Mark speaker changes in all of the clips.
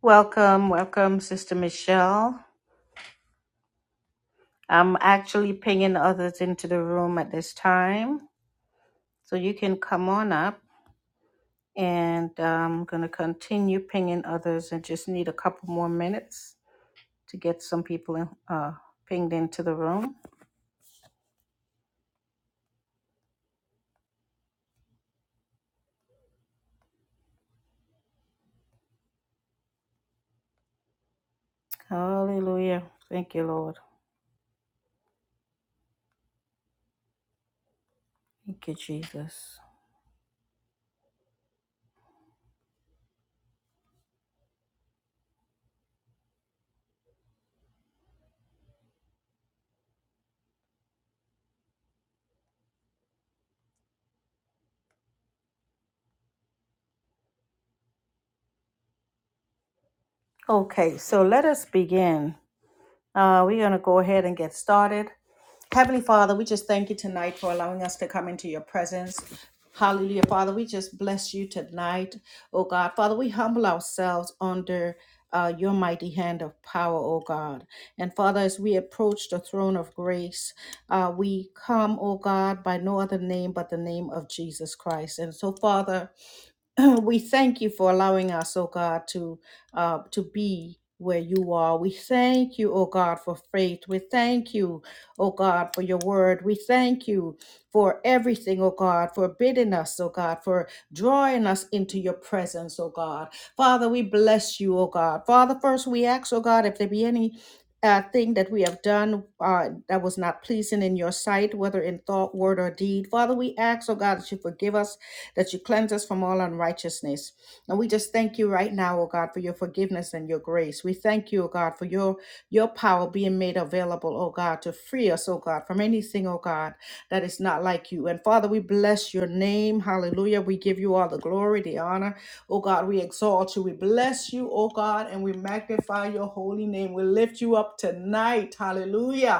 Speaker 1: Welcome, welcome, Sister Michelle. I'm actually pinging others into the room at this time. So you can come on up and I'm going to continue pinging others and just need a couple more minutes to get some people in, uh, pinged into the room. Hallelujah. Thank you, Lord. Thank you, Jesus. Okay, so let us begin. Uh, we're going to go ahead and get started. Heavenly Father, we just thank you tonight for allowing us to come into your presence. Hallelujah. Father, we just bless you tonight, oh God. Father, we humble ourselves under uh, your mighty hand of power, oh God. And Father, as we approach the throne of grace, uh, we come, oh God, by no other name but the name of Jesus Christ. And so, Father, we thank you for allowing us, oh God, to uh, to be where you are. We thank you, oh God, for faith. We thank you, oh God, for your word. We thank you for everything, oh God, for bidding us, oh God, for drawing us into your presence, oh God. Father, we bless you, oh God. Father, first we ask, oh God, if there be any uh, thing that we have done uh, that was not pleasing in your sight, whether in thought, word, or deed. Father, we ask, oh God, that you forgive us that you cleanse us from all unrighteousness. And we just thank you right now, oh God, for your forgiveness and your grace. We thank you, oh God, for your your power being made available, oh God, to free us, oh God, from anything, oh God, that is not like you. And Father, we bless your name. Hallelujah. We give you all the glory, the honor. Oh God, we exalt you. We bless you, oh God, and we magnify your holy name. We lift you up tonight. Hallelujah.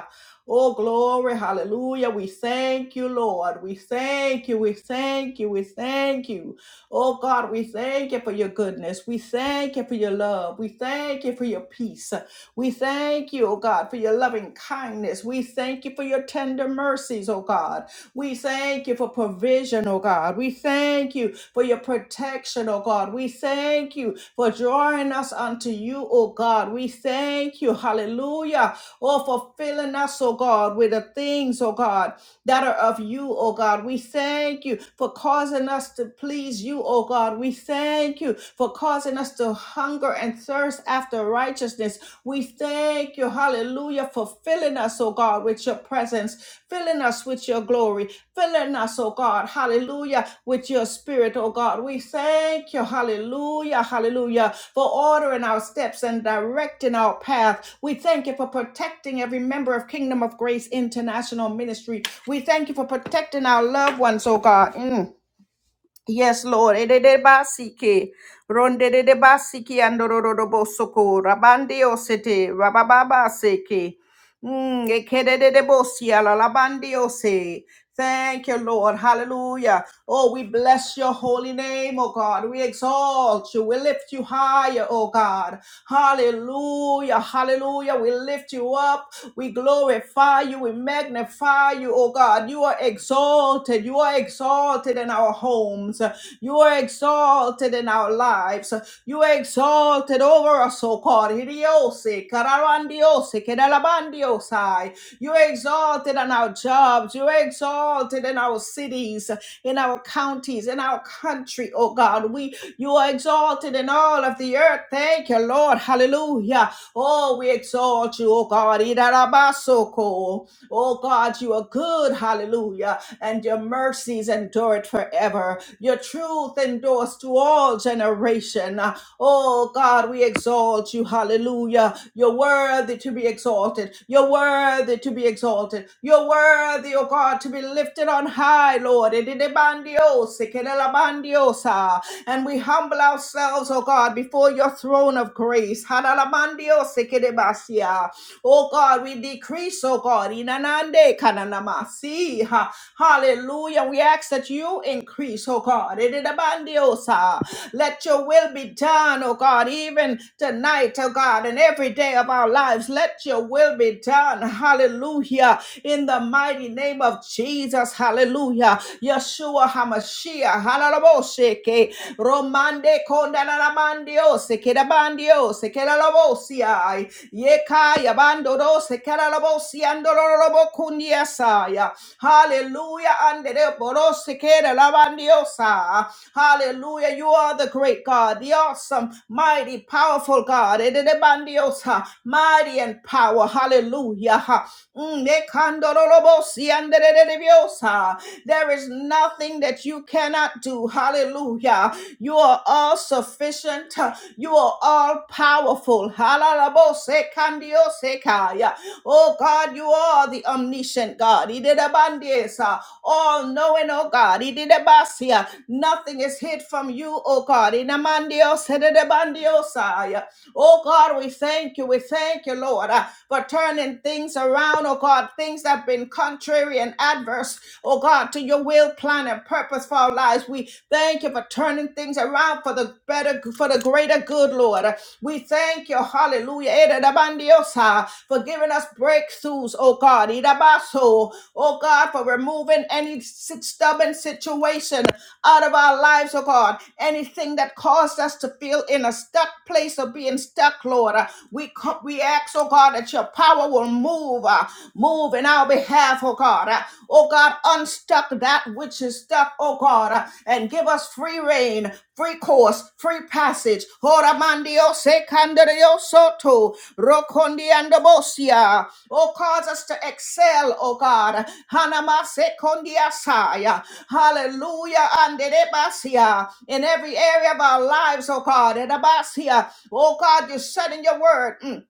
Speaker 1: Oh, glory. Hallelujah. We thank you, Lord. We thank you. We thank you. We thank you. Oh, God, we thank you for your goodness. We thank you for your love. We thank you for your peace. We thank you, oh God, for your loving kindness. We thank you for your tender mercies, oh God. We thank you for provision, oh God. We thank you for your protection, oh God. We thank you for drawing us unto you, oh God. We thank you. Hallelujah. Oh, fulfilling us, oh God, with the things, oh God, that are of you, oh God. We thank you for causing us to please you, oh God. We thank you for causing us to hunger and thirst after righteousness. We thank you, hallelujah, for filling us, oh God, with your presence, filling us with your glory, filling us, oh God, hallelujah, with your spirit, oh God. We thank you, hallelujah, hallelujah, for ordering our steps and directing our path. We thank you for protecting every member of Kingdom of Grace International Ministry. We thank you for protecting our loved ones, oh God. Mm. Yes, Lord. Edede basike, ronde de basiki andororo bosoko, rabande osete, rabababa seke. Mm, ekedede de bosia, lalabande ose. Thank you, Lord. Hallelujah. Oh, we bless your holy name, oh God. We exalt you. We lift you higher, oh God. Hallelujah. Hallelujah. We lift you up. We glorify you. We magnify you, oh God. You are exalted. You are exalted in our homes. You are exalted in our lives. You are exalted over us, O God. Hidiose, kararandiose, kedalabandiosai. You are exalted in our jobs. You are exalted in our cities, in our counties, in our country, O God. We you are exalted in all of the earth. Thank you, Lord. Hallelujah. Oh, we exalt you, oh God. Idarabasoko. Oh God, you are good. Hallelujah. And your mercies endure it forever. Your truth endures to all generation. Oh God, we exalt you. Hallelujah. You're worthy to be exalted. You're worthy to be exalted. You're worthy, oh God, to be lifted on high, Lord. Ididibandiose, kedelabandiosa. And we humble ourselves, oh God, before your throne of grace. Hadalabandiose, kedebasia. Oh God, we decrease, oh God. Inanande kananamasi. Ha- Hallelujah. We ask that you increase, oh God. Ididabandiosa. Let your will be done, oh God, even tonight, oh God, and every day of our lives. Let your will be done. Hallelujah. Hallelujah. In the mighty name of Jesus. Hallelujah. Yeshua HaMashiach. Hallelujah. Romande kondalamandio sekedabandio sekelalabosia yekaya bandoro sekelalabosia andororobo kundiasaya hallelujah andere boro sekedalamandiosa hallelujah you are the great God the awesome mighty powerful God edebandiosa mighty and power hallelujah Mm, de kandorolobosi anderedebiosa. There is nothing that you cannot do. Hallelujah. You are all sufficient. You are all powerful. Halalabose kandiosekaya. Oh God, you are the omniscient God. Idedabandiesa. All knowing, oh God. Idedabasia. Nothing is hid from you, oh God. Inamandios, idedabandiosaya. Oh God, we thank you. We thank you, Lord for turning things around, oh God, things that have been contrary and adverse, oh God, to your will, plan, and purpose for our lives. We thank you for turning things around for the better, for the greater good, Lord. We thank you, hallelujah, Ere da bandiosa, for giving us breakthroughs, oh God, Ida baso oh God, for removing any si- stubborn situation out of our lives, oh God. Anything that caused us to feel in a stuck place of being stuck, Lord. Uh, We, co- we ask, oh God, that your power will move, uh, move in our behalf, oh God. Uh, Oh God, unstuck that which is stuck, oh God, uh, and give us free reign, free course, free passage. Ora mandio se candario soto, rocondi andabosia, Oh, cause us to excel, oh God. Hanamasekondiasaya. Hallelujah. Anderebasia. In every area of our lives, oh God. Edabasia. Oh God, you said in your word. mm,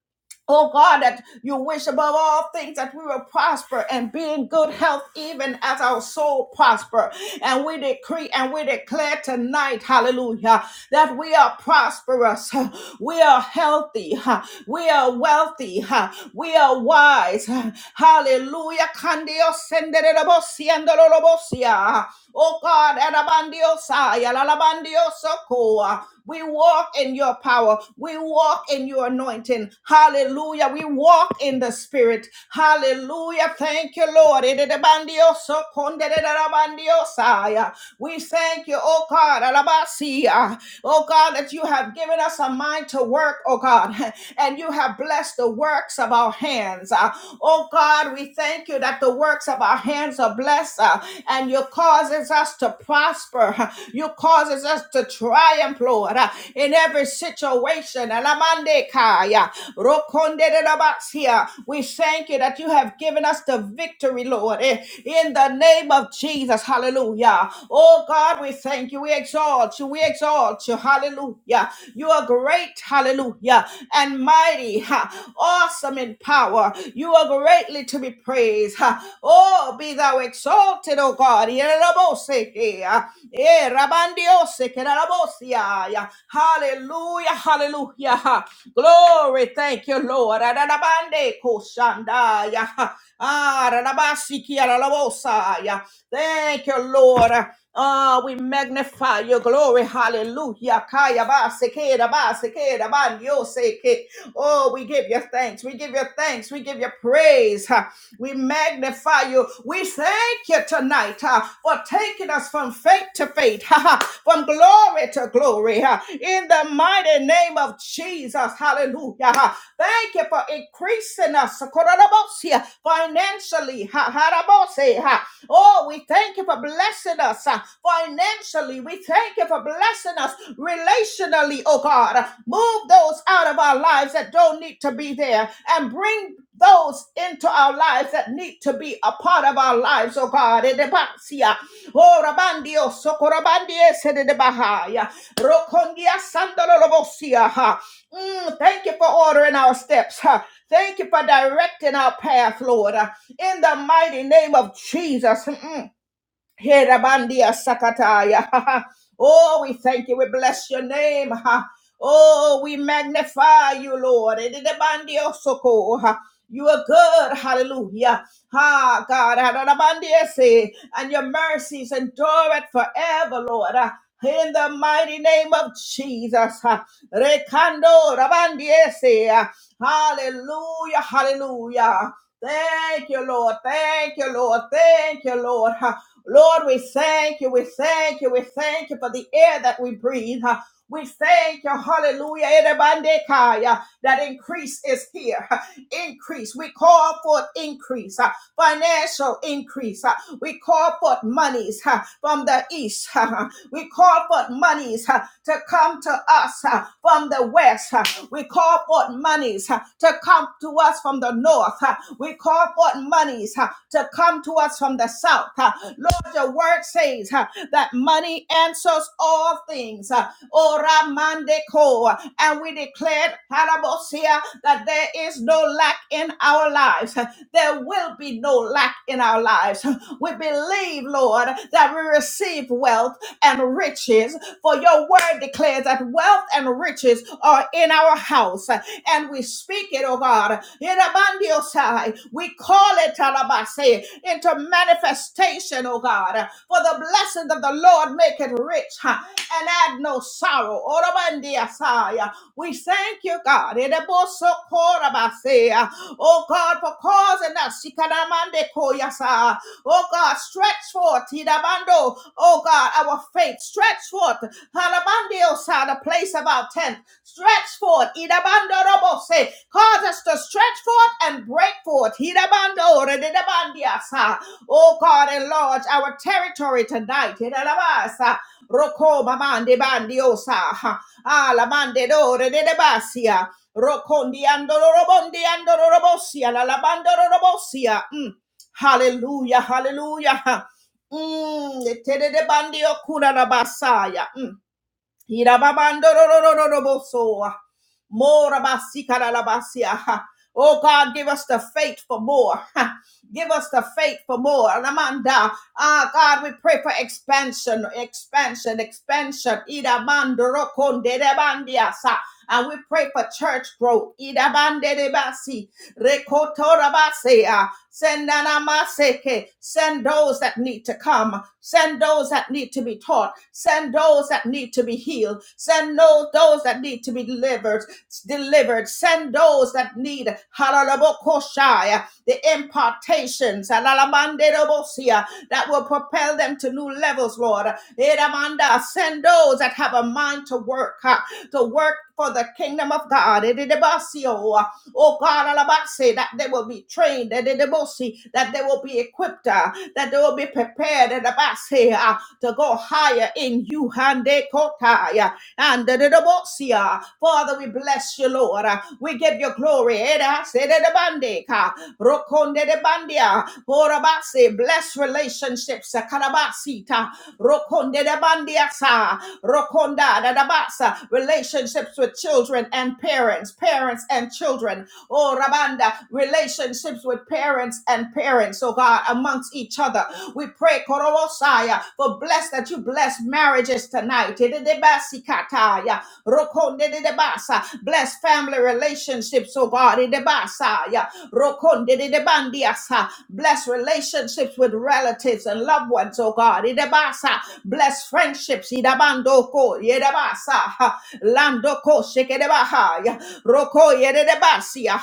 Speaker 1: Oh God, that you wish above all things that we will prosper and be in good health, even as our soul prosper. And we decree and we declare tonight, hallelujah, that we are prosperous. We are healthy. ha. We are wealthy. ha. We are wise. ha. Hallelujah. Candio sendererobosiandororobosia. Oh God, erabandiosaya, lalabandiosokoa. we walk in your power. We walk in your anointing. Hallelujah. We walk in the spirit. Hallelujah. Thank you, Lord. Ererabandiosokondererabandiosaya. We thank you, oh God, alabasia. oh God, that you have given us us a mind to work, oh God, and you have blessed the works of our hands. Uh, Oh God, we thank you that the works of our hands are blessed uh, and you causes us to prosper. You causes us to triumph, Lord, uh, in every situation. Alamande kaya, rokonde de la basia. We thank you that you have given us the victory, Lord, eh, in the name of Jesus. Hallelujah. Oh God, we thank you. We exalt you. We exalt you. Hallelujah. You are great, hallelujah, and mighty, ha, awesome in power. You are greatly to be praised. ha. Oh, be thou exalted, O God. Yeraboseke, ah, eh, rabandiose, kerarabosia, ya. Hallelujah, hallelujah. ha. Glory, thank you, Lord. Adadabande koshandaya, ha. Ah, radabasiki, aralabosa, ya. Thank you, Lord. Oh, we magnify your glory. Hallelujah. Kaya ba seke da ba seke da ba nyo seke. Oh, we give you thanks. We give you thanks. We give you praise. Ha. We magnify you. We thank you tonight ha, for taking us from faith to faith, ha, ha, from glory to glory. ha. In the mighty name of Jesus. Hallelujah. ha. Thank you for increasing us. Korobosia, Financially. ha, ha, rabose, ha. Oh, we thank you for blessing us uh, financially. We thank you for blessing us relationally, oh God. Move those out of our lives that don't need to be there and bring those into our lives that need to be a part of our lives, oh God. Edebasia. Oh, Rabandio, Socorabandie, Sedebahaya. Rokondia, Sandolobosia. ha. Mm, Thank you for ordering our steps. ha. Thank you for directing our path, Lord. Uh, in the mighty name of Jesus. Mm. Herabandia sakataya. Oh, we thank you. We bless your name. ha. Oh, we magnify you, Lord. Edidebandio soko, ha. You are good. Hallelujah. Ha, God. Adadabandia say, And your mercies endure it forever, Lord. Ah, In the mighty name of Jesus. ha. Rekando rabandie se, ah. Hallelujah. Hallelujah. Thank you, Lord. Thank you, Lord. Thank you, Lord. Lord, we thank you. We thank you. We thank you for the air that we breathe. huh. We thank you, hallelujah, Erebandekaya, that increase is here. huh. Increase. We call for increase, huh, financial increase. huh. We call for monies huh, from the east. huh. We call for monies huh, to come to us huh, from the west. huh. We call for monies huh, to come to us from the north. Uh, we call forth monies huh, to come to us from the south. huh. Lord, your word says huh, that money answers all things. huh. Ora mande ko. And we declared, Parabosia, that there is no lack in our lives. huh. There will be no lack in our lives. We believe, Lord, that we receive wealth and riches, for your word declares that wealth and riches are in our house. And we speak it, oh God, in Abandiosai. We call it Talabase into manifestation, oh God, for the blessings of the Lord make it rich huh, and add no sorrow. Orabandiasai. We thank you, God. in Abosokorabase, Oh God, for causing us. Shikanamandekoyasa, Oh God, stretch forth, Hidabando. Oh God, our faith, stretch forth. Halabandiosha, the place of our tent, stretch forth. Idabando robose, cause us to stretch forth and break forth. Hidabando, redidabandiasa. Oh God, enlarge our territory tonight. Hidalabasa. Roko mamande bandiosa. Ah, la mande dore de debasia. Rocondiando robondiando robosia, la labando robosia. mm. Hallelujah, hallelujah. Mm, etedede bandio kura na basaya. Mm. Irababando ro ro ro ro ro bosoa. More basika na basia. Oh God, give us the faith for more. Ha. Give us the faith for more. Ramanda. Ah, God, we pray for expansion, expansion, expansion. Irabando ro konde de bandia sa. And we pray for church growth. Irabande de basi. Rekotorabasea. Send nanamaseke. Send those that need to come. Send those that need to be taught. Send those that need to be healed. Send no, those that need to be delivered. Delivered. Send those that need. Hallelujah the impartations alalamanderobosia, that will propel them to new levels, Lord. Eramanda, Send those that have a mind to work, uh, to work for the kingdom of God. Edidibasio, uh, Oh God, alabase, that they will be trained, edidibosi, that they will be equipped, uh, that they will be prepared edibase, uh, to go higher in you. Handekotaya, and the Father, we bless you, Lord. Uh, We give you glory. Eda, sede de bande, ka, rokonde de bandia, horabase. Bless relationships. uh, Kalabasita. Rokonde de bandia sa, rokonda da da basa. Relationships with children and parents, parents and children. Oh, Rabanda, relationships with parents and parents, oh God, amongst each other. We pray, Korosaya, for bless that you to bless marriages tonight. Edebasikataya, rokondedebasa. Bless family relationships, oh God. Edebasaya, rokondedebandiasa. Bless relationships with relatives and loved ones, oh God. Edebasa. Bless friendships. Idabandoko, Edebasa. Landoko, shekedebahaya, roko, edebasia.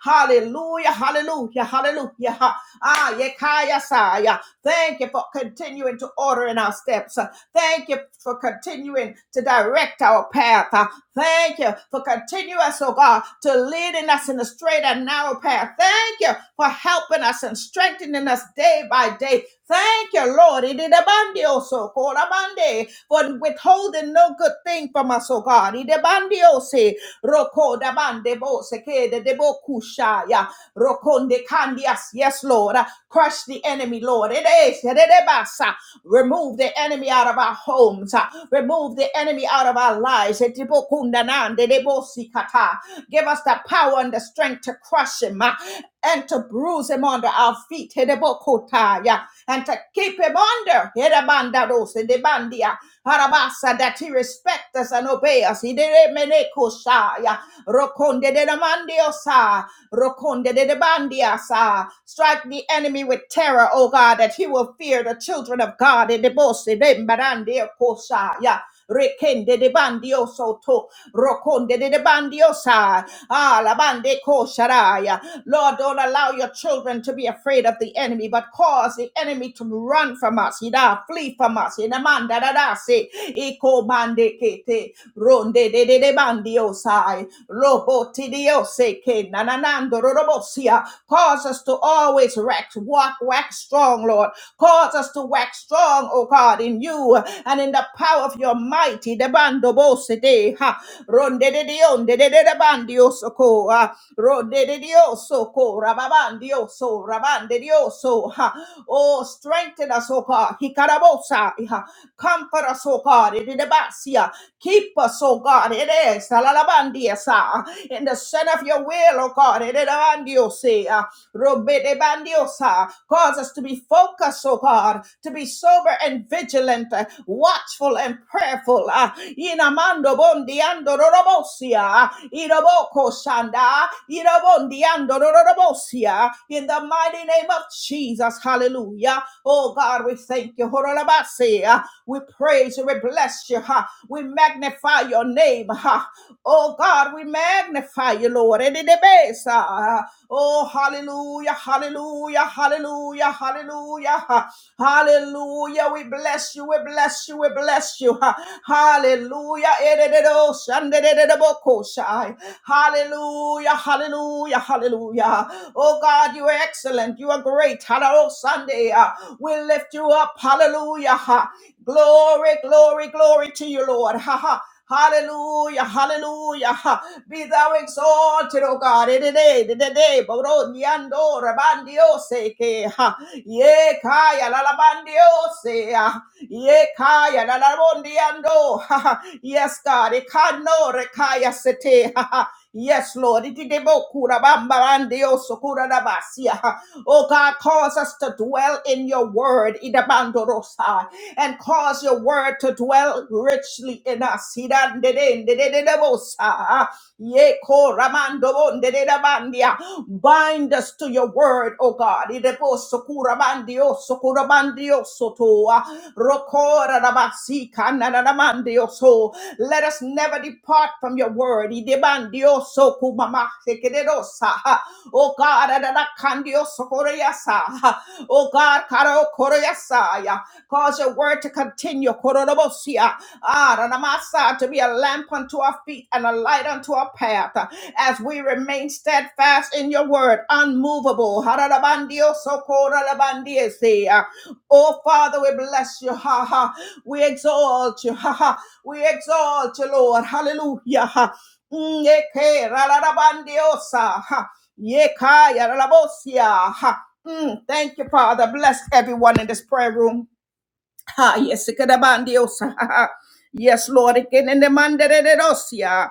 Speaker 1: Hallelujah, hallelujah, hallelujah. Ah, yekaya saya. Thank you for continuing to order in our steps. Thank you for continuing to direct our path. Uh, Thank you for continuing us, oh God, to leading us in the straight and narrow path. Thank you for helping us and strengthening us day by day. Thank you, Lord. It is abundant called abundant, for withholding no good thing from us, oh God. It is abundant debo sekede debo kushaya rokonde kandias. Yes, Lord. Crush the enemy, Lord. It is yedebasa. Remove the enemy out of our homes. Remove the enemy out of our lives. Edebo kundanande debo sikata. Give us the power and the strength to crush him uh, and to bruise him under our feet. Edebo kotaya. And to keep him under. Edebanda dos, edebandia. Harabasa, that he respect us and obey us. He did Hideremenekosaya, Rokonde de la mandiosa, Rokonde de de bandiasa. Strike the enemy with terror, O God, that he will fear the children of God. In the Idebose de mbarandekosaya rekende de bandio soto, rokonde de de bandiosa, ah, la bande ko sharaya. Lord, don't allow your children to be afraid of the enemy, but cause the enemy to run from us, ida, flee from us, in amanda da da se, iko mande kete, ronde de de de bandi nanandiosai, robotidioseke, nananandororobosia. Cause us to always wax, walk, wax strong, Lord. Cause us to wax strong, O God, in you and in the power of your mighty debando bosede. Ha. Ronde de dion de de de de bandio soko. ah. Ronde de dios soko. Rababandio so. Rabande dios so. Ha. Oh, strengthen us, O God. Hikarabosa. Ha. Comfort us, O God. in the basia. Keep us, oh God, it is, salalabandia, sa, in the center of your will, oh God, it is, Robedebandiosa. Cause us to be focused, oh God, to be sober and vigilant, uh, watchful and prayerful. uh, Inamando bondiando rorobosia. Iroboko shanda. Irobondiando rorobosia. In the mighty name of Jesus. Hallelujah. Oh God, we thank you. Horolabase, uh, We praise you. We bless you. ha. We magnify your name. ha. Oh God, we magnify you, Lord. And in the base, ah, Oh, hallelujah, hallelujah, hallelujah, hallelujah, ha- hallelujah. We bless you, we bless you, we bless you. ha. Hallelujah. Edededo, shandedededeboko, shai. Hallelujah, hallelujah, hallelujah. Oh God, you are excellent, you are great. Hallelujah, Sunday. ah, We lift you up. Hallelujah. ha. Glory, glory, glory to you, Lord. Ha ha. Hallelujah, hallelujah. Be thou exalted, O God, in the day, in the day, Boro, Niando, Rabandio, Seke, Ye Kaya, Lalabandio, Se, Ye Kaya, Lalabondiando, Yes, God, Ekano, Rekaya, Sete, Yes, Lord. Itidebokurabanbarandiosokuradabasia. Oh God, cause us to dwell in your word. Idabandorosa. And cause your word to dwell richly in us. Idandedendededebosa. Ye ko ramando bonde de da bandia. Bind us to your word, O God. Idepo sokura bandio, sokura bandio sotoa. Rokora rabasi kanana ramandio so. Let us never depart from your word. Idebandio soku mama sekeredosa. O God, adada kandio sokoreasa. O God, karo koreasa. Cause your word to continue. Kororobosia. Ah, Ranamasa, to be a lamp unto our feet and a light unto our path. As we remain steadfast in your word, unmovable. Hararabandio sokorarabandiese. Oh, Father, we bless you. Ha ha. We exalt you. Ha ha. We exalt you, Lord. Hallelujah. Ha. Mm, eke, rararabandiosa. Ha. Yekaya, rarabosia. Ha. Mm, thank you, Father. Bless everyone in this prayer room. Ha, yes, ikadabandiosa. Ha, ha. yes, Lord, again in the mandere de rosia.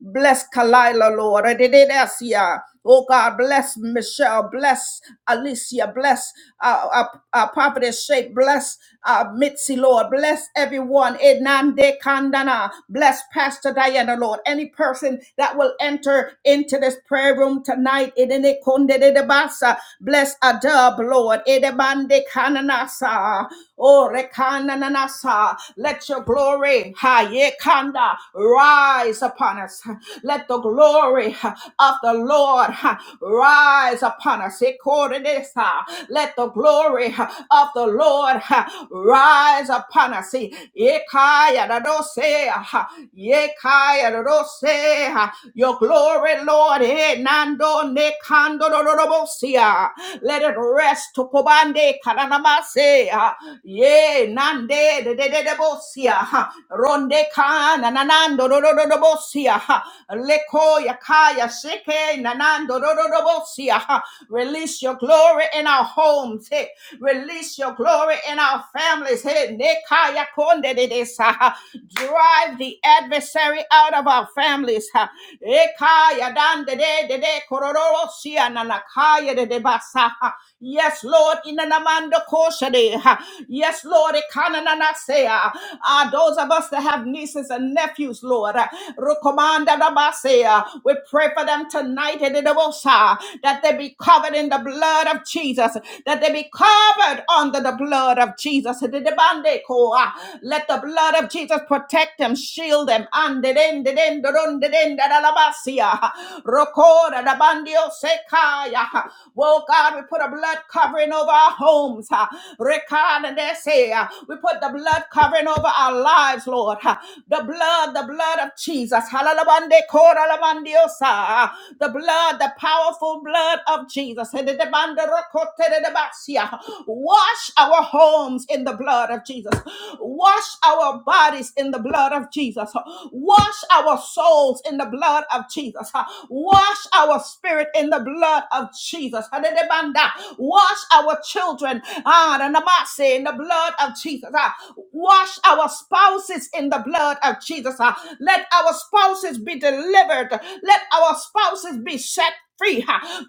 Speaker 1: Bless Kalila, Lord. Adidesia. Oh God, bless Michelle, bless Alicia, bless uh, uh, uh, Prophetess Shape, bless uh, Mitzi, Lord, bless everyone. Enande Kandana, bless Pastor Diana, Lord. Any person that will enter into this prayer room tonight, Edene Konde de Basa, bless Adub, Lord. Edebande Kananasa, oh Rekananasa. Let let your glory, ha, ye kanda, rise upon us. Let the glory of the Lord rise upon us. Ye kore Let the glory of the Lord rise upon us. Ye kaya da do se, ha. Your glory, Lord, eh, nando ne kando let it rest. to Kobande nanamase ha. ye nande de de de de bosia ha. ronde kana nanando do do do do bosia ha. leko yakaya sheke nanando do do do bosia ha. release your glory in our homes hey. release your glory in our families hey. nekaya konde de de sa ha. drive the adversary out of our families ha. Ekaya dan de de de de Shia Nanakaya de Debasa. Yes, Lord, in Namando Koshade. Yes, Lord, Ikananasea. Ah, those of us that have nieces and nephews, Lord, Rukomanda Dabasea. We pray for them tonight in the Debosa, that they be covered in the blood of Jesus, that they be covered under the blood of Jesus. The Debande Koa. Let the blood of Jesus protect them, shield them, and ronde denda da la basia. Rokoda da bandio sekaya. Oh God, we put a blood covering over our homes. ha. Rekada de se, ah. We put the blood covering over our lives, Lord. ha. The blood, the blood of Jesus. Halalabande koda labandiosa, ah. The blood, the powerful blood of Jesus. Hededebande rokote de debasia. Wash our homes in the blood of Jesus. Wash our bodies in the blood of Jesus. Wash our souls in the blood of Jesus. Wash our spirit in the blood of Jesus. Hadedebanda. Wash our children ah, the namase, in the blood of Jesus. Ah, Wash our spouses in the blood of Jesus. Ah, Let our spouses be delivered. Let our spouses be set free.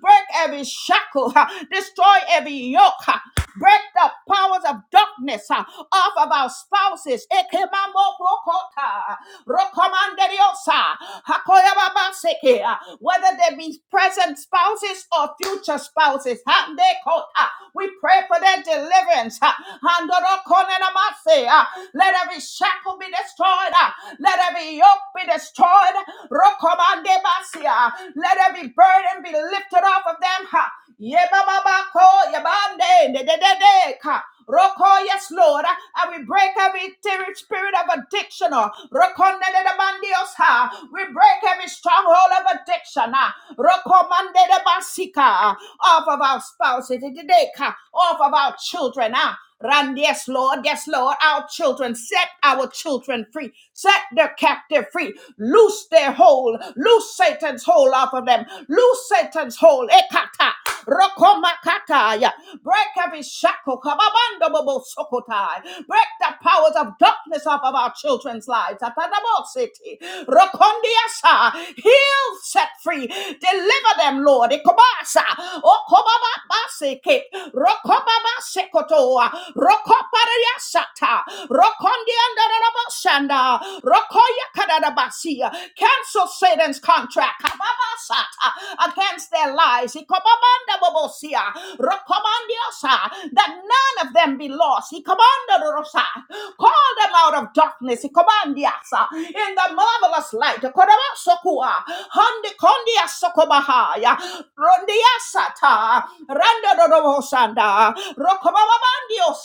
Speaker 1: Break every shackle. Destroy every yoke. Break the powers of darkness uh, off of our spouses. Ekemamobokota, rokomanderiosa, hakoyababaseke, uh, Whether they be present spouses or future spouses. Handekota, We pray for their deliverance. uh, handorokonenamase, uh, Let every shackle be destroyed. uh, Let every yoke be destroyed. Rokomandebasia, uh, Let every burden be lifted off of them. uh, Yebababako, yabande, dedededeka. Roko, yes, Lord. uh, And we break every ter- spirit of addiction. uh, Rokonde de de bandios ha. We break every stronghold of addiction. uh, Rokomande de basika. uh, Off of our spouses, de dededeka, off of our children. uh, Run, yes, Lord, yes, Lord, our children, set our children free, set their captive free, loose their hold, loose Satan's hold off of them, loose Satan's hold, ekata, rokomakataya, break every shackle, kababando bobo sokotai, break the powers of darkness off of our children's lives, atanabositi, rokondiasa, heal, set free, deliver them, Lord, ekobasa, okobababaseke, rokobaba sekotoa rokoparia sata rokondia ndarabashanda rokoya kadarabasia cancel Satan's contract kababa sata against their lives ikobabanda bobosia rokomandiosa that none of them be lost ikomanda rosa call them out of darkness ikomandiasa in the marvelous light kodabasokua handi kondia sokobahaya rondiasata randa Sanda. Rokobabandio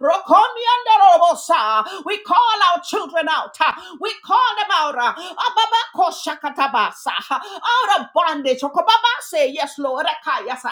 Speaker 1: Rokomiandorobosa. We call our children out. We call them out. Ababako shakatabasa. Out of bondage. Okobaba say yes, Lord. Akayasa.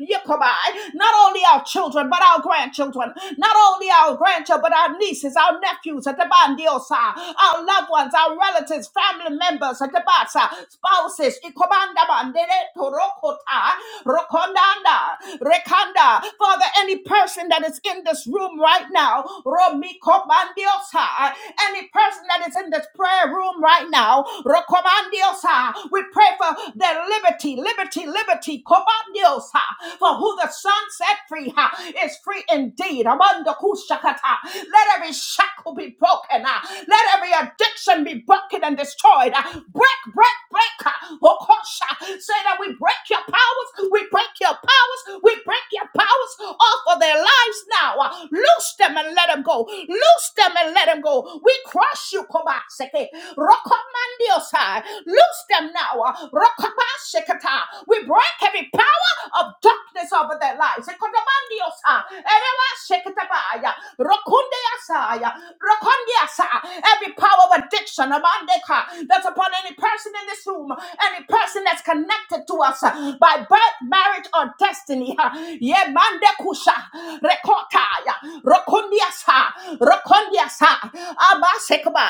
Speaker 1: Yekobai. Not only our children, but our grandchildren. Not only our grandchildren, but our nieces, our nephews, Atabandiosa. Our loved ones, our relatives, family members, Atabasa, spouses. Ikobanda bandere torokota. Rokondanda, Rekanda. Father, any person that is in this room right now, Romiko Bandiosa, any person that is in this prayer room right now, Rokomandiosa, we pray for their liberty, liberty, liberty, Kobandiosa, for who the Son set free ha, is free indeed. Amanda Kushakata. Let every shackle be broken, ah. let every addiction be broken and destroyed. ah. Break, break, break. ah. Okosha. Say that we break your powers. We break your powers. We break your powers off of their lives now. Uh, Loose them and let them go. Loose them and let them go. We crush you, Kobaseke. Rokomandiosai. Loose them now. uh, Rokobasekata. We break every power of darkness over their lives. Ekodomandiosai. Erewashekatabaya. Rokundeasaya. Rokundeasa. Every power of addiction, Amandeka, that's upon any person in this room, Any every person that's connected to us uh, by birth, marriage, or destiny. uh, yeah, mande kusha, rekota, yeah, rokondiasa, rokondiasa, abasekba,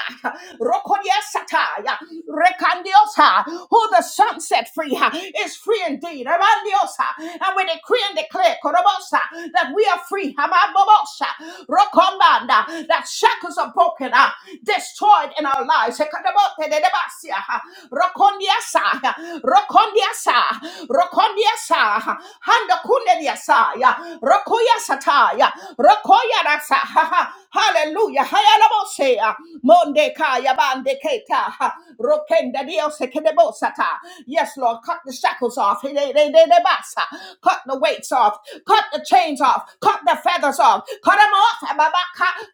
Speaker 1: rokondiasata, yeah, rekandiosa, who the sun set free uh, is free indeed. Abandiosa, And we decree and declare korobosa, that we are free. Amabobosa, rokombanda, That shackles are broken, uh, destroyed in our lives. Sekadabote de debasia, uh, Rokondiasa, Rokondiasa, Rokondiasa, Handa Kundiasa, Rokoya Sataya, Rokoya Rasa, Hallelujah, Hayalabosea, Monde Kaya Bande Keta, Rokenda Dios Kedebosata. Yes, Lord, cut the shackles off, He- cut the weights off, cut the chains off, cut the feathers off, cut them off,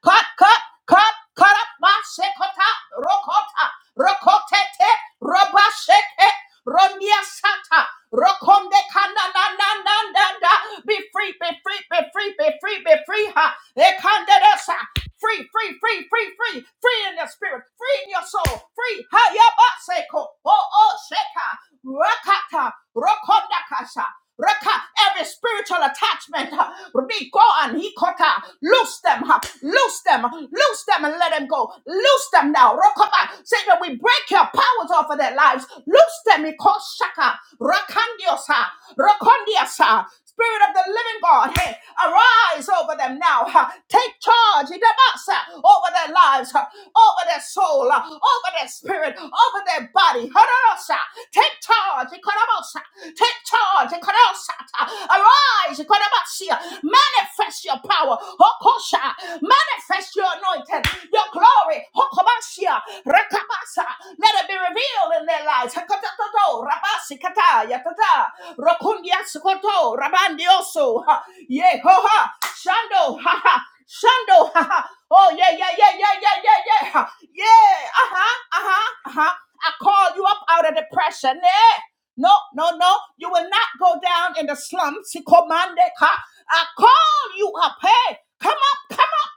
Speaker 1: cut, cut, cut, cut up my sekota, rokota, rokote roba sheke, ronia sata, rokonde kana na na na na na. Be free, be free, be free, be free, be free, ha. Ekanderesa, free, free, free, free, free, free in your spirit, free in your soul, free. Ha Hayabaseko, oh oh sheka, rakata, rokondakasha. Reka, every spiritual attachment, uh, be gone. He kota. Loose them, uh, loose them, loose them and let them go. Loose them now. Rokaba. Satan, we break your powers off of their lives. Loose them, he calls shaka. Rakandiosa, rakondiasa. Spirit of the living God, hey, arise over them now. huh. Take charge, Idabasa, over their lives, huh, over their soul, huh, over their spirit, over their body. Hadarosa. Take charge, Take charge. Arise. Manifest your power. Manifest your anointing. Your glory. Let it be revealed in their lives. Shando. Ha ha. Shando. Ha ha. Oh yeah, yeah, yeah, yeah, yeah, yeah, yeah. Yeah. Uh-huh. Uh-huh. Uh-huh. I call you up out of depression. Eh? No, no, no. You will not go down in the slums. He commanded her. I call you up. Hey, come up, come up.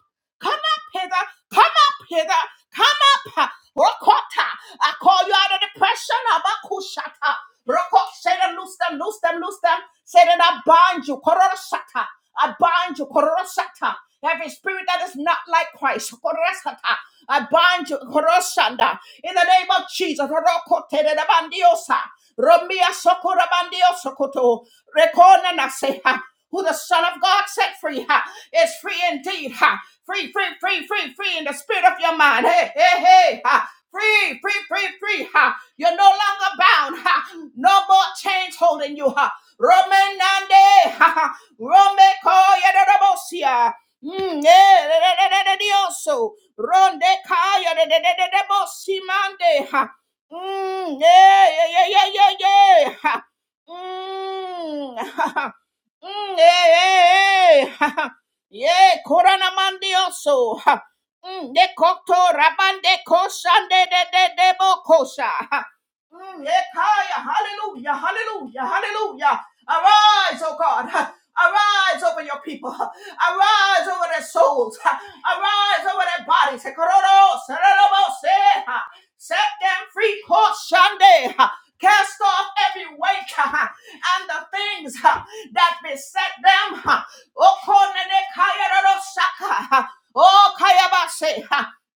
Speaker 1: Come up hither. Come up hither. Come up. Rokota. I call you out of depression. Abakushata. Rokot. Say them, loose them, loose them, loose them. Say that I bind you. Kororosata. I bind you. Kororosata. Every spirit that is not like Christ. Kororosata. I bind you. Koroshanda. In the name of Jesus. Rokote de la bandiosa. Romia sokora bandiosokoto. Rekona naseha. Who the Son of God set free ha, is free indeed. Ha. Free, free, free, free, free in the spirit of your mind. Hey, hey, hey. Ha. Free, free, free, free. Ha. You're no longer bound. Ha. No more chains holding you. Ha. Romanande. Ha. ha. Rome kaya da da Mm, eh, da, dioso. Ronde kaya da da mande. Ha. Mm, yeah, yeah, yeah, yeah, yeah, yeah. Ha. Mm, ha. Mm, Yeah, yeah, yeah. Yeah, Koranamandioso. De koto rabande koshande de de debo kosha. Ha. Mm, Ekaya, hallelujah, hallelujah, hallelujah. Arise, oh God. Arise over your people. Arise over their souls. Arise over their bodies. Set them free. Kor shande. Cast off every weight and the things that beset them. Okonene kayaroro shaka. Oh,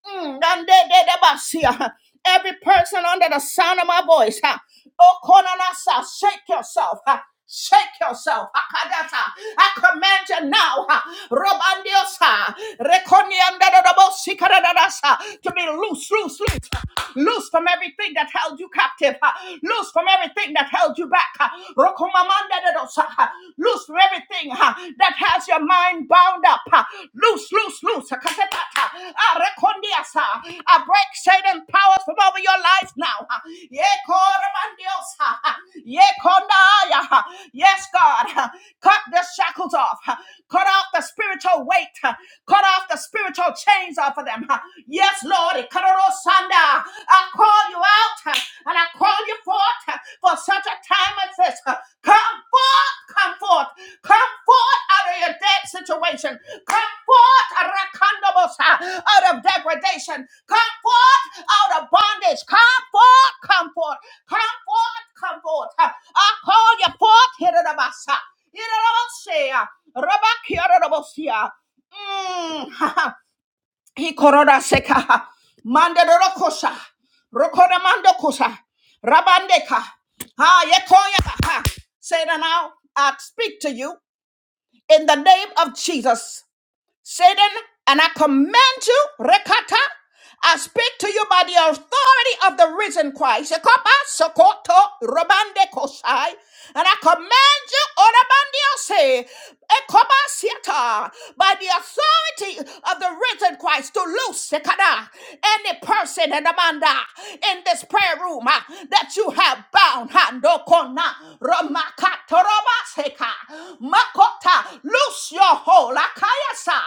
Speaker 1: Mm, and they- they- they must see, uh, Every person under the sound of my voice, uh, oh, Konanasa, shake yourself. uh, Shake yourself. Akadata. I command you now. uh, Robandiosa. Rekoniandadadabosikadadadasa, To be loose, loose, loose. uh, Loose from everything that held you captive. uh, Loose from everything that held you back. uh, Rokomamandadadosa, uh, Loose loose from everything uh, that has your mind bound up. uh, Loose, loose, loose. uh, kasetata, uh, uh, I break Satan powers from over your life now. uh, yekoramandios, uh, uh, yekondaya, uh, Yes, God. uh, Cut the shackles off. uh, Cut off the spiritual weight. uh, Cut off the spiritual chains off of them. uh, Yes, Lord. I call call you out uh, and I call you forth uh, for such a time as this. uh, Come forth, come forth, come forth out of your dead situation. Come forth, Rakandabos, uh, out of degradation. Come forth out of bondage. Come forth, come forth, come forth, come forth. uh, I call you forth, Hiranabasa. Hirabasia, Rabakia, Rabasia. Mm. Hikorora seka. mande Mandarokosha. Rokora mandokosa. Rabandeka. Ha yekoya. Ha. Say it now. I speak to you in the name of Jesus. Satan, and I command you, Rekata, I speak to you by the authority of the risen Christ. Ekopa, Sokoto, Robande Kosai. And I command you, Orabandio say, Ekopa Sieta, by the authority of the risen Christ to loose Sekada, any person and Amanda in this prayer room ah, that you have are bound. Handokona, Romakatoromaseka, Makota, loose your hold. Akayasa,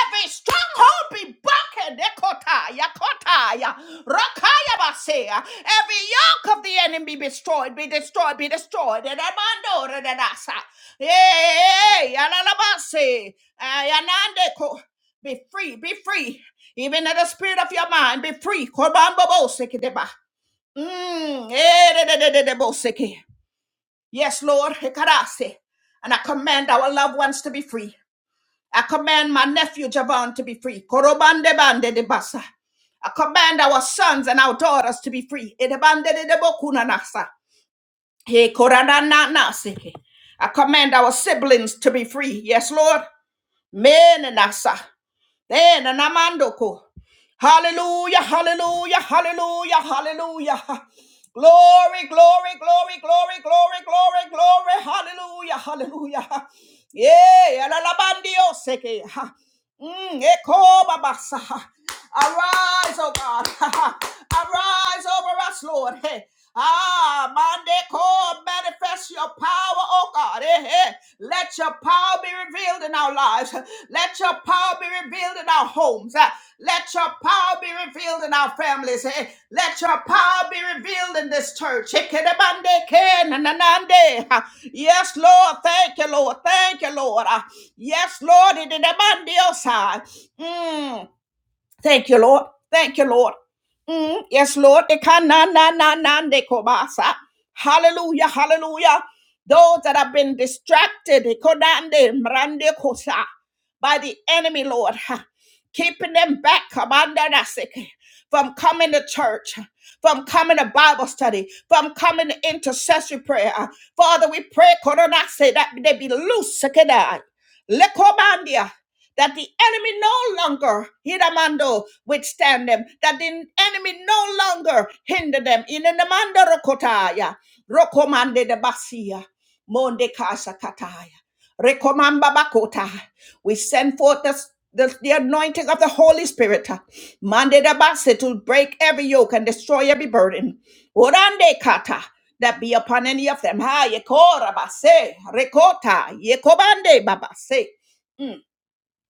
Speaker 1: every stronghold be broken. Ekota, Yakota, Ya- Rakaya Basea, every yoke of the enemy be destroyed, be destroyed, be destroyed. Edamando, Redadasa, Yay, Alalabase, Ayanande, Ko- Be free, be free even in the spirit of your mind, be free. Korban bobo sekideba. Mm, eh, de- de- de- de- de- boseke. Yes, Lord. Hekarase. And I command our loved ones to be free. I command my nephew Javon to be free. Korobande bande de basa. I command our sons and our daughters to be free. Edebande de de bokuna nasa. He koranana naseke. I command our siblings to be free. Yes, Lord. Men and nasa. Eh, na namando ko, Hallelujah, hallelujah, hallelujah, hallelujah. Glory, glory, glory, glory, glory, glory, glory. Hallelujah, hallelujah. Yeah, la la bandio seke. Mm, eko babasa. Arise, oh God. Arise over us, Lord. Hey. Ah, Monday, call, manifest your power, oh God. Eh, eh. Let your power be revealed in our lives. Let your power be revealed in our homes. Ah, Let your power be revealed in our families. Eh, Let your power be revealed in this church. Eh, kede bande, ke, na, na, na, de. Ah, Yes, Lord. Thank you, Lord. Thank you, Lord. Ah, Yes, Lord. It is a bandios. Thank you, Lord. Thank you, Lord. Mm, yes, Lord. They can na na na na they kobasa. Hallelujah, hallelujah. Those that have been distracted, they konande, mrande kosa, by the enemy, Lord, ha, keeping them back kabanda nasike, from coming to church, from coming to Bible study, from coming to intercessory prayer. Father, we pray Korona, say that they be loose. sakadai. Lekobandia. That the enemy no longer, Hidamando, withstand them. That the enemy no longer hinder them. In the Namanda Rokotaya, Rokomande de Basia, Monde Casa Kataya. Rekomamba bakota. We send forth the, the, the anointing of the Holy Spirit. Mande da base to break every yoke and destroy every burden. Orande kata. That be upon any of them. Ha yekora base. Rekota. Yekobande babase. Mm.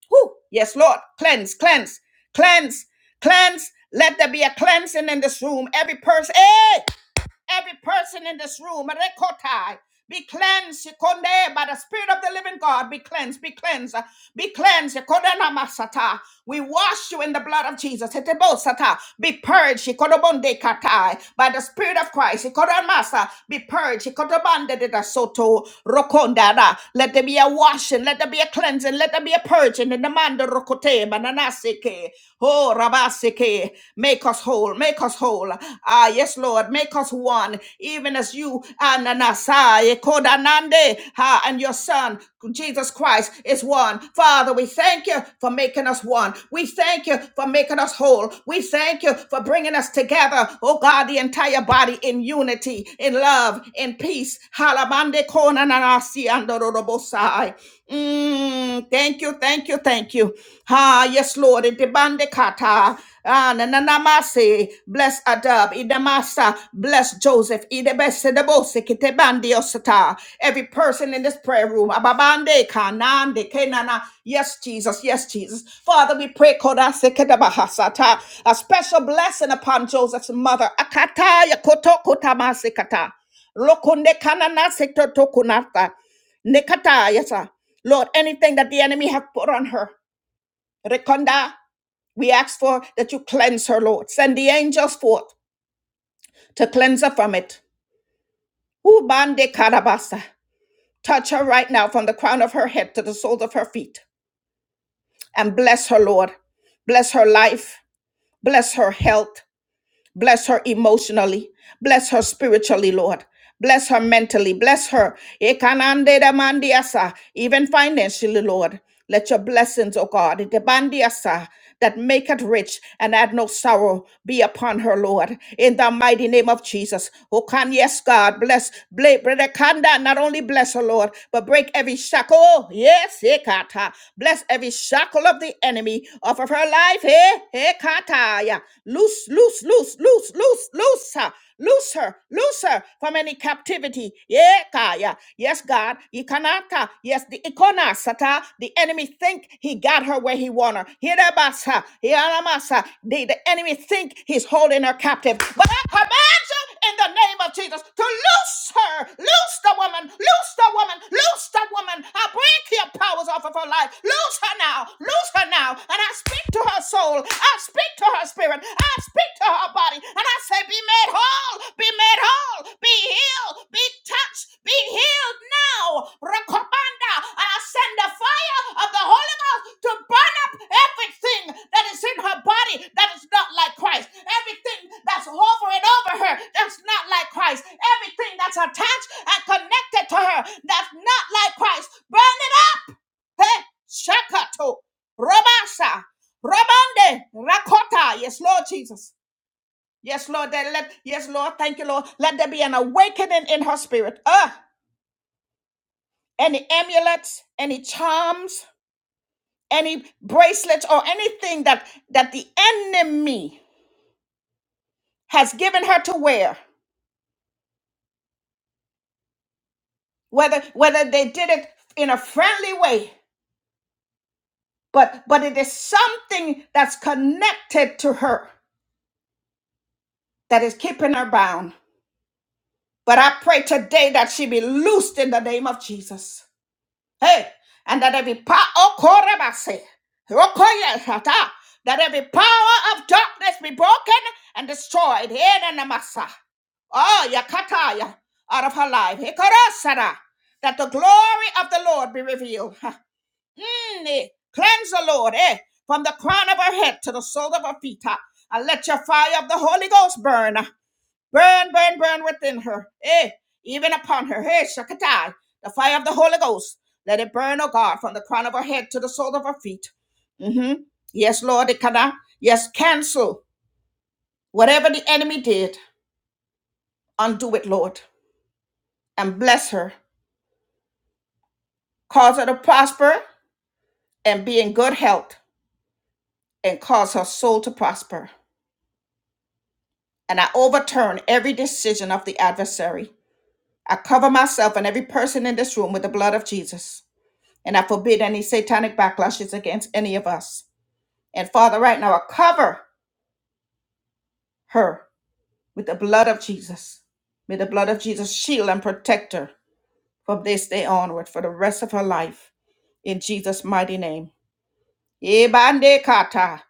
Speaker 1: Whew. Yes, Lord. Cleanse, cleanse, cleanse, cleanse. Let there be a cleansing in this room. Every person. eh? every person in this room, Rekotai, be cleansed, Konde, by the Spirit of the living God, be cleansed, be cleansed, be cleansed, Kodana Masata. We wash you in the blood of Jesus, Etebosata. Be purged, Kodobonde Katai, by the Spirit of Christ, Kodamasa, be purged, Kodobande de da Soto, Rokondada. Let there be a washing, let there be a cleansing, let there be a purging in the Manda Rokote, Bananaseke, Oh, Rabaseke today. Make us whole. Make us whole. Ah, yes, Lord. Make us one, even as you and Anasai, Kodanande, ah, and your Son, Jesus Christ, is one. Father, we thank you for making us one. We thank you for making us whole. We thank you for bringing us together, oh God, the entire body in unity, in love, in peace. Halabande Konanasi Andorobosai. Mm, thank you, thank you, you, thank you. Ah, yes, Lord. Idibande kata. Ah, na na na masi. Bless Adab. Idamasa. Bless Joseph. Idebese debose kitebandi osata. Every person in this prayer room. Ababande kanande kenana. Yes, Jesus. Yes, Jesus. Father, we pray kodase kedabahasata. A special blessing upon Joseph's mother. Akata yakoto kotamase kata. Lokunde kanana sekto tokunata. Nikata, yes, sir. Lord, anything that the enemy have put on her, Rekonda, we ask for that you cleanse her, Lord. Send the angels forth to cleanse her from it. Ubande karabasa. Touch her right now from the crown of her head to the soles of her feet. And bless her, Lord. Bless her life. Bless her health. Bless her emotionally. Bless her spiritually, Lord. Bless her mentally. Bless her. Ekanande da mandiasa, Even financially, Lord. Let your blessings, O God, debandiasa, that make it rich and add no sorrow be upon her, Lord. In the mighty name of Jesus. O can yes, God, bless bless, Brother Kanda. Not only bless her, Lord, but break every shackle. Oh, Yes, ekata. Bless every shackle of the enemy off of her life. Hey, kataya. Loose, loose, loose, loose, loose, loose her, loose her, loose her from any captivity. Yeah, kaya. Yes, God. Ikanaka. Yes, the ikonasata The enemy think he got her where he want her. Hirabasa. Hiramasa. The, the enemy think he's holding her captive. But I command you in the name of Jesus to loose her, loose the woman, loose the woman, loose the woman. I break your powers off of her life. Loose her now, loose her now. And I speak to her soul, I speak to her spirit, I speak to her body, and I say, Be made whole, be made whole, be healed, be touched, be be healed now. Rakobanda, and I send the fire of the Holy Ghost to burn up everything that is in her body that is not like Christ. Everything that's hovering over her that's not like Christ. Everything that's attached and connected to her that's not like Christ. Burn it up. Hey, Shakato, Robasha, Robande, Rakota. Yes, Lord Jesus. Yes, Lord. That let, yes, Lord. Thank you, Lord. Let there be an awakening in her spirit. Ah any amulets, any charms, any bracelets, or anything that that the enemy has given her to wear. Whether whether they did it in a friendly way, but but it is something that's connected to her that is keeping her bound. But I pray today that she be loosed in the name of Jesus. Hey, and that every power, oh, Korebase, Rokoyashata, that every power of darkness be broken and destroyed. Here in the Masa. Oh, Yakataya, out of her life. Hikarasara, that the glory of the Lord be revealed. Ha. Mm, eh. Cleanse the Lord, eh, from the crown of her head to the sole of her feet. ha. And let your fire of the Holy Ghost burn. Burn, burn, burn within her. Eh, even upon her. eh? Shakatai. The fire of the Holy Ghost. Let it burn, oh God, from the crown of her head to the sole of her feet. Mm-hmm. Yes, Lord, it cannot. Yes, cancel whatever the enemy did. Undo it, Lord, and bless her. Cause her to prosper and be in good health and cause her soul to prosper. And I overturn every decision of the adversary. I cover myself and every person in this room with the blood of Jesus. And I forbid any satanic backlashes against any of us. And Father, right now, I cover her with the blood of Jesus. May the blood of Jesus shield and protect her from this day onward for the rest of her life. In Jesus' mighty name. Ebande kata.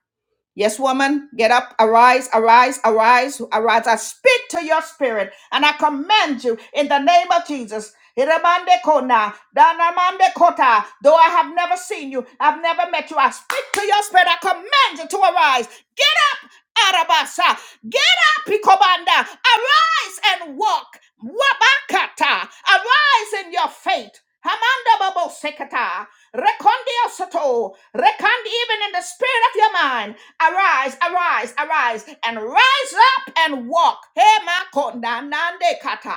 Speaker 1: Yes, woman, get up, arise, arise, arise, arise. I speak to your spirit and I command you in the name of Jesus. Hiramande kona, danamande kota. Though I have never seen you, I've never met you. I speak to your spirit. I command you to arise. Get up, Arabasa. Get up, Picobanda. Arise and walk. Wabakata. Arise in your faith. Hamanda babo sekata. Rekondi osoto. Rekandi even in the spirit of your mind. Arise, arise, arise, and rise up and walk. Hema ma nande kata.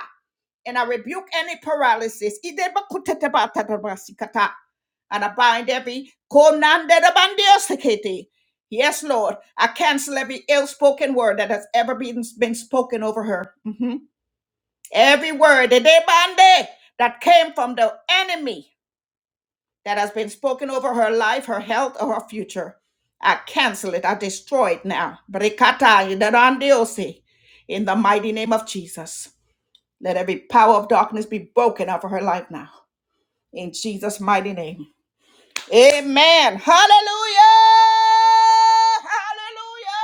Speaker 1: And I rebuke any paralysis. Ide bakutete batata basikata. And I bind every konande de bandiosikete. Yes, Lord, I cancel every ill-spoken word that has ever been, been spoken over her. Mhm. Every word, ide bande, that came from the enemy that has been spoken over her life, her health, or her future. I cancel it. I destroy it now. Brikata yederandiosi. In the mighty name of Jesus. Let every power of darkness be broken over her life now. In Jesus' mighty name. Amen. Hallelujah. Hallelujah.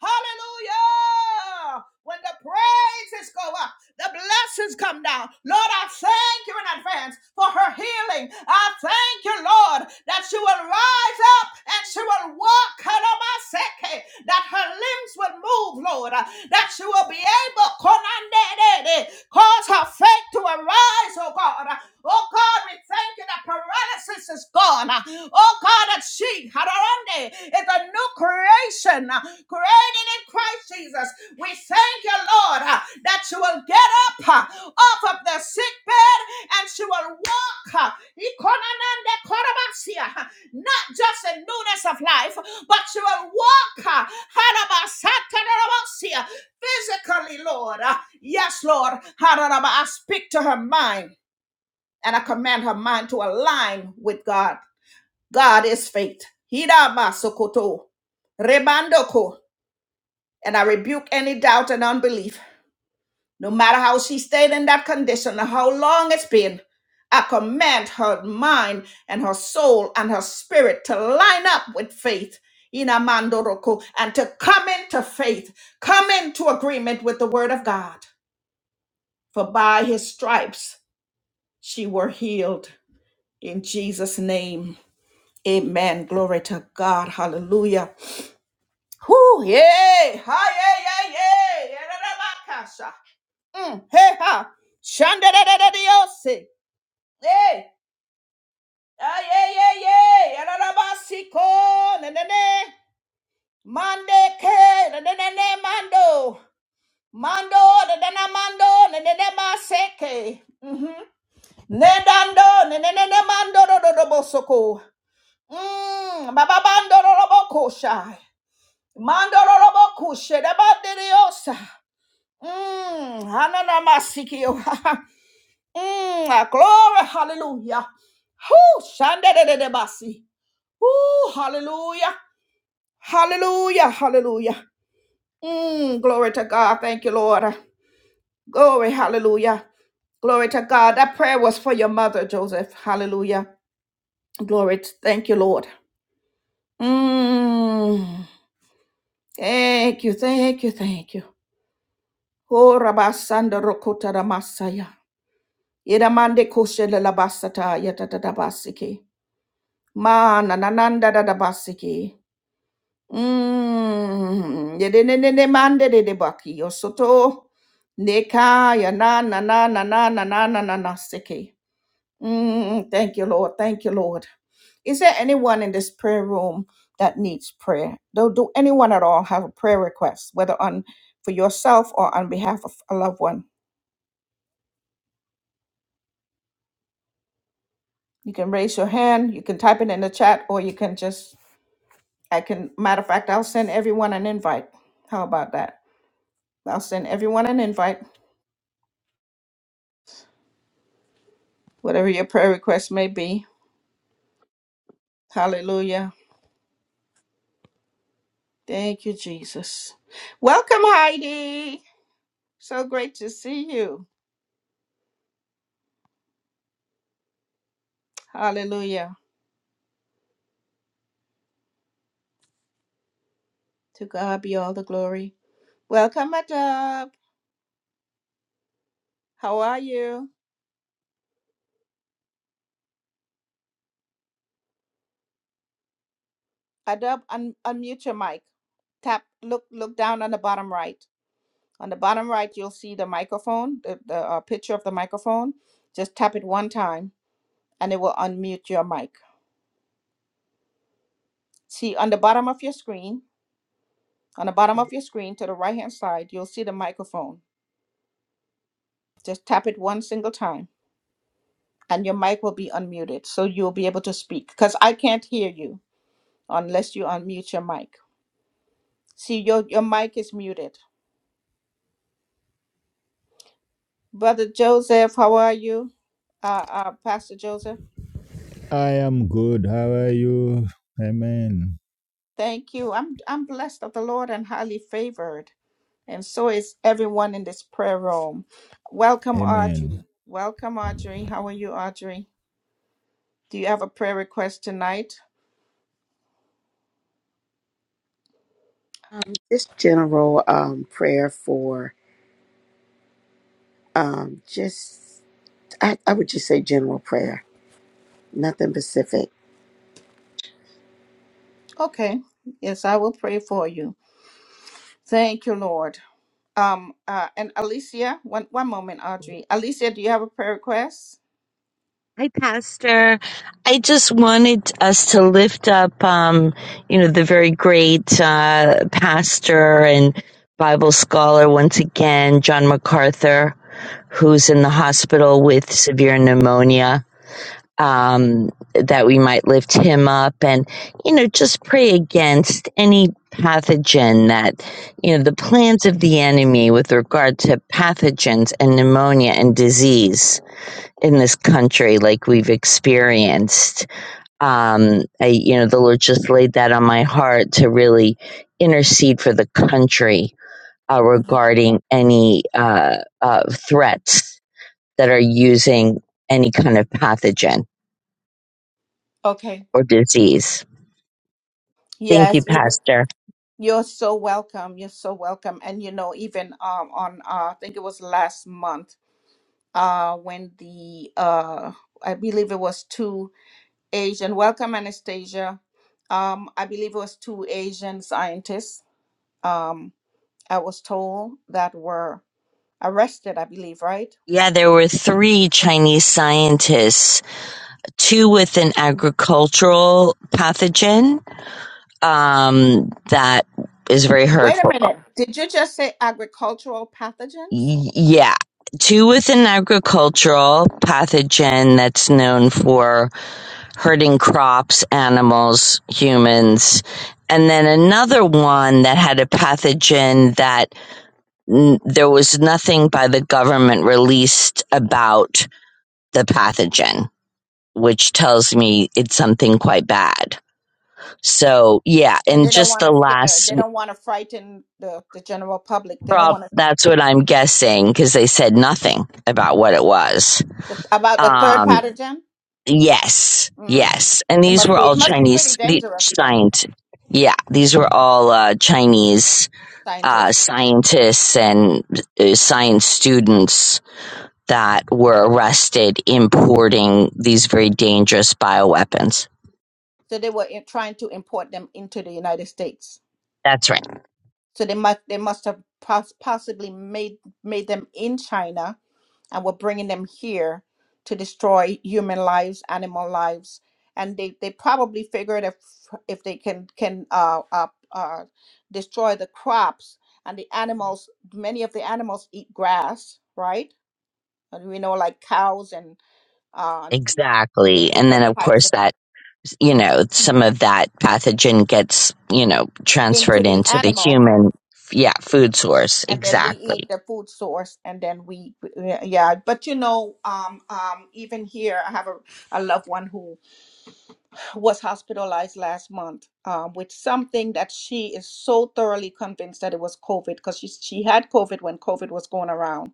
Speaker 1: Hallelujah. When the praises go up. The blessings come down. Lord, I thank you in advance for her healing. I thank you, Lord, that she will rise up and she will walk. Kalamaseke, That her limbs will move, Lord. That she will be able, Konandedede, cause her faith to arise, oh God. Oh God, we thank you that paralysis is gone. Oh God, that she, Hadarande, is a new creation uh, created in Christ Jesus. We thank you, Lord, uh, that she will get up uh, off of the sick bed and she will walk. uh, Ikonanande korabasia, uh, Not just in newness of life, but she will walk. uh, harabasatarabasia, Physically, Lord. Uh, Yes, Lord. Hararaba, I speak to her mind and I command her mind to align with God. God is faith. Hida masokoto. Rebandoko. And I rebuke any doubt and unbelief. No matter how she stayed in that condition or how long it's been, I command her mind and her soul and her spirit to line up with faith. Inamandoroko. And to come into faith, come into agreement with the word of God. For by his stripes she were healed. In Jesus' name. Amen. Glory to God. Hallelujah. Whew, yay! Ha, yay, yay, yay! Yadadabakasha. Mm, hey, ha! Shandadadadadiosi. Hey! Ah, yay, yay, yay! Yadadabasiko! Nanane! Mande ke! Nanane mando! Mando! Nanana mando! Nanane maseke! Mm-hmm. Nedando! Nanane mando! Dodobosoko! Mmm! Bababando! Dodobokosha! Mando! Dodobokushe! Dabadidiosa! Mm, hananamasikio. mm, glory, hallelujah. Whoo, shandedededebasi. Whoo, hallelujah. Hallelujah, hallelujah. Mm, glory to God. Thank you, Lord. Glory, hallelujah. Glory to God. That prayer was for your mother, Joseph. Hallelujah. Glory. To, thank you, Lord. Mm, thank you, thank you, thank you. Oh, Rabasanda Rokota Ramasaya. Iramande koshele la basata yatata da basiki. Ma na na nanda da da basiki. Mm. Yede ne ne ne mande de de baki yosoto. Neka ya na na na na na na na na na na siki. Mm. Thank you, Lord. Thank you, Lord. Is there anyone in this prayer room that needs prayer? Do, do anyone at all have a prayer request, whether on for yourself or on behalf of a loved one? You can raise your hand, you can type it in the chat, or you can just I can, matter of fact, I'll send everyone an invite. How about that? I'll send everyone an invite, whatever your prayer request may be. Hallelujah. Thank you, Jesus. Welcome, Heidi. So great to see you. Hallelujah. To God be all the glory. Welcome, Adab. How are you? Adab, un- unmute your mic. Tap, look, look down on the bottom right. On the bottom right, you'll see the microphone, the, the uh, picture of the microphone. Just tap it one time and it will unmute your mic. See on the bottom of your screen, on the bottom of your screen to the right hand side, you'll see the microphone. Just tap it one single time and your mic will be unmuted. So you'll be able to speak because I can't hear you unless you unmute your mic. See, your, your mic is muted. Brother Joseph, how are you? Uh, uh, Pastor Joseph,
Speaker 2: I am good. How are you? Amen.
Speaker 1: thank you. I'm, I'm blessed of the Lord and highly favored. And so is everyone in this prayer room. Welcome, Audrey.
Speaker 2: Amen.
Speaker 1: Welcome, Audrey. How are you, Audrey? Do you have a prayer request tonight?
Speaker 3: This general um, prayer for um, just, I, I would just say general prayer, nothing specific.
Speaker 1: Okay. Yes, I will pray for you. Thank you, Lord. Um, uh, and Alicia, one one moment, Audrey. Alicia, do you have a prayer request?
Speaker 4: Hi, Pastor. I just wanted us to lift up, um, you know, the very great uh, pastor and Bible scholar once again, John MacArthur, who's in the hospital with severe pneumonia. Um, that we might lift him up and, you know, just pray against any pathogen that, you know, the plans of the enemy with regard to pathogens and pneumonia and disease in this country like we've experienced. Um, I, you know, the Lord just laid that on my heart to really intercede for the country uh, regarding any uh, uh, threats that are using any kind of pathogen
Speaker 1: Okay.
Speaker 4: or disease. Thank you,
Speaker 1: Yes, even
Speaker 4: Pastor.
Speaker 1: you're so welcome. You're so welcome. And you know, even um on uh, I think it was last month, uh, when the uh, I believe it was two Asian. Welcome, Anastasia. Um, I believe it was two Asian scientists. Um, I was told that were arrested, I believe, right?
Speaker 4: Yeah, there were three Chinese scientists, two with an agricultural pathogen um, that is very
Speaker 1: Wait
Speaker 4: hurtful
Speaker 1: a minute. Did you just say agricultural pathogens?
Speaker 4: Yeah. Two with an agricultural pathogen that's known for hurting crops, animals, humans. And then another one that had a pathogen that n- there was nothing by the government released about the pathogen, which tells me it's something quite bad. So yeah,
Speaker 1: So
Speaker 4: and
Speaker 1: they don't
Speaker 4: just
Speaker 1: want
Speaker 4: the
Speaker 1: to scare.
Speaker 4: last
Speaker 1: They don't want to frighten the, the general public. They don't
Speaker 4: prob,
Speaker 1: want to
Speaker 4: that's what I'm guessing because they said nothing about what it was.
Speaker 1: the, about the third
Speaker 4: Um,
Speaker 1: pathogen.
Speaker 4: Yes,
Speaker 1: Mm.
Speaker 4: yes. And
Speaker 1: It
Speaker 4: these
Speaker 1: must
Speaker 4: were
Speaker 1: be.
Speaker 4: all
Speaker 1: It must be pretty
Speaker 4: Chinese the
Speaker 1: dangerous then,
Speaker 4: science. Yeah, these were all uh, Chinese uh,
Speaker 1: scientists.
Speaker 4: scientists and uh, science students that were arrested importing these very dangerous bioweapons.
Speaker 1: So they were in, trying to import them into the United States.
Speaker 4: That's right.
Speaker 1: So they must they must have pos- possibly made made them in China and were bringing them here to destroy human lives, animal lives, and they, they probably figured if if they can can uh, uh, uh, destroy the crops and the animals, many of the animals eat grass, right? And we know like cows and uh, yeah,
Speaker 4: Exactly. And then,
Speaker 1: different
Speaker 4: of
Speaker 1: types
Speaker 4: course,
Speaker 1: of,
Speaker 4: that, you know, some of that pathogen gets, you know,
Speaker 1: into
Speaker 4: transferred
Speaker 1: the
Speaker 4: into the
Speaker 1: animal
Speaker 4: human, yeah, food source.
Speaker 1: and then we
Speaker 4: Exactly.
Speaker 1: eat the food source and then we yeah yeah. but you know um um even here i have a, a loved one who was hospitalized last month um with something that she is so thoroughly convinced that it was covid because she she had covid when covid was going around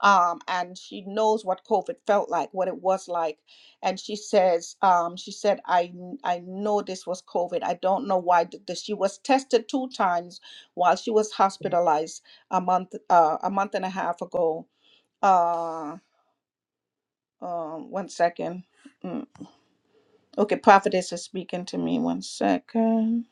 Speaker 1: um, and she knows what COVID felt like, what it was like. And she says, um, she said, I kn- I know this was COVID. I don't know why th- this. She was tested two times while she was hospitalized a month uh, a month and a half ago. Uh, um, one second. Mm. Okay, prophetess is speaking to me. One second.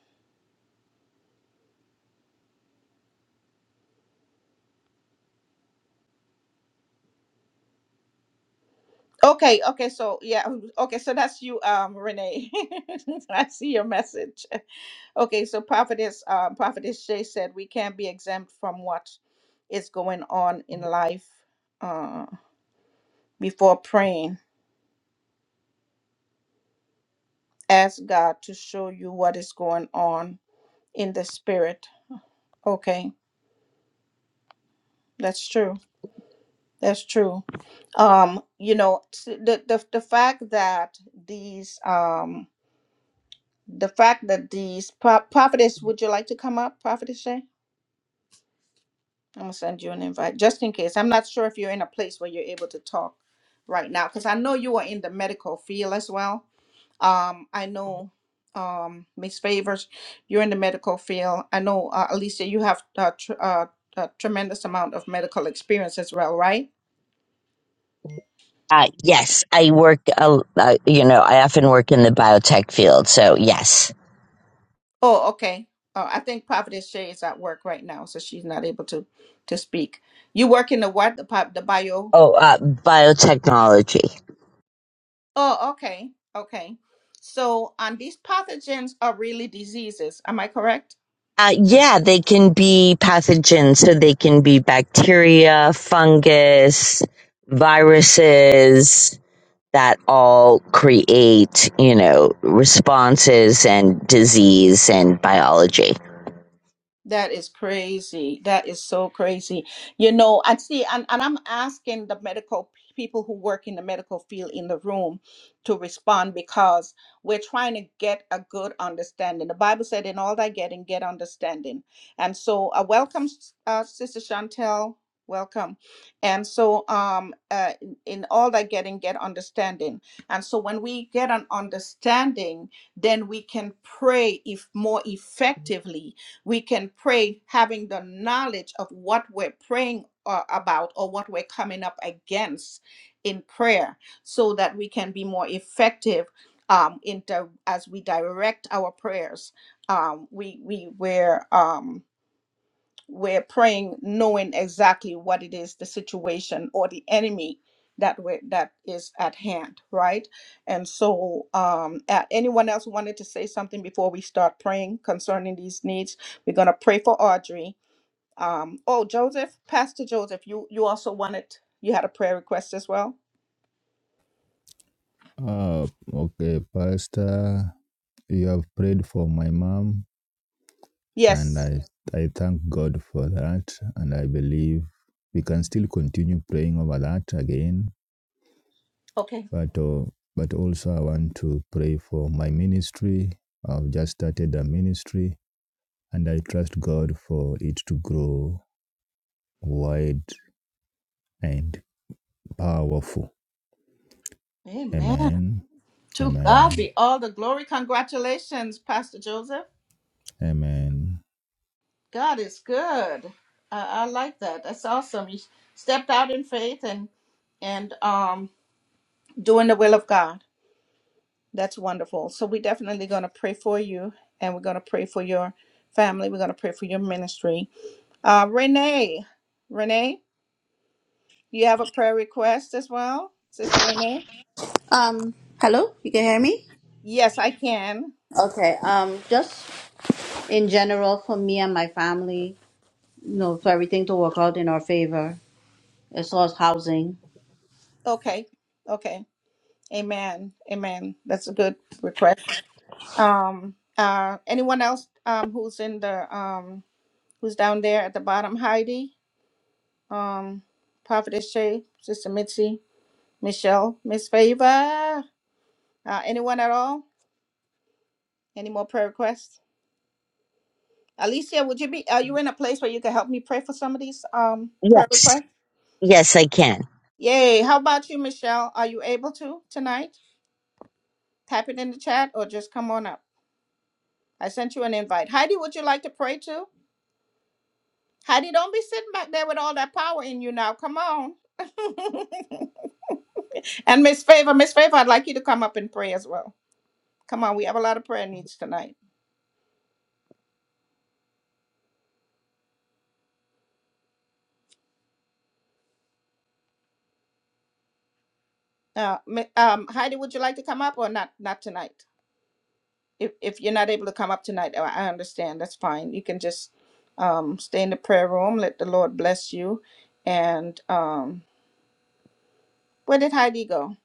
Speaker 1: Okay, okay, so yeah, okay, so that's you, um, Renee. I see your message. Okay, so prophetess, uh, prophetess Shay said we can't be exempt from what is going on in life. Uh, before praying, ask God to show you what is going on in the spirit. Okay, that's true. That's true. Um, you know, s- the the, the fact that these um the fact that these pro- prophetess, would you like to come up, prophetess Shay? I'm gonna send you an invite just in case. I'm not sure if you're in a place where you're able to talk right now because I know you are in the medical field as well. Um, I know um Miss Favors, you're in the medical field. I know uh, Alicia, you have a, tr- uh a tremendous amount of medical experience as well, right?
Speaker 4: Uh, yes, I work, uh, uh, you know, I often work in the biotech field, so yes.
Speaker 1: Oh, okay. Uh, I think Prophetess Shay is at work right now, so she's not able to to speak. You work in the what? The, pi- the bio?
Speaker 4: Oh, uh, biotechnology.
Speaker 1: Oh, okay. Okay. So, and these pathogens are really diseases. Am I correct?
Speaker 4: Uh, yeah, they can be pathogens, so they can be bacteria, fungus, viruses that all create, you know, responses and disease and biology.
Speaker 1: That is crazy. That is so crazy. You know, and see, and, and I'm asking the medical people who work in the medical field in the room to respond because we're trying to get a good understanding. The Bible said, In all thy getting, get understanding. And so, uh, welcome, uh, Sister Chantel. Welcome. And so, um, uh, in in all thy getting, get understanding. And so, when we get an understanding, then we can pray if more effectively we can pray having the knowledge of what we're praying uh, about or what we're coming up against in prayer so that we can be more effective um, in di- as we direct our prayers um, we we were um, we're praying knowing exactly what it is, the situation or the enemy that we that is at hand, right? And so, um, uh, anyone else wanted to say something before we start praying concerning these needs? We're gonna pray for Audrey. Um, oh, Joseph, Pastor Joseph, you you also wanted you had a prayer request as well.
Speaker 2: Uh, okay, Pastor, you have prayed for my mom, and
Speaker 1: Yes.
Speaker 2: I, I thank God for that. And I believe we can still continue praying over that again.
Speaker 1: Okay.
Speaker 2: But, uh, but also, I want to pray for my ministry. I've just started a ministry, and I trust God for it to grow wide and powerful.
Speaker 1: Amen.
Speaker 2: Amen.
Speaker 1: To God
Speaker 2: Amen.
Speaker 1: be all the glory. Congratulations, Pastor Joseph.
Speaker 2: Amen.
Speaker 1: God is good. I, I like that. That's awesome. You stepped out in faith and and um doing the will of God. That's wonderful. So we're definitely gonna pray for you and we're gonna pray for your family. We're gonna pray for your ministry. Uh Renee. Renee, you have a prayer request as well, Sister Renee?
Speaker 5: Um, hello, you can hear me?
Speaker 1: Yes, I can.
Speaker 5: Okay, um, just in general for me and my family, you know, for everything to work out in our favor as far as housing.
Speaker 1: Okay. Okay. Amen. Amen. That's a good request. Um uh anyone else um who's in the um who's down there at the bottom, Heidi, um, Prophetess Shay, Sister Mitzi, Michelle, Miss Favor. Uh, anyone at all? Any more prayer requests? Alicia, would you be are you in a place where you can help me pray for some of these um prayer
Speaker 4: Yes.
Speaker 1: requests?
Speaker 4: Yes, I can.
Speaker 1: Yay. How about you, Michelle? Are you able to tonight? Type it in the chat or just come on up. I sent you an invite. Heidi, would you like to pray too? Heidi, don't be sitting back there with all that power in you now. Come on. and Miss Favor, Miss Favor, I'd like you to come up and pray as well. Come on, we have a lot of prayer needs tonight. Uh, Ma- um, Heidi, would you like to come up or not? Not tonight. If if you're not able to come up tonight, I I understand. That's fine. You can just um, stay in the prayer room. Let the Lord bless you. And um, where did Heidi go?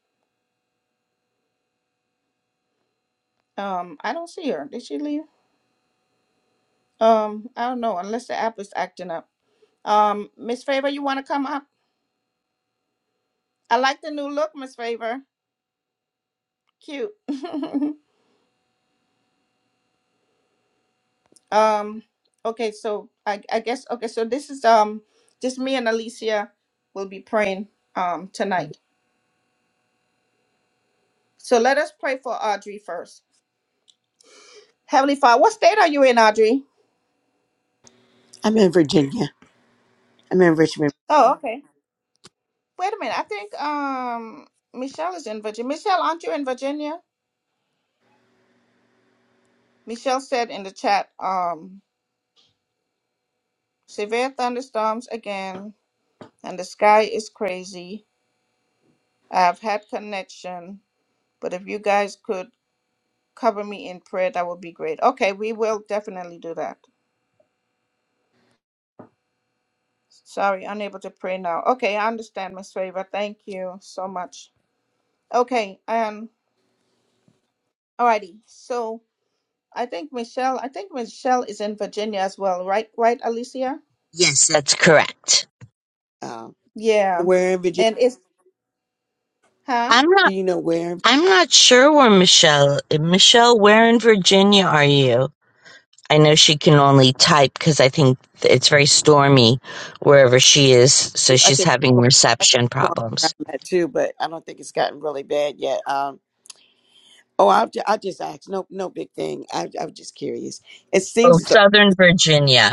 Speaker 1: Um, I don't see her. Did she leave? Um, I don't know. Unless the app is acting up. Um, Miss Favor, you want to come up? I like the new look, Miss Favor. Cute. Um, okay, so I, I guess okay, so this is um just me and Alicia will be praying um tonight. So let us pray for Audrey first. Heavenly Father, what state are you in, Audrey?
Speaker 3: I'm in Virginia. I'm in Richmond.
Speaker 1: Oh, okay. Wait a minute. I think um Michelle is in Virginia. Michelle, aren't you in Virginia? Michelle said in the chat, um, severe thunderstorms again, and the sky is crazy. I've had connection, but if you guys could cover me in prayer, that would be great. Okay, we will definitely do that. Sorry, unable to pray now. Okay, I understand, Miss Favor. Thank you so much. Okay, um, alrighty. So I think Michelle, I think Michelle is in Virginia as well, right? Right, Alicia?
Speaker 4: Yes, that's correct.
Speaker 3: Um,
Speaker 1: Yeah.
Speaker 3: where in Virginia?
Speaker 1: And it's huh?
Speaker 4: I'm
Speaker 3: Do
Speaker 4: not
Speaker 3: you know where? in
Speaker 4: I'm not sure where Michelle Michelle, where in Virginia are you? I know she can only type cuz I think it's very stormy wherever she is, so
Speaker 3: Virginia? I
Speaker 4: she's
Speaker 3: think
Speaker 4: having
Speaker 3: it's going, I think
Speaker 4: reception
Speaker 3: it's going around
Speaker 4: problems.
Speaker 3: that too, but I don't think it's gotten really bad yet. Um, oh, I'll, ju- I'll just ask. No, no big thing. I, I'm just curious. It seems
Speaker 4: Oh,
Speaker 3: as though,
Speaker 4: Southern Virginia.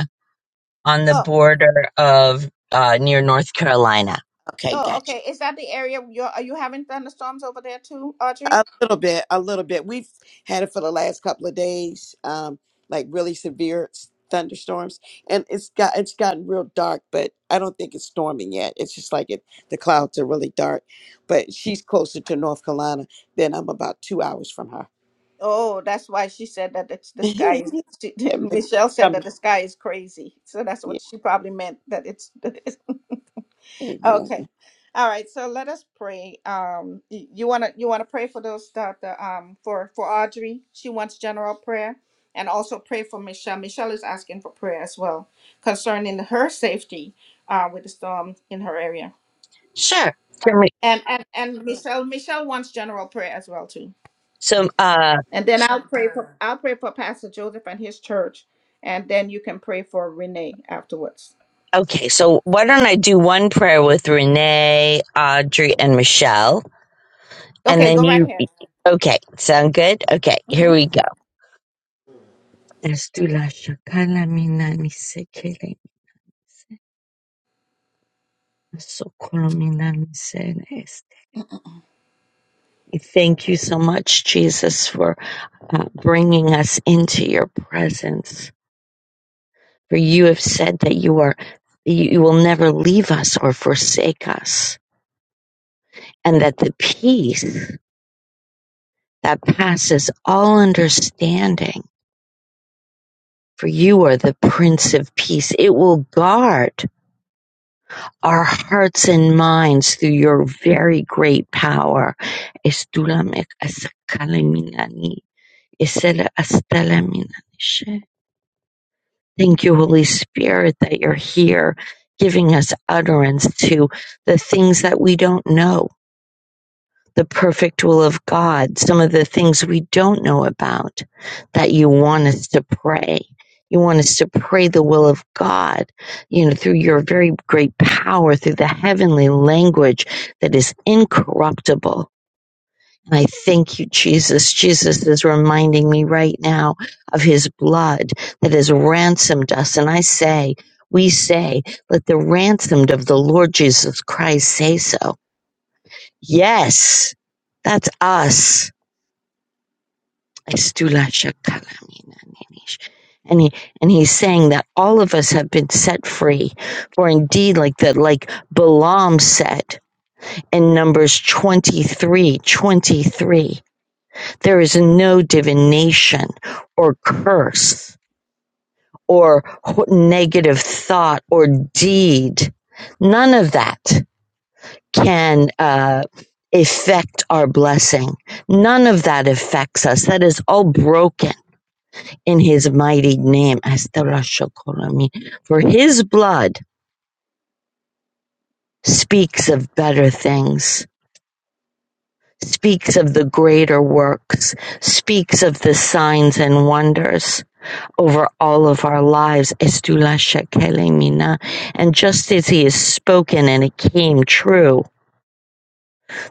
Speaker 4: on the
Speaker 1: Oh,
Speaker 4: border of uh, near North Carolina.
Speaker 3: okay,
Speaker 1: oh,
Speaker 3: gotcha.
Speaker 1: okay. Is that the area you're are you having thunderstorms over there too, Audrey?
Speaker 3: A little bit, a little bit. We've had it for the last couple of days, um, like really severe s- thunderstorms, and it's got it's gotten real dark. But I don't think it's storming yet. It's just like it, the clouds are really dark. But she's closer to North Carolina than I'm. About two hours from her.
Speaker 1: Oh, that's why she said that it's, the sky is.
Speaker 3: it
Speaker 1: She,
Speaker 3: might be
Speaker 1: Michelle said that
Speaker 3: coming.
Speaker 1: the sky is crazy, so that's
Speaker 3: Yeah,
Speaker 1: what she probably meant. That it's
Speaker 3: amen.
Speaker 1: Okay. All right. So let us pray. Um, y- you wanna you wanna pray for those that the um for for Audrey. She wants general prayer, and also pray for Michelle. Michelle is asking for prayer as well concerning her safety uh with the storm in her area.
Speaker 4: Sure. Can we-
Speaker 1: And and and Michelle Michelle wants general prayer as well too.
Speaker 4: So, uh,
Speaker 1: And then I'll pray for I'll pray for Pastor Joseph and his church, and then you can pray for Renee afterwards.
Speaker 4: okay. So why don't I do one prayer with Renee, Audrey, and Michelle, and
Speaker 1: Okay,
Speaker 4: then
Speaker 1: go right
Speaker 4: you.
Speaker 1: ahead.
Speaker 4: Okay. Sound good? Okay. Here we go. Let's do la shakala mina ni sekele. So We Thank you so much, Jesus, for uh, bringing us into your presence. For you have said that you are, you you will never leave us or forsake us, and that the peace that passes all understanding, for you are the Prince of Peace. It will guard our hearts and minds through your very great power. Estulamek asakalaminani, esele astalaminani. Thank you, Holy Spirit, that you're here giving us utterance to the things that we don't know, the perfect will of God, some of the things we don't know about that you want us to pray. You want us to pray the will of God, you know, through your very great power, through the heavenly language that is incorruptible. And I thank you, Jesus. Jesus is reminding me right now of his blood that has ransomed us. And I say, we say, let the ransomed of the Lord Jesus Christ say so. Yes, that's us. And he, and he's saying that all of us have been set free. For indeed, like that, like Balaam said in Numbers 23, 23. There is no divination or curse or negative thought or deed. None of that can uh, affect our blessing. None of that affects us. That is all broken in his mighty name. Astarashokorami. For his blood speaks of better things, speaks of the greater works, speaks of the signs and wonders. over all of our lives. Estula shekelemina. And just as he has spoken and it came true,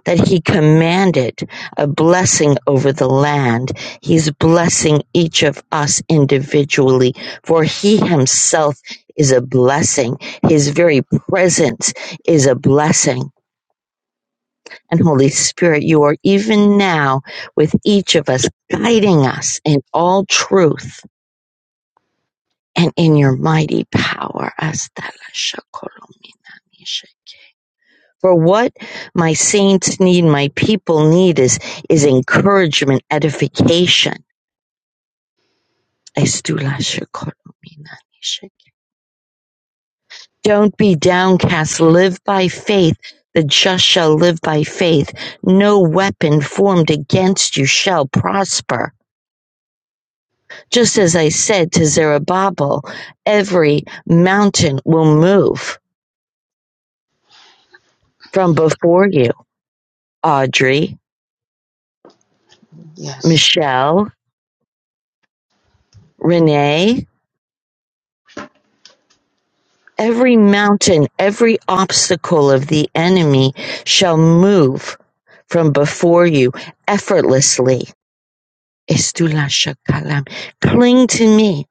Speaker 4: that he commanded a blessing over the land, he's blessing each of us individually, for he himself is a blessing. His very presence is a blessing. And Holy Spirit, you are even now with each of us, guiding us in all truth and in your mighty power. For what my saints need, my people need is, is encouragement, edification. Don't be downcast. Live by faith. The just shall live by faith. No weapon formed against you shall prosper. Just as I said to Zerubbabel, every mountain will move from before you, Audrey.
Speaker 3: Yes.
Speaker 4: Michelle, Renee, every mountain, every obstacle of the enemy shall move from before you effortlessly. Estula shakalam. Cling to me.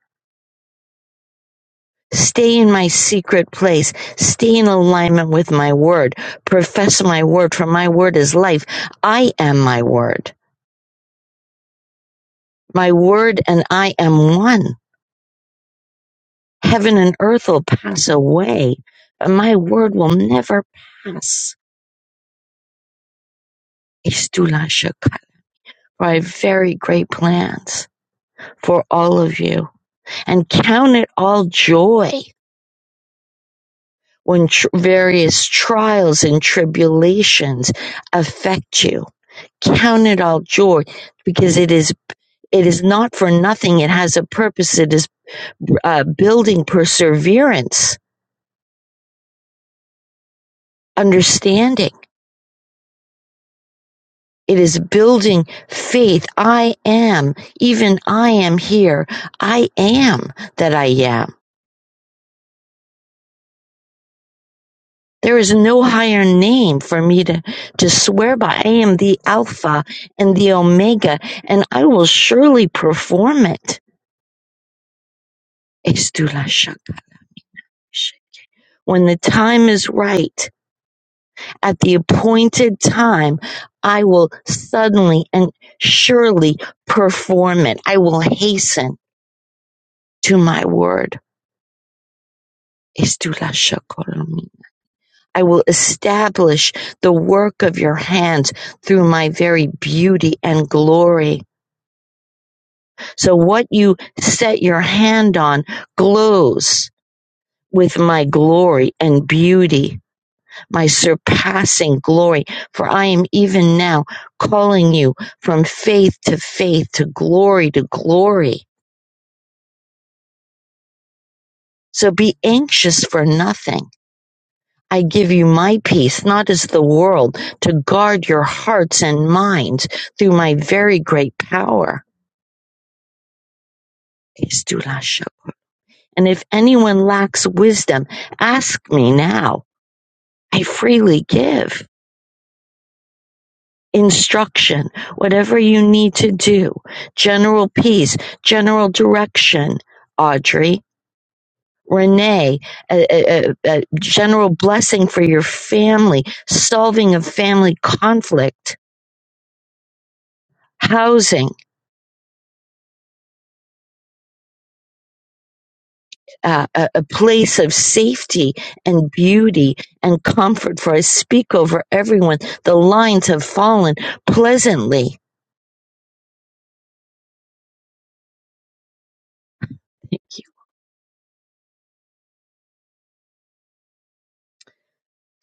Speaker 4: Stay in my secret place. Stay in alignment with my word. Profess my word, for my word is life. I am my word. My word and I am one. Heaven and earth will pass away, but my word will never pass. Istulashchikha, for I have very great plans for all of you, and count it all joy when tr- various trials and tribulations affect you. Count it all joy because it is it is not for nothing. It has a purpose. It is uh, building perseverance, understanding. It is building faith. I am, even I am here. I am that I am. There is no higher name for me to, to swear by. I am the Alpha and the Omega, and I will surely perform it. When the time is right, at the appointed time, I will suddenly and surely perform it. I will hasten to my word. I will establish the work of your hands through my very beauty and glory. So what you set your hand on glows with my glory and beauty, my surpassing glory. For I am even now calling you from faith to faith, to glory to glory. So be anxious for nothing. I give you my peace, not as the world, to guard your hearts and minds through my very great power. And if anyone lacks wisdom, ask me now I freely give instruction, whatever you need to do, general peace, general direction, Audrey. Renee, a, a- a- general blessing for your family, solving of family conflict, housing, uh, a, a place of safety and beauty and comfort. For I speak over everyone. The lines have fallen pleasantly Thank you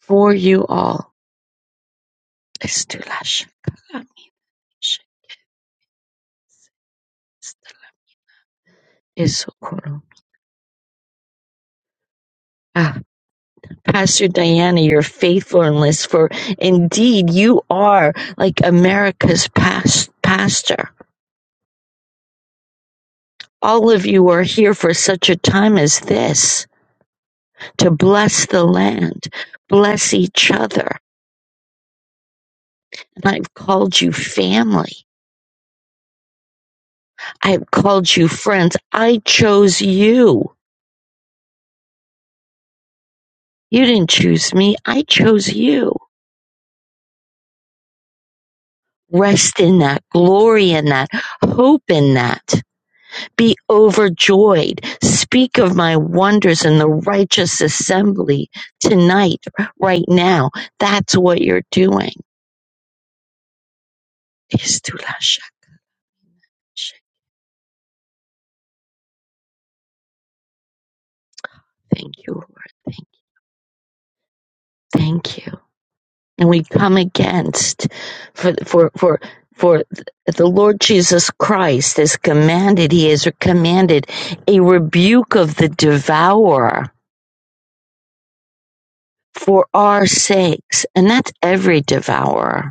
Speaker 4: for you all. Estulash. is so cool. Ah, Pastor Diana, your faithfulness for indeed you are like America's past pastor. All of you are here for such a time as this to bless the land, bless each other. And I've called you family. I've called you friends. I chose you. You didn't choose me. I chose you. Rest in that, glory in that, hope in that. be overjoyed. Speak of my wonders in the righteous assembly tonight, right now. That's what you're doing. Thank you, Lord. Thank you. Thank you. And we come against for for for for the Lord Jesus Christ has commanded, He has commanded a rebuke of the devourer for our sakes. And that's every devourer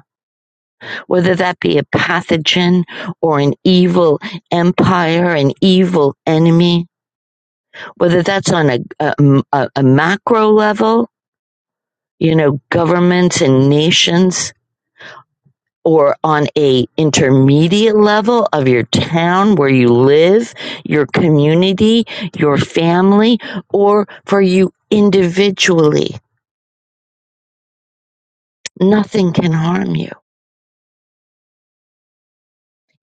Speaker 4: whether that be a pathogen or an evil empire, an evil enemy, whether that's on a, a, a macro level, you know, governments and nations, or on a intermediate level of your town where you live, your community, your family, or for you individually. Nothing can harm you.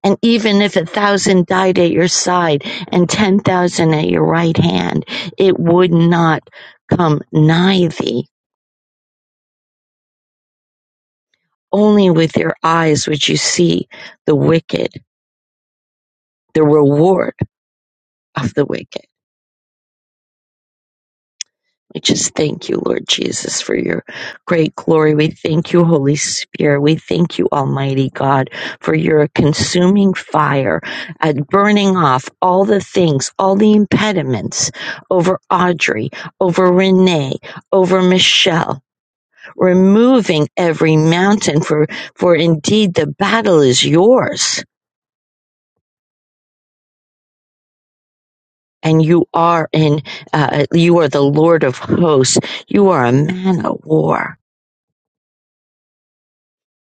Speaker 4: And even if a thousand died at your side and ten thousand at your right hand, it would not come nigh thee. Only with your eyes would you see the wicked, the reward of the wicked. We just thank you, Lord Jesus, for your great glory. We thank you, Holy Spirit. We thank you, Almighty God, for your consuming fire at burning off all the things, all the impediments over Audrey, over Renee, over Michelle, removing every mountain for, for indeed the battle is yours. And you are in, uh, you are the Lord of hosts. You are a man of war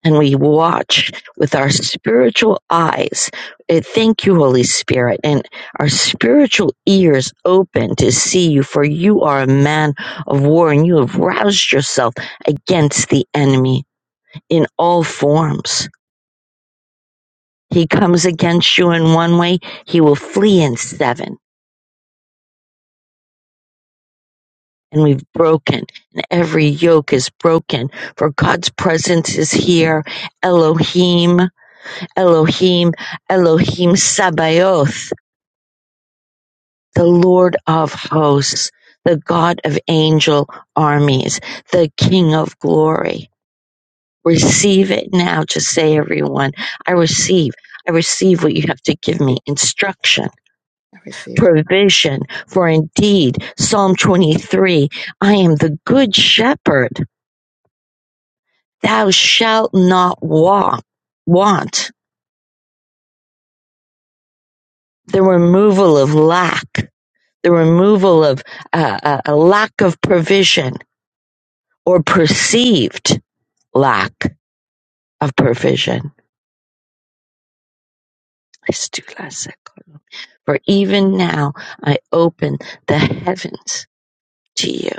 Speaker 4: and we watch with our spiritual eyes. Uh, Thank you, Holy Spirit, and our spiritual ears open to see you, for you are a man of war and you have roused yourself against the enemy in all forms. He comes against you in one way, he will flee in seven. And we've broken, and every yoke is broken, for God's presence is here. Elohim, Elohim, Elohim Sabaoth the Lord of hosts, the God of angel armies, the King of glory. Receive it now. Just say, everyone, I receive. I receive what you have to give me
Speaker 3: I
Speaker 4: instruction,
Speaker 3: receive it.
Speaker 4: provision. For indeed, Psalm 23 I am the good shepherd. Thou shalt not walk, want the removal of lack, the removal of uh, a a lack of provision or perceived. lack of provision. For even now I open the heavens to you.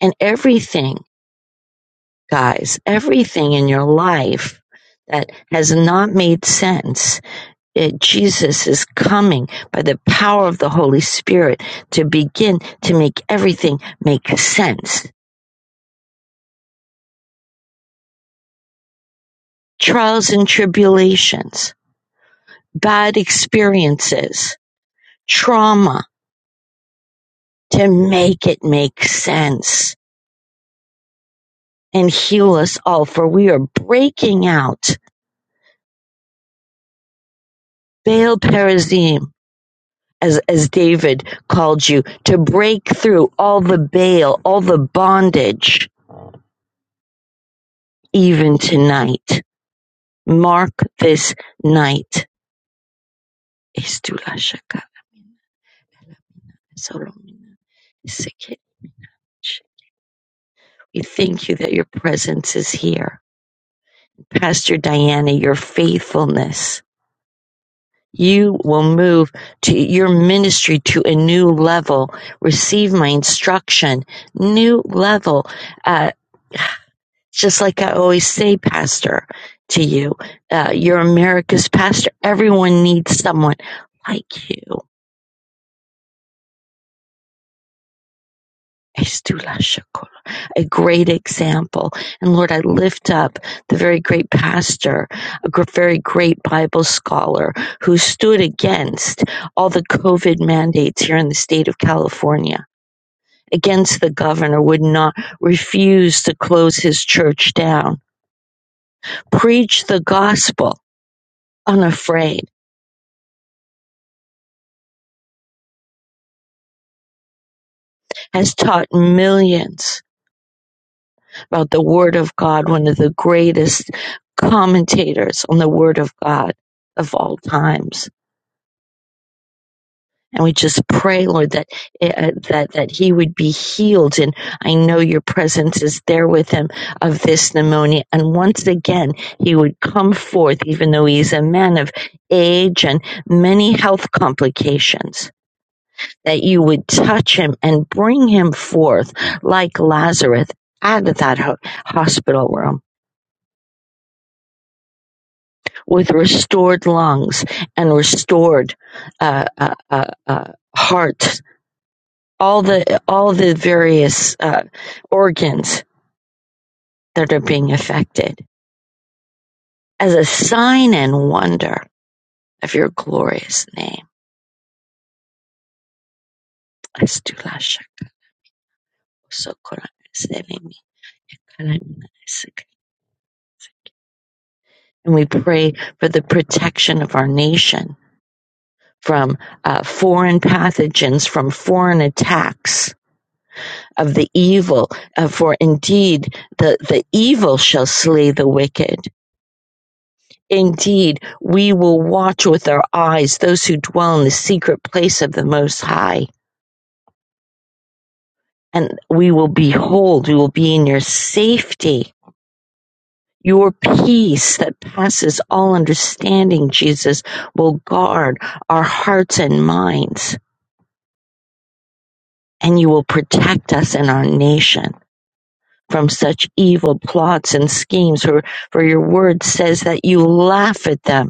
Speaker 4: And everything, guys, everything in your life that has not made sense, it, Jesus is coming by the power of the Holy Spirit to begin to make everything make sense. Trials and tribulations, bad experiences, trauma, to make it make sense and heal us all, for we are breaking out. Baal Perazim, as, as David called you, to break through all the Baal, all the bondage, even tonight. Mark this night. Estulashaka. Solomina. We thank you that your presence is here. Pastor Diana, your faithfulness. You will move to your ministry to a new level. Receive my instruction, new level. Uh, just like I always say, Pastor, to you, uh, you're America's pastor. Everyone needs someone like you. Estula Shakur, A great example. And Lord, I lift up the very great pastor, a very great Bible scholar who stood against all the COVID mandates here in the state of California against the governor would not refuse to close his church down. Preach the gospel unafraid has taught millions about the word of God, one of the greatest commentators on the word of God of all times. And we just pray, Lord, that uh, that that he would be healed. And I know your presence is there with him of this pneumonia. And once again, he would come forth, even though he's a man of age and many health complications. That you would touch him and bring him forth like Lazarus out of that ho- hospital room with restored lungs and restored uh, uh, uh, uh, heart all the all the various uh, organs that are being affected as a sign and wonder of your glorious name. And we pray for the protection of our nation from uh, foreign pathogens, from foreign attacks of the evil. Uh, for indeed, the, the evil shall slay the wicked Indeed, we will watch with our eyes those who dwell in the secret place of the Most High, and we will behold, we will be in your safety. Your peace that passes all understanding, Jesus, will guard our hearts and minds, and you will protect us and our nation from such evil plots and schemes. For, for your word says that you laugh at them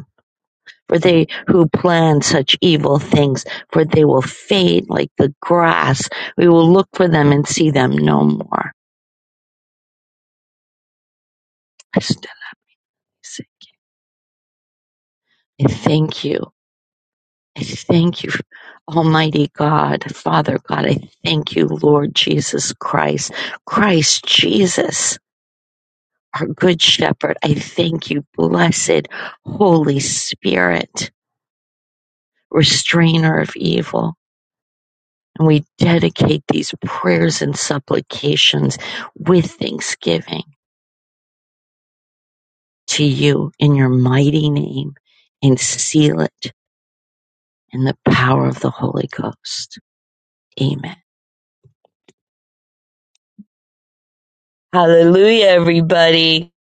Speaker 4: for they who plan such evil things, for they will fade like the grass. We will look for them and see them no more. I thank you. I thank you, Almighty God, Father God. I thank you, Lord Jesus Christ, Christ Jesus, our good shepherd. I thank you, blessed Holy Spirit, restrainer of evil. And we dedicate these prayers and supplications with thanksgiving to you in your mighty name and seal it in the power of the Holy Ghost. Amen. Hallelujah, everybody.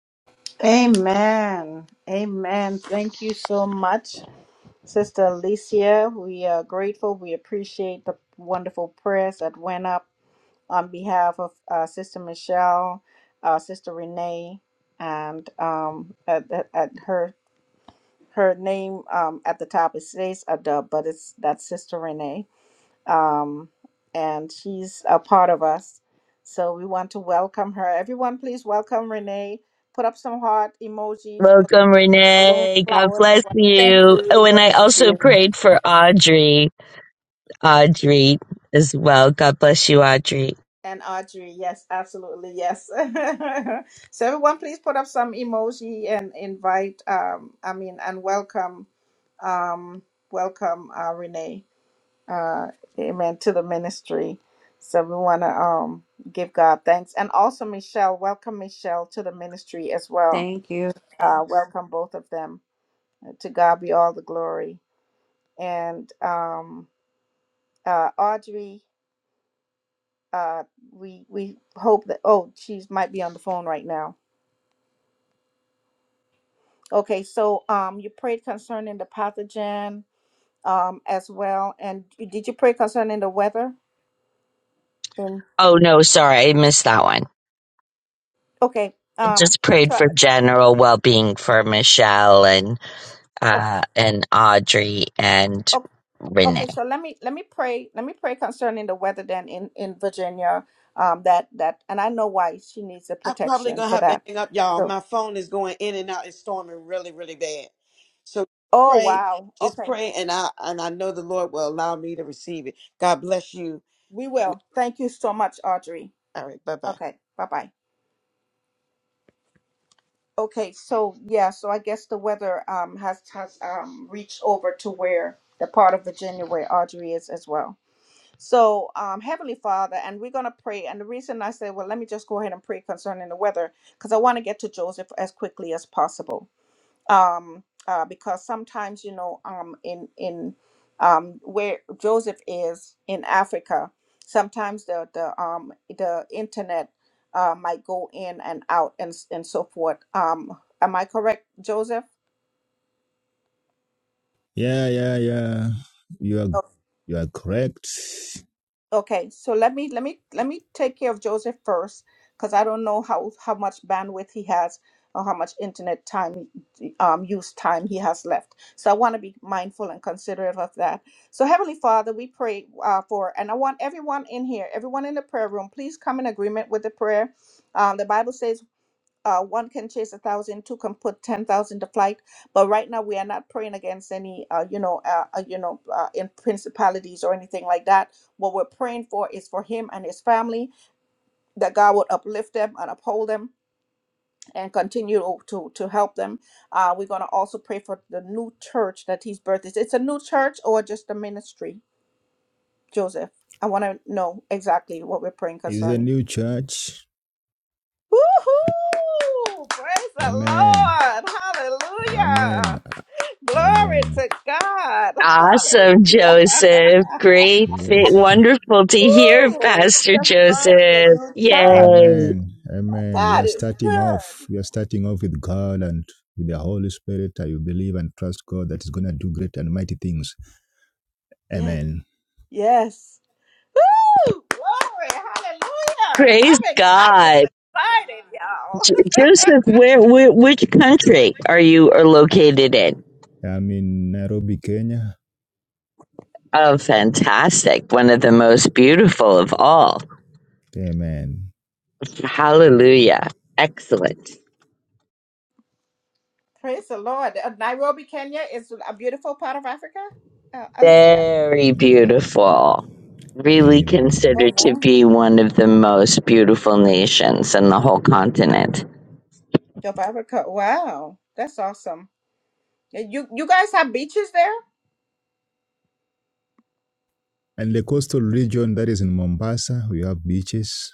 Speaker 1: Amen. Amen. Thank you so much, Sister Alicia. We are grateful. We appreciate the wonderful prayers that went up on behalf of uh, Sister Michelle, uh, Sister Renee, and um, at, at, at her her name um, at the top it says Adub, but it's that's Sister Renee, um, and she's a part of us. So we want to welcome her. Everyone, please welcome Renee put up some heart emojis
Speaker 4: Welcome,
Speaker 1: balloon
Speaker 4: Renee. God
Speaker 1: flowers
Speaker 4: bless
Speaker 5: Thank
Speaker 4: you.
Speaker 5: you.
Speaker 4: Oh, and
Speaker 5: God
Speaker 4: I
Speaker 5: bless
Speaker 4: also
Speaker 5: you.
Speaker 4: prayed for Audrey. Audrey as well. God bless you, Audrey.
Speaker 1: and Audrey. Yes, absolutely. Yes. so everyone, please put up some emoji and invite. Um, I mean, and welcome, um, welcome uh, Renee. Uh, amen to the ministry. So we want to um give God thanks, and also Michelle. Welcome Michelle to the ministry as well.
Speaker 5: Thank you.
Speaker 1: Uh, welcome both of them. To God be all the glory. And um, uh, Audrey. uh we we hope that oh she might be on the phone right now okay so um you prayed concerning the pathogen um as well and you- did you pray concerning the weather and
Speaker 4: Oh, no, sorry. I missed that one.
Speaker 1: okay
Speaker 4: I
Speaker 1: um
Speaker 4: just prayed
Speaker 1: so
Speaker 4: for general well being for Michelle and
Speaker 1: o-
Speaker 4: uh, and Audrey and
Speaker 1: o-
Speaker 4: Renee.
Speaker 1: okay so let me let me pray let me pray concerning the weather then in in virginia um that that and i know why she needs the
Speaker 3: I'm probably
Speaker 1: protection
Speaker 3: gonna
Speaker 1: for
Speaker 3: have to
Speaker 1: that
Speaker 3: hang up, y'all.
Speaker 1: so
Speaker 3: My phone is going in and out. It's storming really, really bad. So
Speaker 1: oh
Speaker 3: pray,
Speaker 1: wow
Speaker 3: just
Speaker 1: okay
Speaker 3: pray, and I and I know the Lord will allow me to receive it. God bless you.
Speaker 1: we will thank you so much audrey
Speaker 3: All right, bye bye.
Speaker 1: okay bye-bye Okay, so yeah, so I guess the weather um has has um reached over to where the part of Virginia where Audrey is as well. So um Heavenly Father, and we're gonna pray. And the reason I say, well, let me just go ahead and pray concerning the weather, because I want to get to Joseph as quickly as possible um, uh, because sometimes you know um, in in um, where Joseph is in Africa, sometimes the the um, the internet uh, might go in and out and s- and so forth. Um, am I correct, Joseph?
Speaker 2: Yeah, yeah, yeah. You are you are correct.
Speaker 1: Okay, so let me let me let me take care of Joseph first, because I don't know how how much bandwidth he has or how much internet time um use time he has left. So I want to be mindful and considerate of that. So Heavenly Father, we pray uh, for, and I want everyone in here, everyone in the prayer room, please come in agreement with the prayer. Um, the Bible says uh, one can chase a thousand, two can put ten thousand to flight. But right now, we are not praying against any, uh, you know, uh, uh, you know, uh, in principalities or anything like that. What we're praying for is for him and his family that God would uplift them and uphold them and continue to to, to help them. Uh, we're gonna also pray for the new church that he's birthed. Is it's a new church or just a ministry, Joseph? I want to know exactly what we're praying
Speaker 2: It's a
Speaker 1: concerning.
Speaker 2: new church.
Speaker 1: Woohoo! Praise the
Speaker 2: Amen.
Speaker 1: Lord! Hallelujah!
Speaker 2: Amen.
Speaker 1: Glory
Speaker 2: Amen.
Speaker 1: to God.
Speaker 4: Awesome,
Speaker 1: Hallelujah.
Speaker 4: Joseph. Great. Fit.
Speaker 2: Yes.
Speaker 4: Wonderful to hear,
Speaker 1: Ooh, you
Speaker 4: Pastor
Speaker 1: just birthed the
Speaker 4: Joseph.
Speaker 1: new
Speaker 4: Yay.
Speaker 1: church.
Speaker 2: Amen. Amen. You
Speaker 1: God
Speaker 2: are
Speaker 1: is
Speaker 2: starting off.
Speaker 1: good.
Speaker 2: You are starting off with God and with the Holy Spirit. and You believe and trust God that is going to do great and mighty things.
Speaker 1: Yes.
Speaker 2: Amen.
Speaker 1: Yes. Woo! Glory. Hallelujah.
Speaker 4: Praise
Speaker 1: I'm, ex- I'm just
Speaker 4: God.
Speaker 1: excited, y'all.
Speaker 4: J- Joseph, where, where, which country are you are located in?
Speaker 2: I'm in Nairobi, Kenya.
Speaker 4: Oh, fantastic. One of the most beautiful of all.
Speaker 2: Amen.
Speaker 4: Hallelujah. Excellent.
Speaker 1: Praise the Lord. Uh, Nairobi, Kenya is a beautiful part of Africa, uh, Alicia.
Speaker 4: Very beautiful. Really
Speaker 2: Amen.
Speaker 1: Oh,
Speaker 4: considered to
Speaker 1: wow.
Speaker 4: be one of the most beautiful nations in the whole continent.
Speaker 1: South Africa. Wow. That's awesome. Yeah, You, you guys have beaches there?
Speaker 2: And the coastal region that is in Mombasa, we have beaches.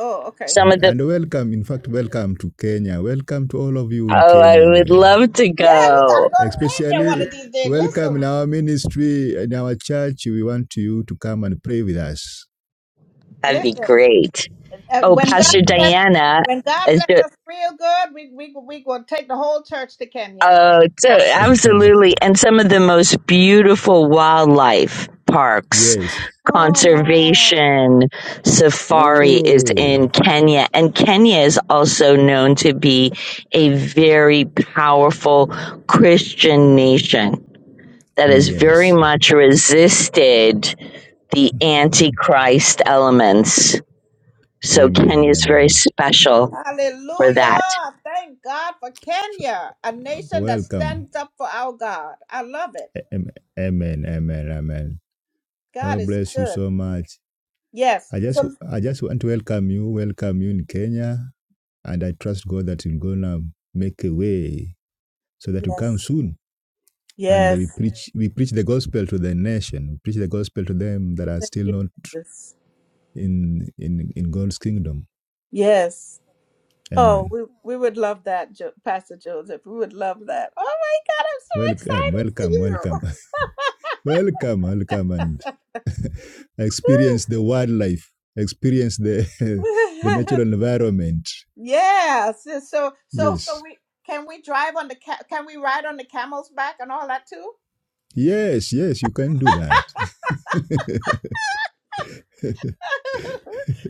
Speaker 1: Oh, okay.
Speaker 4: Some
Speaker 2: And,
Speaker 4: of the,
Speaker 2: and welcome, in fact, welcome to Kenya. Welcome to all of you in
Speaker 4: oh,
Speaker 2: Kenya,
Speaker 4: I would
Speaker 2: anyway.
Speaker 4: love to
Speaker 1: Yeah, we gotta
Speaker 4: go.
Speaker 1: go to Kenya one
Speaker 2: Especially
Speaker 1: of these days.
Speaker 2: welcome in
Speaker 1: Listen,
Speaker 2: our ministry, in our church. We want you to come and pray with us.
Speaker 4: That'd be
Speaker 1: listen.
Speaker 4: great.
Speaker 1: Uh,
Speaker 4: Oh,
Speaker 1: when God
Speaker 4: Pastor
Speaker 1: bless,
Speaker 2: Amen.
Speaker 4: Diana,
Speaker 1: when God
Speaker 4: is
Speaker 1: bless us real good, we we we gonna take the whole church to Kenya.
Speaker 4: Oh, so
Speaker 2: Amen.
Speaker 4: absolutely. And some of the most beautiful wildlife parks,
Speaker 2: Yes.
Speaker 1: Oh wow!
Speaker 4: conservation, safari is
Speaker 2: Oh,
Speaker 4: in Kenya. And Kenya is also known to be a very powerful Christian nation that has very
Speaker 2: yes.
Speaker 4: much resisted the antichrist elements. So Kenya
Speaker 2: Amen.
Speaker 4: is very
Speaker 2: Amen.
Speaker 4: special for that.
Speaker 1: Hallelujah! Thank God for
Speaker 2: So,
Speaker 1: Kenya, a nation that
Speaker 2: welcome.
Speaker 1: stands up for our God. I love it.
Speaker 2: Am- Amen. Amen. Amen.
Speaker 1: God
Speaker 2: God
Speaker 1: is
Speaker 2: bless you
Speaker 1: good.
Speaker 2: so much.
Speaker 1: Yes.
Speaker 2: I just,
Speaker 1: So
Speaker 2: I just want to welcome you, welcome you in Kenya, and I trust God that He's gonna make a way so that you come
Speaker 1: yes,
Speaker 2: soon and
Speaker 1: yes.
Speaker 2: we preach we preach the gospel to the nation. We preach the gospel to them that are
Speaker 1: Thank
Speaker 2: still
Speaker 1: you,
Speaker 2: not
Speaker 1: Jesus.
Speaker 2: in in in God's kingdom.
Speaker 1: Yes. Oh,
Speaker 2: Amen.
Speaker 1: we, we would love that, jo- Pastor Joseph. We would love that. Oh my God,
Speaker 2: Welcome, welcome,
Speaker 1: I'm
Speaker 2: welcome, welcome, welcome, and experience the wildlife, experience the
Speaker 1: so
Speaker 2: the
Speaker 1: excited for you.
Speaker 2: natural environment.
Speaker 1: yeah. So, so so so
Speaker 2: Yes,
Speaker 1: we can we drive on the ca- can we ride on the camel's back and all that too?
Speaker 2: yes, yes, you can do that.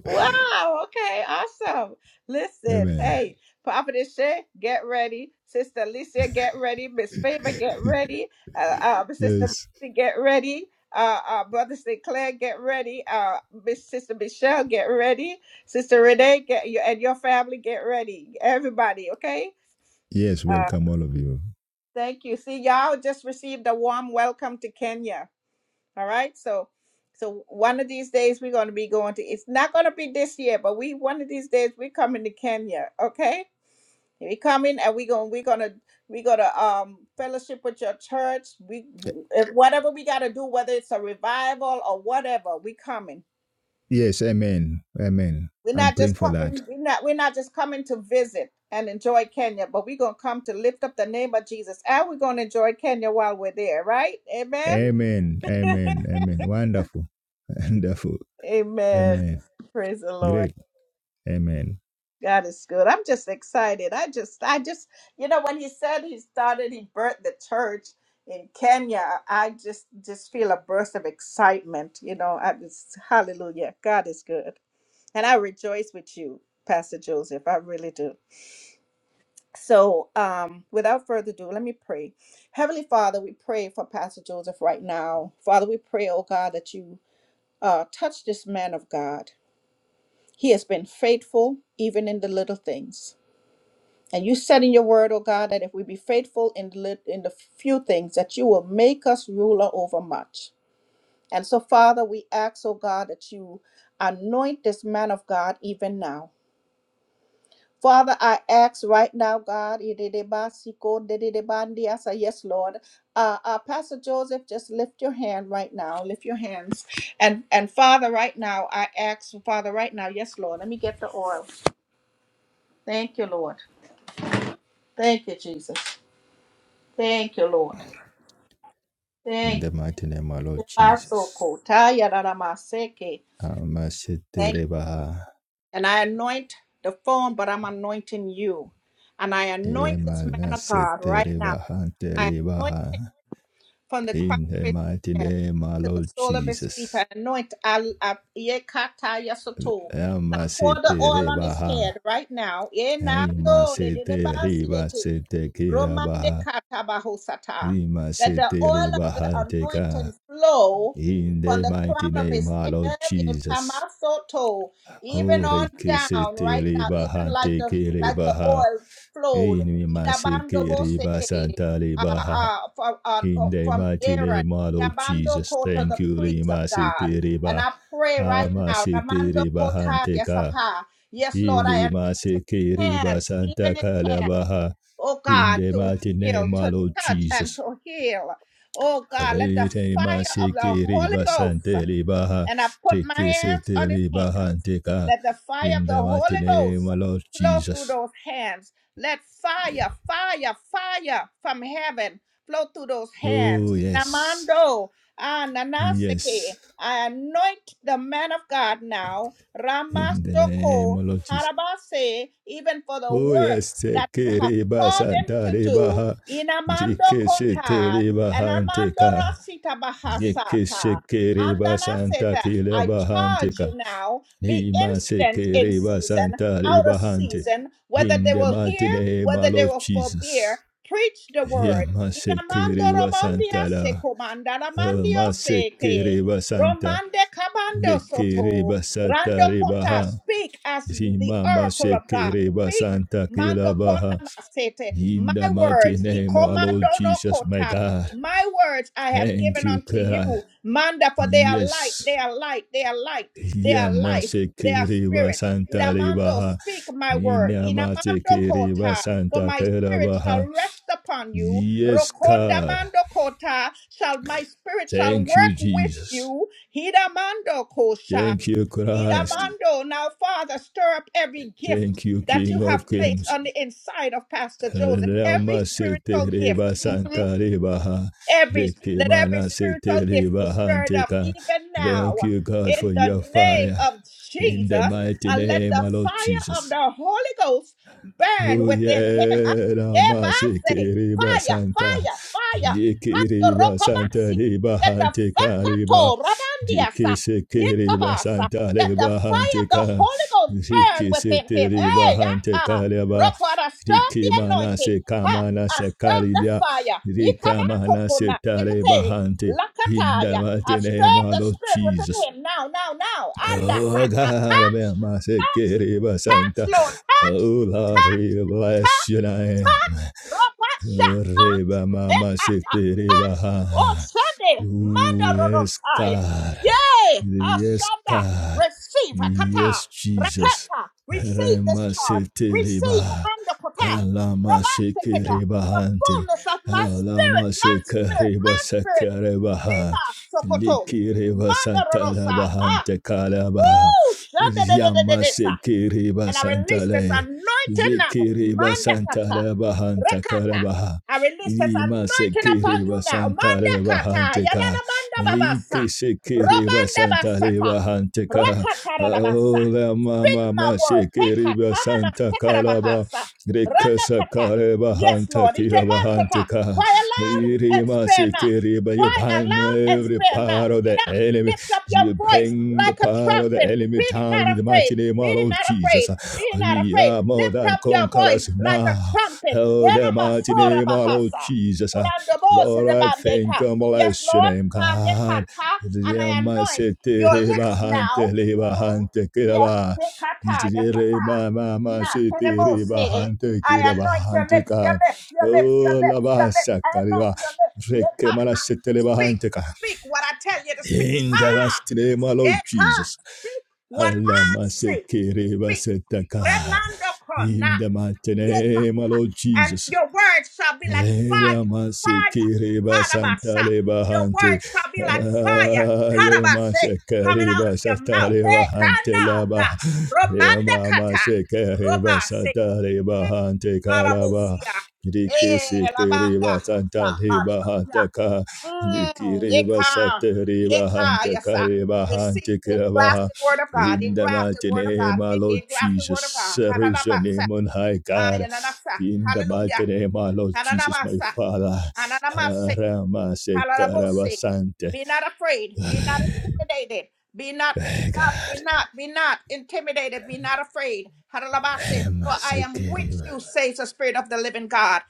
Speaker 1: Wow. Okay. Awesome. Listen,
Speaker 2: amen.
Speaker 1: hey, Prophetess Shay, get ready. Sister Alicia, get ready. Miss Favor, get ready. Uh, uh, Sister
Speaker 2: Yes,
Speaker 1: Missy, get ready. Uh, uh, Brother Sinclair, get ready. Uh, Miss Sister Michelle, get ready. Sister Renee, get you and your family, get ready. Everybody, okay?
Speaker 2: yes, welcome all of you.
Speaker 1: Thank you. See, y'all just received a warm welcome to Kenya. All right. So so one of these days we're gonna be going to it's not gonna be this year, but we one of these days we're coming to Kenya, okay? We coming and we going we're gonna we gonna um fellowship with your church. We if whatever we gotta do, whether it's a revival or whatever, we coming.
Speaker 2: Yes, amen, amen.
Speaker 1: We're
Speaker 2: I'm
Speaker 1: not
Speaker 2: praying
Speaker 1: just
Speaker 2: for that.
Speaker 1: coming, we're not we're not just coming to visit and enjoy Kenya, but we're gonna come to lift up the name of Jesus and we're gonna enjoy Kenya while we're there, right? Amen.
Speaker 2: Amen. Amen. Amen. Wonderful. Wonderful.
Speaker 1: Amen.
Speaker 2: Amen.
Speaker 1: Praise the Lord.
Speaker 2: Great. Amen.
Speaker 1: God is good. I'm just excited. I just, I just, you know, when he said he started, he birthed the church in Kenya. I just, just feel a burst of excitement. You know, I just, hallelujah. God is good, and I rejoice with you, Pastor Joseph. I really do. So, um, without further ado, let me pray. Heavenly Father, we pray for Pastor Joseph right now. Father, we pray, oh God, that you uh, touch this man of God. He has been faithful even in the little things. And you said in your word, oh God, that if we be faithful in, the, lit- in the few things, that you will make us ruler over much. And so, Father, we ask, oh God, that you anoint this man of God even now. Father, I ask right now, God, yedideba siko dedidebandi. I say, yes, Lord. Uh, uh, Pastor Joseph, just lift your hand right now. Lift your hands. And, and Father, right now, I ask, Father, right now, yes, Lord, let me get the oil. Thank you, Lord. Thank you, Jesus. Thank you, Lord.
Speaker 2: In
Speaker 1: Thank
Speaker 2: the mighty name of our Lord Jesus.
Speaker 1: Thank you.
Speaker 2: Amaseterebaha.
Speaker 1: And I anoint the phone, but I'm anointing you. And I anoint this man of God right now. I anoint him
Speaker 2: Emanaseterebahanterebaha.
Speaker 1: from the crown
Speaker 2: In
Speaker 1: of
Speaker 2: the
Speaker 1: his
Speaker 2: mighty
Speaker 1: head
Speaker 2: name of our
Speaker 1: to the
Speaker 2: Lord
Speaker 1: sole of his feet. I
Speaker 2: Jesus.
Speaker 1: anoint Al- Ab- Yekata Yasoto. Now pour the oil on his
Speaker 2: Amaseterebaha.
Speaker 1: head right now. Enando de de de basiete. Romande
Speaker 2: Rimaseteribasetekirabaha.
Speaker 1: katabahosata. Let the oil of the
Speaker 2: Rimaseteribahantekaa.
Speaker 1: anointing flow
Speaker 2: In
Speaker 1: from
Speaker 2: the
Speaker 1: the
Speaker 2: mighty
Speaker 1: crown of
Speaker 2: name of
Speaker 1: his
Speaker 2: our Lord
Speaker 1: head,
Speaker 2: Jesus.
Speaker 1: etamasoto, even on
Speaker 2: Aureke
Speaker 1: down
Speaker 2: sete
Speaker 1: right now,
Speaker 2: reba
Speaker 1: even like
Speaker 2: hante
Speaker 1: the
Speaker 2: kere
Speaker 1: like
Speaker 2: reba
Speaker 1: the
Speaker 2: ha.
Speaker 1: oil flowed.
Speaker 2: Inu mase
Speaker 1: Idabando
Speaker 2: ke reba santa
Speaker 1: uh,
Speaker 2: reba ha.
Speaker 1: uh, from, uh, uh,
Speaker 2: In the
Speaker 1: from
Speaker 2: mighty
Speaker 1: Aaron,
Speaker 2: name of
Speaker 1: Rabando
Speaker 2: Jesus,
Speaker 1: Kota,
Speaker 2: thank
Speaker 1: the
Speaker 2: you,
Speaker 1: priest of
Speaker 2: Rima
Speaker 1: God.
Speaker 2: Sete
Speaker 1: And
Speaker 2: Reba.
Speaker 1: I pray right
Speaker 2: Ama
Speaker 1: now,
Speaker 2: Sete
Speaker 1: Ramando
Speaker 2: Reba
Speaker 1: Kota
Speaker 2: Hanteka.
Speaker 1: Yasapa. Yes, Lord, I
Speaker 2: Ili
Speaker 1: am
Speaker 2: Mase Ke Reba
Speaker 1: hands,
Speaker 2: Santa
Speaker 1: even in hands,
Speaker 2: Kalabaha.
Speaker 1: oh
Speaker 2: In
Speaker 1: God,
Speaker 2: the
Speaker 1: to
Speaker 2: mighty
Speaker 1: heal,
Speaker 2: name
Speaker 1: to
Speaker 2: of
Speaker 1: touch, and
Speaker 2: Jesus.
Speaker 1: to heal. Oh God, let the
Speaker 2: Rite
Speaker 1: fire of the
Speaker 2: masikiri
Speaker 1: Holy Ghost
Speaker 2: basanteli baha
Speaker 1: and I put my hands on his
Speaker 2: rikisiteli
Speaker 1: hands.
Speaker 2: bahantika
Speaker 1: Let the fire of
Speaker 2: in
Speaker 1: the
Speaker 2: the mighty
Speaker 1: Holy
Speaker 2: name
Speaker 1: Ghost
Speaker 2: of Lord
Speaker 1: flow through
Speaker 2: Jesus.
Speaker 1: those hands. Let fire, fire, fire from heaven flow through those
Speaker 2: Oh
Speaker 1: hands.
Speaker 2: yes,
Speaker 1: Namando, ah, nanaseke.
Speaker 2: yes,
Speaker 1: I anoint the man of God now,
Speaker 2: in the name
Speaker 1: Ramasoko,
Speaker 2: of Lord Jesus.
Speaker 1: Harabase, even for the
Speaker 2: Oh
Speaker 1: work
Speaker 2: yes,
Speaker 1: that you have
Speaker 2: sekiri
Speaker 1: called him to
Speaker 2: basanteli
Speaker 1: do.
Speaker 2: baha
Speaker 1: Inamando Kota,
Speaker 2: rikisiteli
Speaker 1: and Amando
Speaker 2: bahantika
Speaker 1: Rasita Bahasata.
Speaker 2: rikisiteli basanta
Speaker 1: Andanaseta,
Speaker 2: kila
Speaker 1: I charge
Speaker 2: bahantika
Speaker 1: you now, be
Speaker 2: Nima
Speaker 1: instant
Speaker 2: seke
Speaker 1: in
Speaker 2: reba
Speaker 1: season,
Speaker 2: santa
Speaker 1: out of
Speaker 2: reba hante.
Speaker 1: season, whether
Speaker 2: In
Speaker 1: they
Speaker 2: the
Speaker 1: will
Speaker 2: mighty
Speaker 1: hear,
Speaker 2: name, our
Speaker 1: whether they
Speaker 2: Lord
Speaker 1: will forbear,
Speaker 2: Jesus.
Speaker 1: preach the word.
Speaker 2: Yama seke
Speaker 1: Inamando
Speaker 2: reba
Speaker 1: robondia
Speaker 2: santa
Speaker 1: se
Speaker 2: la.
Speaker 1: comanda la
Speaker 2: Yama
Speaker 1: mandio se
Speaker 2: seke reba santa.
Speaker 1: Romande cabando
Speaker 2: Leke
Speaker 1: soto.
Speaker 2: reba santa
Speaker 1: Rando
Speaker 2: reba
Speaker 1: kota,
Speaker 2: ha.
Speaker 1: speak as the
Speaker 2: Zimama
Speaker 1: oracle of
Speaker 2: seke
Speaker 1: God.
Speaker 2: reba
Speaker 1: Speak.
Speaker 2: santa
Speaker 1: Mando
Speaker 2: kila baha.
Speaker 1: kona masete.
Speaker 2: In
Speaker 1: My
Speaker 2: the mighty
Speaker 1: words. He
Speaker 2: name, our Lord
Speaker 1: commando no
Speaker 2: Jesus, my
Speaker 1: kota.
Speaker 2: God.
Speaker 1: My words I have
Speaker 2: Thank
Speaker 1: given
Speaker 2: you,
Speaker 1: unto you,
Speaker 2: God.
Speaker 1: Manda, for they are light,
Speaker 2: Yes.
Speaker 1: they are light, they are light, they are
Speaker 2: Yama
Speaker 1: life, they are
Speaker 2: seke reba
Speaker 1: spirit.
Speaker 2: santa reba
Speaker 1: Inamando,
Speaker 2: ha.
Speaker 1: speak my word. Inamando
Speaker 2: Inyamatekeriba
Speaker 1: kota, for
Speaker 2: Santa
Speaker 1: my spirit
Speaker 2: Kerabaha.
Speaker 1: shall rest upon you.
Speaker 2: Yes,
Speaker 1: Rokonda
Speaker 2: God.
Speaker 1: mando kota, shall my spirit shall
Speaker 2: Thank you,
Speaker 1: work with
Speaker 2: Jesus.
Speaker 1: you. Hidamando kosha,
Speaker 2: Thank you, Christ.
Speaker 1: hidamando. Now, Father, stir up every gift
Speaker 2: Thank you,
Speaker 1: that you
Speaker 2: King
Speaker 1: have
Speaker 2: of
Speaker 1: placed
Speaker 2: Kings.
Speaker 1: on the inside of Pastor Joseph, every spiritual gift.
Speaker 2: Ramaseteriba
Speaker 1: Mhm.
Speaker 2: Santa Rebaha.
Speaker 1: Every let every
Speaker 2: Rekimana
Speaker 1: spiritual gift be
Speaker 2: Seteriba
Speaker 1: stirred up
Speaker 2: Hanteka.
Speaker 1: even now
Speaker 2: Thank you, God,
Speaker 1: in
Speaker 2: for
Speaker 1: the
Speaker 2: your
Speaker 1: name
Speaker 2: fire.
Speaker 1: of
Speaker 2: In the
Speaker 1: Jesus,
Speaker 2: mighty
Speaker 1: and let
Speaker 2: name
Speaker 1: the
Speaker 2: of Lord
Speaker 1: fire
Speaker 2: Jesus.
Speaker 1: of the Holy Ghost burn within him. Ah,
Speaker 2: Uye
Speaker 1: yeah,
Speaker 2: Rama
Speaker 1: but I say,
Speaker 2: Sikiriba
Speaker 1: Fire,
Speaker 2: Santa
Speaker 1: fire, fire. Hando
Speaker 2: Likiriba Santa
Speaker 1: rokobasi.
Speaker 2: Liba
Speaker 1: Let the
Speaker 2: Hante Kariba
Speaker 1: fakato rabandiasa.
Speaker 2: Riki Sikiriba
Speaker 1: Yekabasa.
Speaker 2: Santa
Speaker 1: Let the
Speaker 2: Liba
Speaker 1: fire
Speaker 2: Hante
Speaker 1: of the
Speaker 2: Ka
Speaker 1: Holy Ghost burn
Speaker 2: Riki
Speaker 1: within him.
Speaker 2: Sitiriba
Speaker 1: Hey,
Speaker 2: Hante
Speaker 1: yata.
Speaker 2: Kariba
Speaker 1: Rokwara, stir up
Speaker 2: Riki
Speaker 1: the
Speaker 2: Mana
Speaker 1: anointing.
Speaker 2: Sikamana
Speaker 1: I stirred the
Speaker 2: Sekarilia
Speaker 1: fire. He come
Speaker 2: Rika
Speaker 1: out to
Speaker 2: Mana
Speaker 1: Kuna.
Speaker 2: Sitareba
Speaker 1: Ekete,
Speaker 2: Hante In the
Speaker 1: Lakataya. I
Speaker 2: mighty name
Speaker 1: stirred
Speaker 2: of
Speaker 1: the spirit within
Speaker 2: Jesus
Speaker 1: him. Now, now, now. And I
Speaker 2: Oh
Speaker 1: touch,
Speaker 2: God, I'm
Speaker 1: touch,
Speaker 2: in my sick,
Speaker 1: touch,
Speaker 2: it is my
Speaker 1: touch,
Speaker 2: Santa.
Speaker 1: Lord,
Speaker 2: Oh
Speaker 1: touch,
Speaker 2: Lord, we
Speaker 1: touch,
Speaker 2: bless
Speaker 1: touch,
Speaker 2: your name.
Speaker 1: touch. Rapasha.
Speaker 2: Reba mama sete reba
Speaker 1: Oh,
Speaker 2: ha.
Speaker 1: Sunday,
Speaker 2: Ooh, yes,
Speaker 1: Mandarosaya.
Speaker 2: God.
Speaker 1: Yay!
Speaker 2: Yes,
Speaker 1: Asanda,
Speaker 2: God.
Speaker 1: receive a kata.
Speaker 2: Yes, Jesus.
Speaker 1: Rakata, receive this
Speaker 2: Rema
Speaker 1: charge.
Speaker 2: sete
Speaker 1: Receive
Speaker 2: reba.
Speaker 1: amanda kota.
Speaker 2: Alama seke
Speaker 1: Rabaseketa,
Speaker 2: reba
Speaker 1: the
Speaker 2: hante.
Speaker 1: fullness of my spirit,
Speaker 2: Alama
Speaker 1: my
Speaker 2: seke
Speaker 1: spirit,
Speaker 2: reba
Speaker 1: my spirit.
Speaker 2: seke reba ha.
Speaker 1: Yema sokoto.
Speaker 2: Liki reba santa
Speaker 1: Mandarosaya.
Speaker 2: reba
Speaker 1: Ah,
Speaker 2: hante kalaba.
Speaker 1: woo!
Speaker 2: Yama
Speaker 1: Shanda
Speaker 2: seke reba
Speaker 1: and I
Speaker 2: santa
Speaker 1: release this
Speaker 2: le.
Speaker 1: anointing now.
Speaker 2: Likiriba Santa
Speaker 1: Mandakata.
Speaker 2: Rabahanta
Speaker 1: Rekata.
Speaker 2: Karabaha.
Speaker 1: I release this
Speaker 2: Rima
Speaker 1: anointing upon you
Speaker 2: Sekiriba
Speaker 1: now.
Speaker 2: Santa
Speaker 1: Mandakata.
Speaker 2: Rabahanteka.
Speaker 1: Yanana manda babasa.
Speaker 2: Riki Sekiriba
Speaker 1: Robanda
Speaker 2: Santa
Speaker 1: basata.
Speaker 2: Rabahanteka.
Speaker 1: Rakata rabasa.
Speaker 2: Ola Mama
Speaker 1: Speak my word. Hekata.
Speaker 2: Mashikiriba
Speaker 1: Amana
Speaker 2: Santa
Speaker 1: sekara
Speaker 2: Karaba.
Speaker 1: bahasa.
Speaker 2: Rekasa
Speaker 1: Ranakata.
Speaker 2: Kareba
Speaker 1: Yes,
Speaker 2: Hanta
Speaker 1: Lord. Itemakata.
Speaker 2: Kirabahanteka.
Speaker 1: Cry aloud and
Speaker 2: Rima
Speaker 1: spare not.
Speaker 2: Sekiriba. You
Speaker 1: Cry
Speaker 2: bind
Speaker 1: aloud and
Speaker 2: every
Speaker 1: spare
Speaker 2: power of the
Speaker 1: not.
Speaker 2: enemy.
Speaker 1: Lift up your
Speaker 2: You
Speaker 1: voice
Speaker 2: bring the
Speaker 1: like a
Speaker 2: power of the
Speaker 1: trumpet.
Speaker 2: enemy
Speaker 1: Be not
Speaker 2: down in the mighty
Speaker 1: afraid.
Speaker 2: name of
Speaker 1: Be
Speaker 2: our Lord
Speaker 1: not
Speaker 2: Jesus.
Speaker 1: afraid. Be not
Speaker 2: We
Speaker 1: afraid.
Speaker 2: are more
Speaker 1: Lift
Speaker 2: than
Speaker 1: up your voice
Speaker 2: conquerors
Speaker 1: like a
Speaker 2: now.
Speaker 1: trumpet.
Speaker 2: Oh,
Speaker 1: Yana
Speaker 2: the mighty
Speaker 1: masora
Speaker 2: name of Lord
Speaker 1: bahasa.
Speaker 2: Jesus. Uh,
Speaker 1: Randobose
Speaker 2: Lord,
Speaker 1: de
Speaker 2: I thank
Speaker 1: bandeka.
Speaker 2: and
Speaker 1: Yes,
Speaker 2: bless your
Speaker 1: Lord.
Speaker 2: name, God.
Speaker 1: Hanekata. And I anoint
Speaker 2: Yamasete
Speaker 1: your
Speaker 2: reba
Speaker 1: lips
Speaker 2: hante
Speaker 1: now.
Speaker 2: leba
Speaker 1: Mm.
Speaker 2: hante
Speaker 1: Yes,
Speaker 2: kiraba.
Speaker 1: hekata,
Speaker 2: Itere
Speaker 1: yasata.
Speaker 2: ma
Speaker 1: Na terebose. I anoint your lips, your lips, your lips, your
Speaker 2: Oh, la
Speaker 1: lips, your lips.
Speaker 2: basa
Speaker 1: I
Speaker 2: kariba.
Speaker 1: anoint your lips.
Speaker 2: Reke
Speaker 1: Hekata. Speak, speak what I tell you to speak.
Speaker 2: in the mighty
Speaker 1: Ah,
Speaker 2: name, of Lord
Speaker 1: it can't
Speaker 2: Jesus.
Speaker 1: speak what I say. Speak.
Speaker 2: Alamasekerebasataka.
Speaker 1: Remando kona.
Speaker 2: In the mighty
Speaker 1: Yeka.
Speaker 2: name, of Lord
Speaker 1: And
Speaker 2: Jesus.
Speaker 1: your word shall be like
Speaker 2: Lera
Speaker 1: fire. Fire.
Speaker 2: masikiriba
Speaker 1: Harabasa.
Speaker 2: santaleba
Speaker 1: Your
Speaker 2: hante.
Speaker 1: word shall be like fire.
Speaker 2: Ale
Speaker 1: Harabasa. Coming out
Speaker 2: masikiriba
Speaker 1: of your mouth. Hey,
Speaker 2: santaleba hante laba.
Speaker 1: kananda. Romanda
Speaker 2: Lema
Speaker 1: kata.
Speaker 2: masikiriba
Speaker 1: Romase.
Speaker 2: santaleba
Speaker 1: Hey,
Speaker 2: hante karaba.
Speaker 1: Harabosia.
Speaker 2: Riki
Speaker 1: Eh,
Speaker 2: sikiriba
Speaker 1: labanda.
Speaker 2: santaleba
Speaker 1: Hallelujah.
Speaker 2: hante ka.
Speaker 1: Mm,
Speaker 2: Rikiriba
Speaker 1: yeah,
Speaker 2: santeriba hante
Speaker 1: yes, I
Speaker 2: kariba
Speaker 1: receive
Speaker 2: hante
Speaker 1: the
Speaker 2: kiraba.
Speaker 1: grafted word of God, the
Speaker 2: In the
Speaker 1: grafted
Speaker 2: mighty
Speaker 1: word of God,
Speaker 2: name, our
Speaker 1: with
Speaker 2: Lord
Speaker 1: the grafted word of
Speaker 2: Jesus,
Speaker 1: God.
Speaker 2: raise your name on high, God.
Speaker 1: Hallelujah.
Speaker 2: In the
Speaker 1: Hallelujah.
Speaker 2: mighty name of Lord Jesus, my
Speaker 1: Hallelujah.
Speaker 2: Father,
Speaker 1: hananabasa,
Speaker 2: Rama
Speaker 1: Kalalabose.
Speaker 2: Sekarabasante.
Speaker 1: Be not afraid. Be not intimidated. Be not, be
Speaker 2: Hey,
Speaker 1: not, be
Speaker 2: God.
Speaker 1: not, be not intimidated. Be not afraid. Haralabase. For
Speaker 2: Rama
Speaker 1: I am with
Speaker 2: Sekeriba.
Speaker 1: you, says the Spirit of the living God.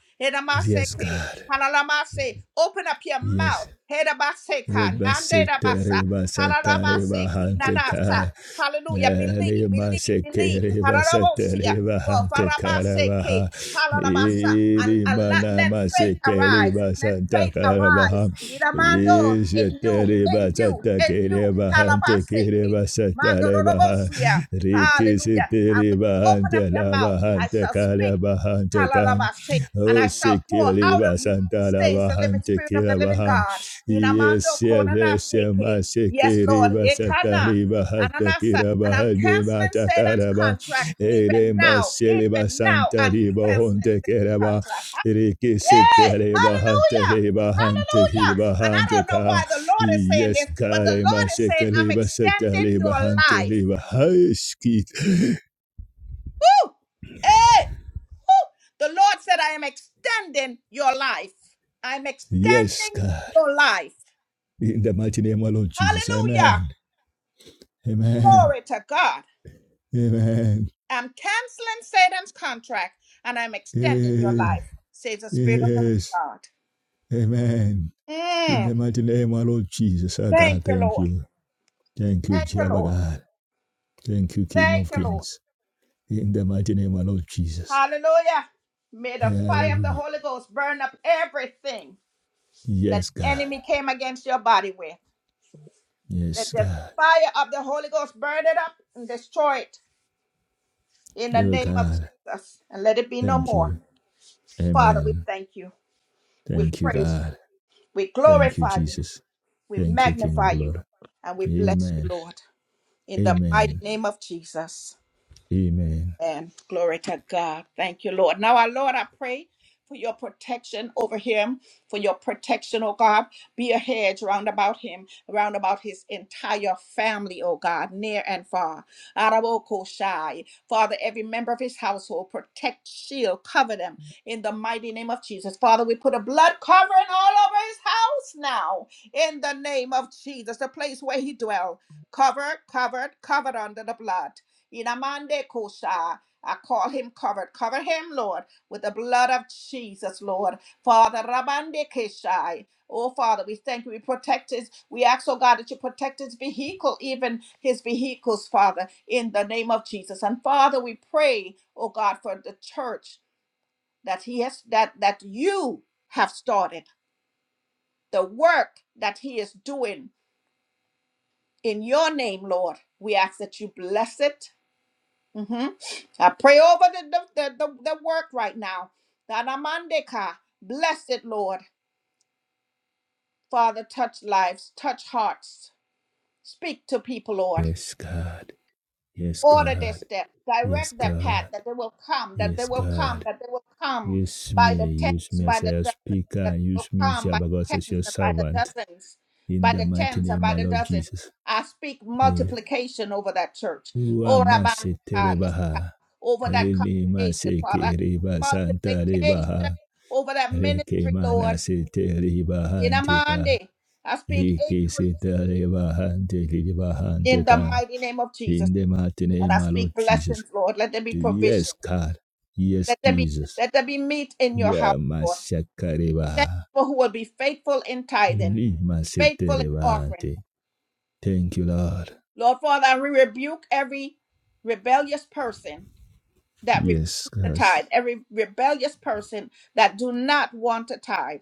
Speaker 2: Yes,
Speaker 1: Hedamaseke.
Speaker 2: God.
Speaker 1: Halalamase. Open up your
Speaker 2: Yes.
Speaker 1: mouth. Hedabaseka.
Speaker 2: Reba Sete
Speaker 1: Nandedabasa.
Speaker 2: Reba Santa Reba
Speaker 1: Halalabaseki.
Speaker 2: Hante Kai.
Speaker 1: Nanasa. Hallelujah. Believe,
Speaker 2: Elima
Speaker 1: believe,
Speaker 2: sekereba
Speaker 1: believe
Speaker 2: setereba
Speaker 1: for
Speaker 2: hante
Speaker 1: Farabaseke,
Speaker 2: karabaha.
Speaker 1: Halalabasa, and, and
Speaker 2: Irima
Speaker 1: let, let
Speaker 2: nama
Speaker 1: faith arise.
Speaker 2: sekereba
Speaker 1: Let
Speaker 2: santa
Speaker 1: faith arise.
Speaker 2: karabaha.
Speaker 1: Iramando in you, in
Speaker 2: Isetereba
Speaker 1: you,
Speaker 2: santa
Speaker 1: in you,
Speaker 2: kereba hante
Speaker 1: Halabaseke,
Speaker 2: kereba
Speaker 1: Mando
Speaker 2: seterebaha.
Speaker 1: Robosia.
Speaker 2: Riki
Speaker 1: Hallelujah. And when you
Speaker 2: setereba
Speaker 1: open up
Speaker 2: hante
Speaker 1: your mouth,
Speaker 2: laba
Speaker 1: I
Speaker 2: hante
Speaker 1: shall speak.
Speaker 2: karaba hante kan.
Speaker 1: Kalalabase, and
Speaker 2: O
Speaker 1: I shall pour out
Speaker 2: sekereba
Speaker 1: of you,
Speaker 2: santa
Speaker 1: says
Speaker 2: laba
Speaker 1: the living
Speaker 2: hante
Speaker 1: spirit of the living
Speaker 2: kirabaha.
Speaker 1: God. Inamando
Speaker 2: Yes, yes, yes, yes,
Speaker 1: konanaseke. Yes,
Speaker 2: Masekiri
Speaker 1: Lord. Ekana.
Speaker 2: Basatari
Speaker 1: Ananasa.
Speaker 2: Bahatakira
Speaker 1: And I'm
Speaker 2: Bahade
Speaker 1: canceling Satan's
Speaker 2: Batakaraba,
Speaker 1: contract
Speaker 2: Ere
Speaker 1: even now.
Speaker 2: Masele
Speaker 1: Even now, I'm
Speaker 2: Basantari
Speaker 1: canceling
Speaker 2: Bahonte
Speaker 1: Satan's
Speaker 2: Keraba,
Speaker 1: contract.
Speaker 2: Riki
Speaker 1: Yay!
Speaker 2: Sitere
Speaker 1: Hallelujah!
Speaker 2: Bahatari Bahante
Speaker 1: Hallelujah! And I
Speaker 2: Bahante
Speaker 1: don't know
Speaker 2: Ka,
Speaker 1: why the Lord is saying
Speaker 2: Yes,
Speaker 1: this, but the
Speaker 2: Kare
Speaker 1: Lord is saying, I'm
Speaker 2: Masekiri
Speaker 1: extending
Speaker 2: Basatari
Speaker 1: your
Speaker 2: Bahante
Speaker 1: life.
Speaker 2: Bahaskit,
Speaker 1: Woo! Hey! The Lord said, I am extending your life. I'm
Speaker 2: Yes,
Speaker 1: extending
Speaker 2: God,
Speaker 1: your life.
Speaker 2: in the mighty name of Lord Jesus,
Speaker 1: Hallelujah.
Speaker 2: Amen, Amen,
Speaker 1: Glory to God.
Speaker 2: Amen.
Speaker 1: I'm canceling Satan's contract and I'm extending your
Speaker 2: Eh,
Speaker 1: life, says the Spirit of the
Speaker 2: Yes.
Speaker 1: living God.
Speaker 2: Amen. In
Speaker 1: Mm.
Speaker 2: the mighty name, our Lord Jesus, our God,
Speaker 1: Thank you,
Speaker 2: thank
Speaker 1: Lord.
Speaker 2: you. Thank you,
Speaker 1: Thank you,
Speaker 2: Jehovah
Speaker 1: Lord.
Speaker 2: God. Thank you, King
Speaker 1: Thank
Speaker 2: of
Speaker 1: you, Lord.
Speaker 2: Kings. In the mighty name, our Lord Jesus.
Speaker 1: Hallelujah. May the fire of the
Speaker 2: Hallelujah.
Speaker 1: Holy Ghost burn up everything that
Speaker 2: Yes,
Speaker 1: the
Speaker 2: God.
Speaker 1: enemy came against your body with.
Speaker 2: Yes,
Speaker 1: That the
Speaker 2: God.
Speaker 1: fire of the Holy Ghost burn it up and destroy it in the
Speaker 2: Oh,
Speaker 1: name of
Speaker 2: God.
Speaker 1: Jesus, and let it be no
Speaker 2: Thank
Speaker 1: more.
Speaker 2: you.
Speaker 1: Father, we
Speaker 2: Amen.
Speaker 1: thank you. We
Speaker 2: Thank you,
Speaker 1: praise you.
Speaker 2: God.
Speaker 1: We
Speaker 2: Thank you,
Speaker 1: glorify you.
Speaker 2: Jesus.
Speaker 1: We
Speaker 2: Thank you, King of
Speaker 1: magnify you.
Speaker 2: Glory.
Speaker 1: And we bless you,
Speaker 2: Amen.
Speaker 1: Lord, in the mighty
Speaker 2: Amen.
Speaker 1: name of Jesus.
Speaker 2: Amen.
Speaker 1: And glory to God. Thank you, Lord. Now, our Lord, I pray for your protection over him, for your protection, oh God. Be a hedge round about him, round about his entire family, oh God, near and far. Araboko Shai. Father, every member of his household, protect, shield, cover them in the mighty name of Jesus. Father, we put a blood covering all over his house now in the name of Jesus, the place where he dwells, Covered, covered, covered under the blood. Inamande kosha. I call him covered. Cover him, Lord, with the blood of Jesus, Lord. Father, Rabande Keshai. Oh, Father, we thank you. We protect his. We ask, oh God, that you protect his vehicle, even his vehicles, Father, in the name of Jesus. And Father, we pray, oh God, for the church that he has that that you have started, the work that he is doing in your name, Lord. We ask that you bless it hmm I pray over the, the, the, the, work right now. Danamandeka. Bless it, Lord. Father, touch lives, touch hearts. Speak to people, Lord.
Speaker 2: Yes, God. Yes,
Speaker 1: order their
Speaker 2: God.
Speaker 1: steps,
Speaker 2: Yes,
Speaker 1: direct their path,
Speaker 2: God.
Speaker 1: that they will come, that they
Speaker 2: Yes,
Speaker 1: will come,
Speaker 2: God.
Speaker 1: that they will come
Speaker 2: Use
Speaker 1: by
Speaker 2: me,
Speaker 1: the
Speaker 2: use
Speaker 1: tens,
Speaker 2: me as
Speaker 1: by the
Speaker 2: your
Speaker 1: dozens,
Speaker 2: speaker,
Speaker 1: that
Speaker 2: and
Speaker 1: they
Speaker 2: use
Speaker 1: will
Speaker 2: me,
Speaker 1: come by
Speaker 2: Jehovah God,
Speaker 1: the
Speaker 2: as
Speaker 1: tens
Speaker 2: your
Speaker 1: and by the
Speaker 2: servant.
Speaker 1: dozens,
Speaker 2: In
Speaker 1: by
Speaker 2: the
Speaker 1: the
Speaker 2: mighty
Speaker 1: tens and
Speaker 2: name
Speaker 1: by
Speaker 2: of
Speaker 1: the
Speaker 2: Lord
Speaker 1: dozens.
Speaker 2: Jesus.
Speaker 1: I speak
Speaker 2: Yeah.
Speaker 1: multiplication over that church,
Speaker 2: Ua
Speaker 1: Oh, Rabban,
Speaker 2: masi
Speaker 1: ah, yes, ah,
Speaker 2: terebaha.
Speaker 1: over that
Speaker 2: Eli
Speaker 1: congregation,
Speaker 2: masi
Speaker 1: Father.
Speaker 2: kiriba santa
Speaker 1: Multiplication
Speaker 2: rebaha.
Speaker 1: over that
Speaker 2: Reke
Speaker 1: ministry, Lord.
Speaker 2: manasi
Speaker 1: In
Speaker 2: teribahantika.
Speaker 1: Amande, I speak
Speaker 2: Hiki
Speaker 1: increase
Speaker 2: sitaribahanti
Speaker 1: in the
Speaker 2: kiribahantika.
Speaker 1: mighty name of Jesus.
Speaker 2: In the mighty
Speaker 1: And
Speaker 2: name
Speaker 1: I
Speaker 2: of Lord
Speaker 1: speak
Speaker 2: Jesus.
Speaker 1: blessings, Lord. Let there be provision.
Speaker 2: Yes, God. Yes,
Speaker 1: Let there be
Speaker 2: Jesus.
Speaker 1: let there be meat in your house,
Speaker 2: Yeah,
Speaker 1: Lord.
Speaker 2: masi
Speaker 1: Send
Speaker 2: karibaha.
Speaker 1: people who will be faithful in tithing, faithful in offering.
Speaker 2: Rimasiterevate. Thank you, Lord.
Speaker 1: Lord Father, I rebuke every rebellious person that refuses
Speaker 2: Yes,
Speaker 1: to
Speaker 2: because
Speaker 1: tithe, every rebellious person that do not want to tithe.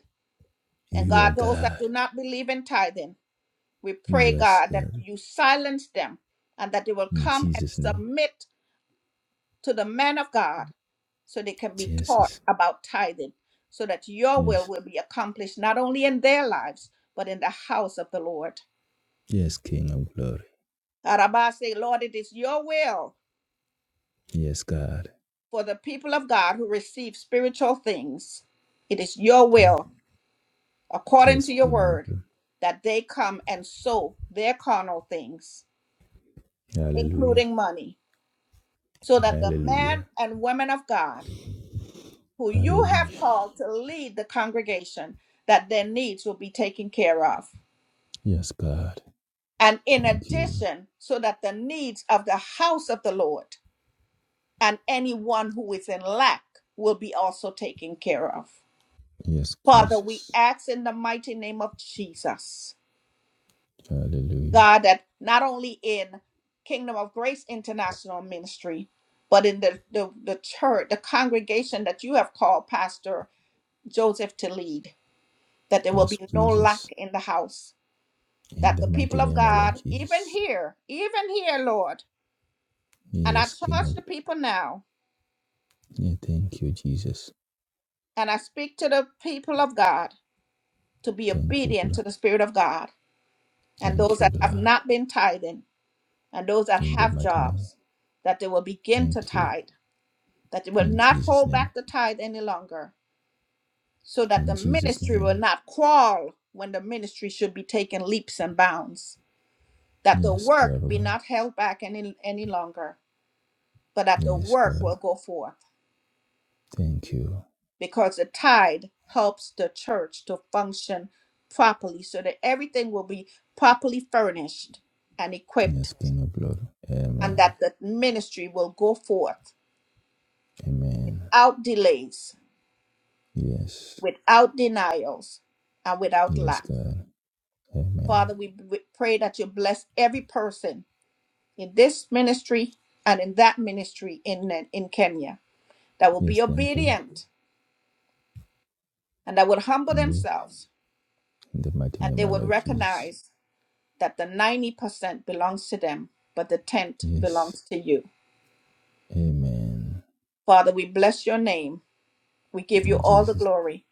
Speaker 1: And
Speaker 2: you are
Speaker 1: God, those that
Speaker 2: God.
Speaker 1: do not believe in tithing, we pray,
Speaker 2: You are
Speaker 1: God, that
Speaker 2: God.
Speaker 1: you silence them and that they will
Speaker 2: In
Speaker 1: come and
Speaker 2: Jesus' name.
Speaker 1: submit to the man of God so they can be taught
Speaker 2: Jesus.
Speaker 1: about tithing, so that your will
Speaker 2: Yes.
Speaker 1: will be accomplished not only in their lives, but in the house of the Lord.
Speaker 2: Yes, King of glory.
Speaker 1: Arabah say, Lord, it is your will
Speaker 2: Yes, God.
Speaker 1: for the people of God who receive spiritual things. It is your
Speaker 2: Thank you.
Speaker 1: will, according
Speaker 2: Yes,
Speaker 1: to your
Speaker 2: King of
Speaker 1: word,
Speaker 2: glory.
Speaker 1: that they come and sow their carnal things,
Speaker 2: Hallelujah.
Speaker 1: including money, so that the men
Speaker 2: Hallelujah.
Speaker 1: and women of God who you have
Speaker 2: Hallelujah.
Speaker 1: called to lead the congregation, that their needs will be taken care of.
Speaker 2: Yes, God.
Speaker 1: and in
Speaker 2: Thank you.
Speaker 1: addition, so that the needs of the house of the Lord and anyone who is in lack will be also taken care of.
Speaker 2: Yes,
Speaker 1: Father, we
Speaker 2: Jesus.
Speaker 1: ask in the mighty name of Jesus,
Speaker 2: Hallelujah.
Speaker 1: God, that not only in Kingdom of Grace International Ministry, but in the, the, the church, the congregation that you have called Pastor Joseph to lead, that there will
Speaker 2: Yes,
Speaker 1: be no
Speaker 2: Jesus.
Speaker 1: lack in the house,
Speaker 2: In
Speaker 1: that
Speaker 2: the
Speaker 1: the
Speaker 2: mighty
Speaker 1: people of
Speaker 2: name of Lord
Speaker 1: God, even
Speaker 2: Jesus.
Speaker 1: here, even here, Lord, And I
Speaker 2: Yes, King
Speaker 1: charge
Speaker 2: of
Speaker 1: the
Speaker 2: glory.
Speaker 1: people now,
Speaker 2: Yeah, thank you, Jesus.
Speaker 1: and I speak to the people of God to be
Speaker 2: Thank you,
Speaker 1: obedient
Speaker 2: God.
Speaker 1: to the Spirit of God, and
Speaker 2: Thank
Speaker 1: those
Speaker 2: you,
Speaker 1: that have
Speaker 2: Lord.
Speaker 1: not been tithing, and those that
Speaker 2: In the
Speaker 1: have
Speaker 2: mighty name.
Speaker 1: jobs, that they will begin to
Speaker 2: Thank you.
Speaker 1: tithe, that they will
Speaker 2: In
Speaker 1: not
Speaker 2: Jesus'
Speaker 1: hold
Speaker 2: name.
Speaker 1: back the tithe any longer, so that
Speaker 2: In
Speaker 1: the
Speaker 2: Jesus'
Speaker 1: ministry will
Speaker 2: name.
Speaker 1: not crawl when the ministry should be taking leaps and bounds, that the
Speaker 2: Yes,
Speaker 1: work
Speaker 2: Jehovah.
Speaker 1: be
Speaker 2: God.
Speaker 1: not held back any, any longer, but that the
Speaker 2: Yes,
Speaker 1: work will
Speaker 2: God.
Speaker 1: go forth
Speaker 2: Thank you.
Speaker 1: because the tithe helps the church to function properly so that everything will be properly furnished and equipped
Speaker 2: Yes, King of Blood.
Speaker 1: and
Speaker 2: Amen.
Speaker 1: that the ministry will go forth
Speaker 2: Amen.
Speaker 1: without delays,
Speaker 2: Yes.
Speaker 1: without denials, and without
Speaker 2: Yes,
Speaker 1: lack.
Speaker 2: God. Amen.
Speaker 1: Father, we we pray that you bless every person in this ministry and in that ministry in, in Kenya that will
Speaker 2: Yes,
Speaker 1: be
Speaker 2: thank you.
Speaker 1: obedient and that will humble
Speaker 2: Indeed.
Speaker 1: themselves
Speaker 2: In the mighty
Speaker 1: and
Speaker 2: name,
Speaker 1: they
Speaker 2: my
Speaker 1: would
Speaker 2: Lord Jesus.
Speaker 1: recognize that the 90% belongs to them, but the 10th
Speaker 2: Yes.
Speaker 1: belongs to you.
Speaker 2: Amen.
Speaker 1: Father, we bless your name. We give you
Speaker 2: In
Speaker 1: all the
Speaker 2: Jesus.
Speaker 1: glory.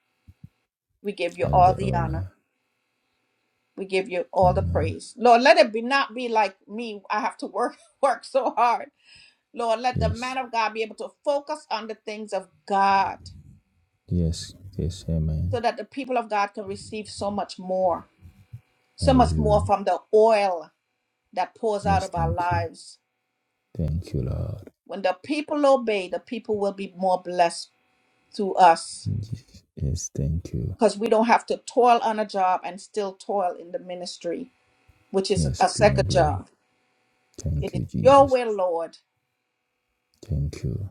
Speaker 1: We give you all
Speaker 2: Elder
Speaker 1: the honor.
Speaker 2: honor.
Speaker 1: We give you all the
Speaker 2: Amen.
Speaker 1: praise. Lord, let it be not be like me. I have to work work so hard. Lord, let the man
Speaker 2: Yes.
Speaker 1: of God be able to focus on the things of God
Speaker 2: Yes. Yes.
Speaker 1: so
Speaker 2: Amen.
Speaker 1: that the people of God can receive so much more, so much more
Speaker 2: Hallelujah.
Speaker 1: from the oil that pours out
Speaker 2: Yes,
Speaker 1: of our
Speaker 2: thank you.
Speaker 1: lives.
Speaker 2: Thank you, Lord.
Speaker 1: When the people obey, the people will be more blessed through us.
Speaker 2: Yes, thank you.
Speaker 1: because we don't have to toil on a job and still toil in the ministry, which is
Speaker 2: Yes,
Speaker 1: a
Speaker 2: King of
Speaker 1: second
Speaker 2: Glory.
Speaker 1: job. It
Speaker 2: Thank
Speaker 1: is
Speaker 2: you,
Speaker 1: your
Speaker 2: Jesus.
Speaker 1: will, Lord,
Speaker 2: Thank you.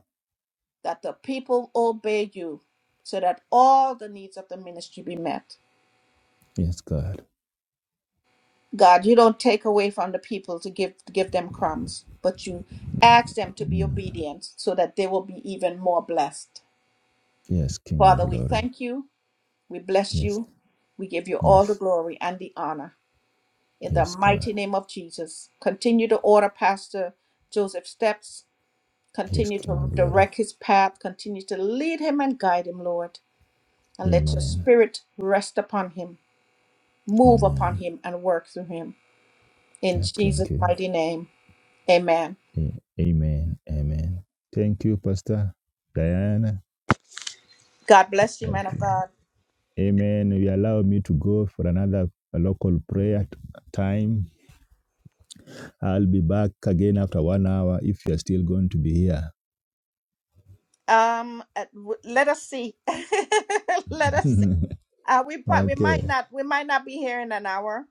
Speaker 1: that the people obey you so that all the needs of the ministry be met.
Speaker 2: Yes, God.
Speaker 1: God, you don't take away from the people to give give them crumbs, but you ask them to be
Speaker 2: Mm.
Speaker 1: obedient so that they will be even more blessed.
Speaker 2: Yes, King of
Speaker 1: Father, we
Speaker 2: Glory.
Speaker 1: thank you, we bless
Speaker 2: Yes,
Speaker 1: you, we give you all the
Speaker 2: yes,
Speaker 1: glory and the honor. in the
Speaker 2: yes, God.
Speaker 1: mighty name of Jesus. Continue to order Pastor Joseph's steps.
Speaker 2: Yes,
Speaker 1: Continue
Speaker 2: King
Speaker 1: to
Speaker 2: of Glory.
Speaker 1: direct his path. Continue to lead him and guide him, Lord. And let your
Speaker 2: Amen.
Speaker 1: spirit rest upon him, move upon
Speaker 2: Amen.
Speaker 1: him, and work through him. In
Speaker 2: Yes,
Speaker 1: Jesus'
Speaker 2: thank you.
Speaker 1: mighty name, amen.
Speaker 2: A- Amen. Amen. Thank you, Pastor Diana.
Speaker 1: God bless you, man of God.
Speaker 2: Amen. You allow me to go for another local prayer t- time. I'll be back again after one hour if you're still going to be here.
Speaker 1: Um, uh, w- let us see. let us see. Uh, we pro- we
Speaker 2: okay.
Speaker 1: might not we might not be here in an hour.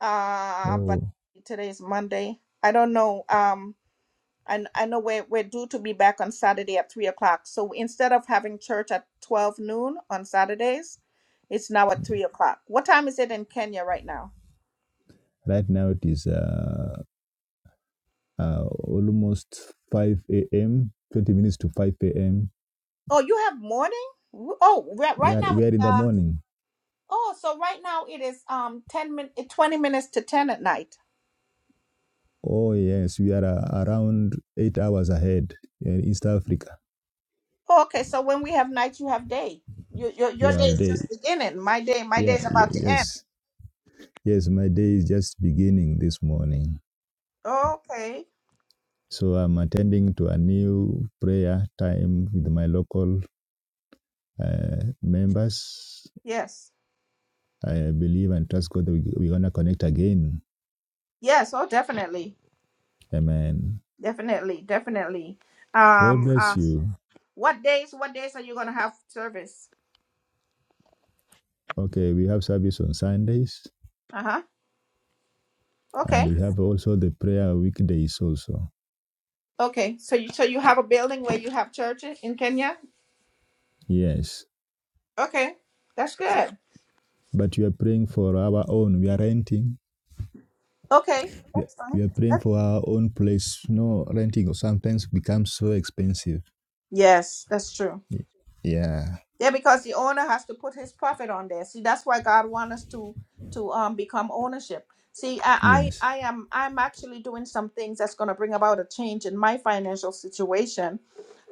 Speaker 1: Uh, but
Speaker 2: Oh,
Speaker 1: today is Monday. I don't know. Um, And I know we're, we're due to be back on Saturday at three o'clock. So instead of having church at 12 noon on Saturdays, it's now at three o'clock. What time is it in Kenya right now?
Speaker 2: right now it is uh, uh, almost 5 a.m., 20 minutes to 5 a.m.
Speaker 1: Oh, you have morning? W- Oh, right,
Speaker 2: We
Speaker 1: right
Speaker 2: are,
Speaker 1: now,
Speaker 2: we are in
Speaker 1: it's,
Speaker 2: the
Speaker 1: um,
Speaker 2: morning.
Speaker 1: oh, so right now it is, um, 10 min, eh, 20 minutes to 10 at night.
Speaker 2: Oh, yes, we are uh, around eight hours ahead in East Africa.
Speaker 1: Oh, okay. So when we have night, you have day. Your, your, your day
Speaker 2: Yeah, of
Speaker 1: is just
Speaker 2: day.
Speaker 1: beginning. My day, my day
Speaker 2: Yeah,
Speaker 1: is
Speaker 2: yeah,
Speaker 1: about to end.
Speaker 2: yes. Yes, my day is just beginning this morning.
Speaker 1: Okay.
Speaker 2: So I'm attending to a new prayer time with my local uh, members
Speaker 1: Yes.
Speaker 2: I believe and trust God that we- are going to connect again.
Speaker 1: Yes. Oh, definitely.
Speaker 2: Amen.
Speaker 1: Definitely. Definitely.
Speaker 2: God
Speaker 1: Um, uh,
Speaker 2: bless you.
Speaker 1: What days? What days are you gonna have service?
Speaker 2: Okay, we have service on Sundays
Speaker 1: Uh huh.
Speaker 2: and
Speaker 1: Okay.
Speaker 2: we have also the prayer weekdays also.
Speaker 1: Okay. So you so you have a building where you have churches in in Kenya.
Speaker 2: Yes.
Speaker 1: Okay, that's good.
Speaker 2: But we are praying for our own. We are renting.
Speaker 1: Okay,
Speaker 2: We are-
Speaker 1: that's fine.
Speaker 2: we are praying
Speaker 1: That's-
Speaker 2: for our own place. No, renting sometimes becomes so expensive.
Speaker 1: yes, that's true.
Speaker 2: Yeah.
Speaker 1: Yeah, because the owner has to put his profit on there. See, that's why God wants us to to um become ownership. See, I I,
Speaker 2: Yes.
Speaker 1: I am I'm actually doing some things that's gonna bring about a change in my financial situation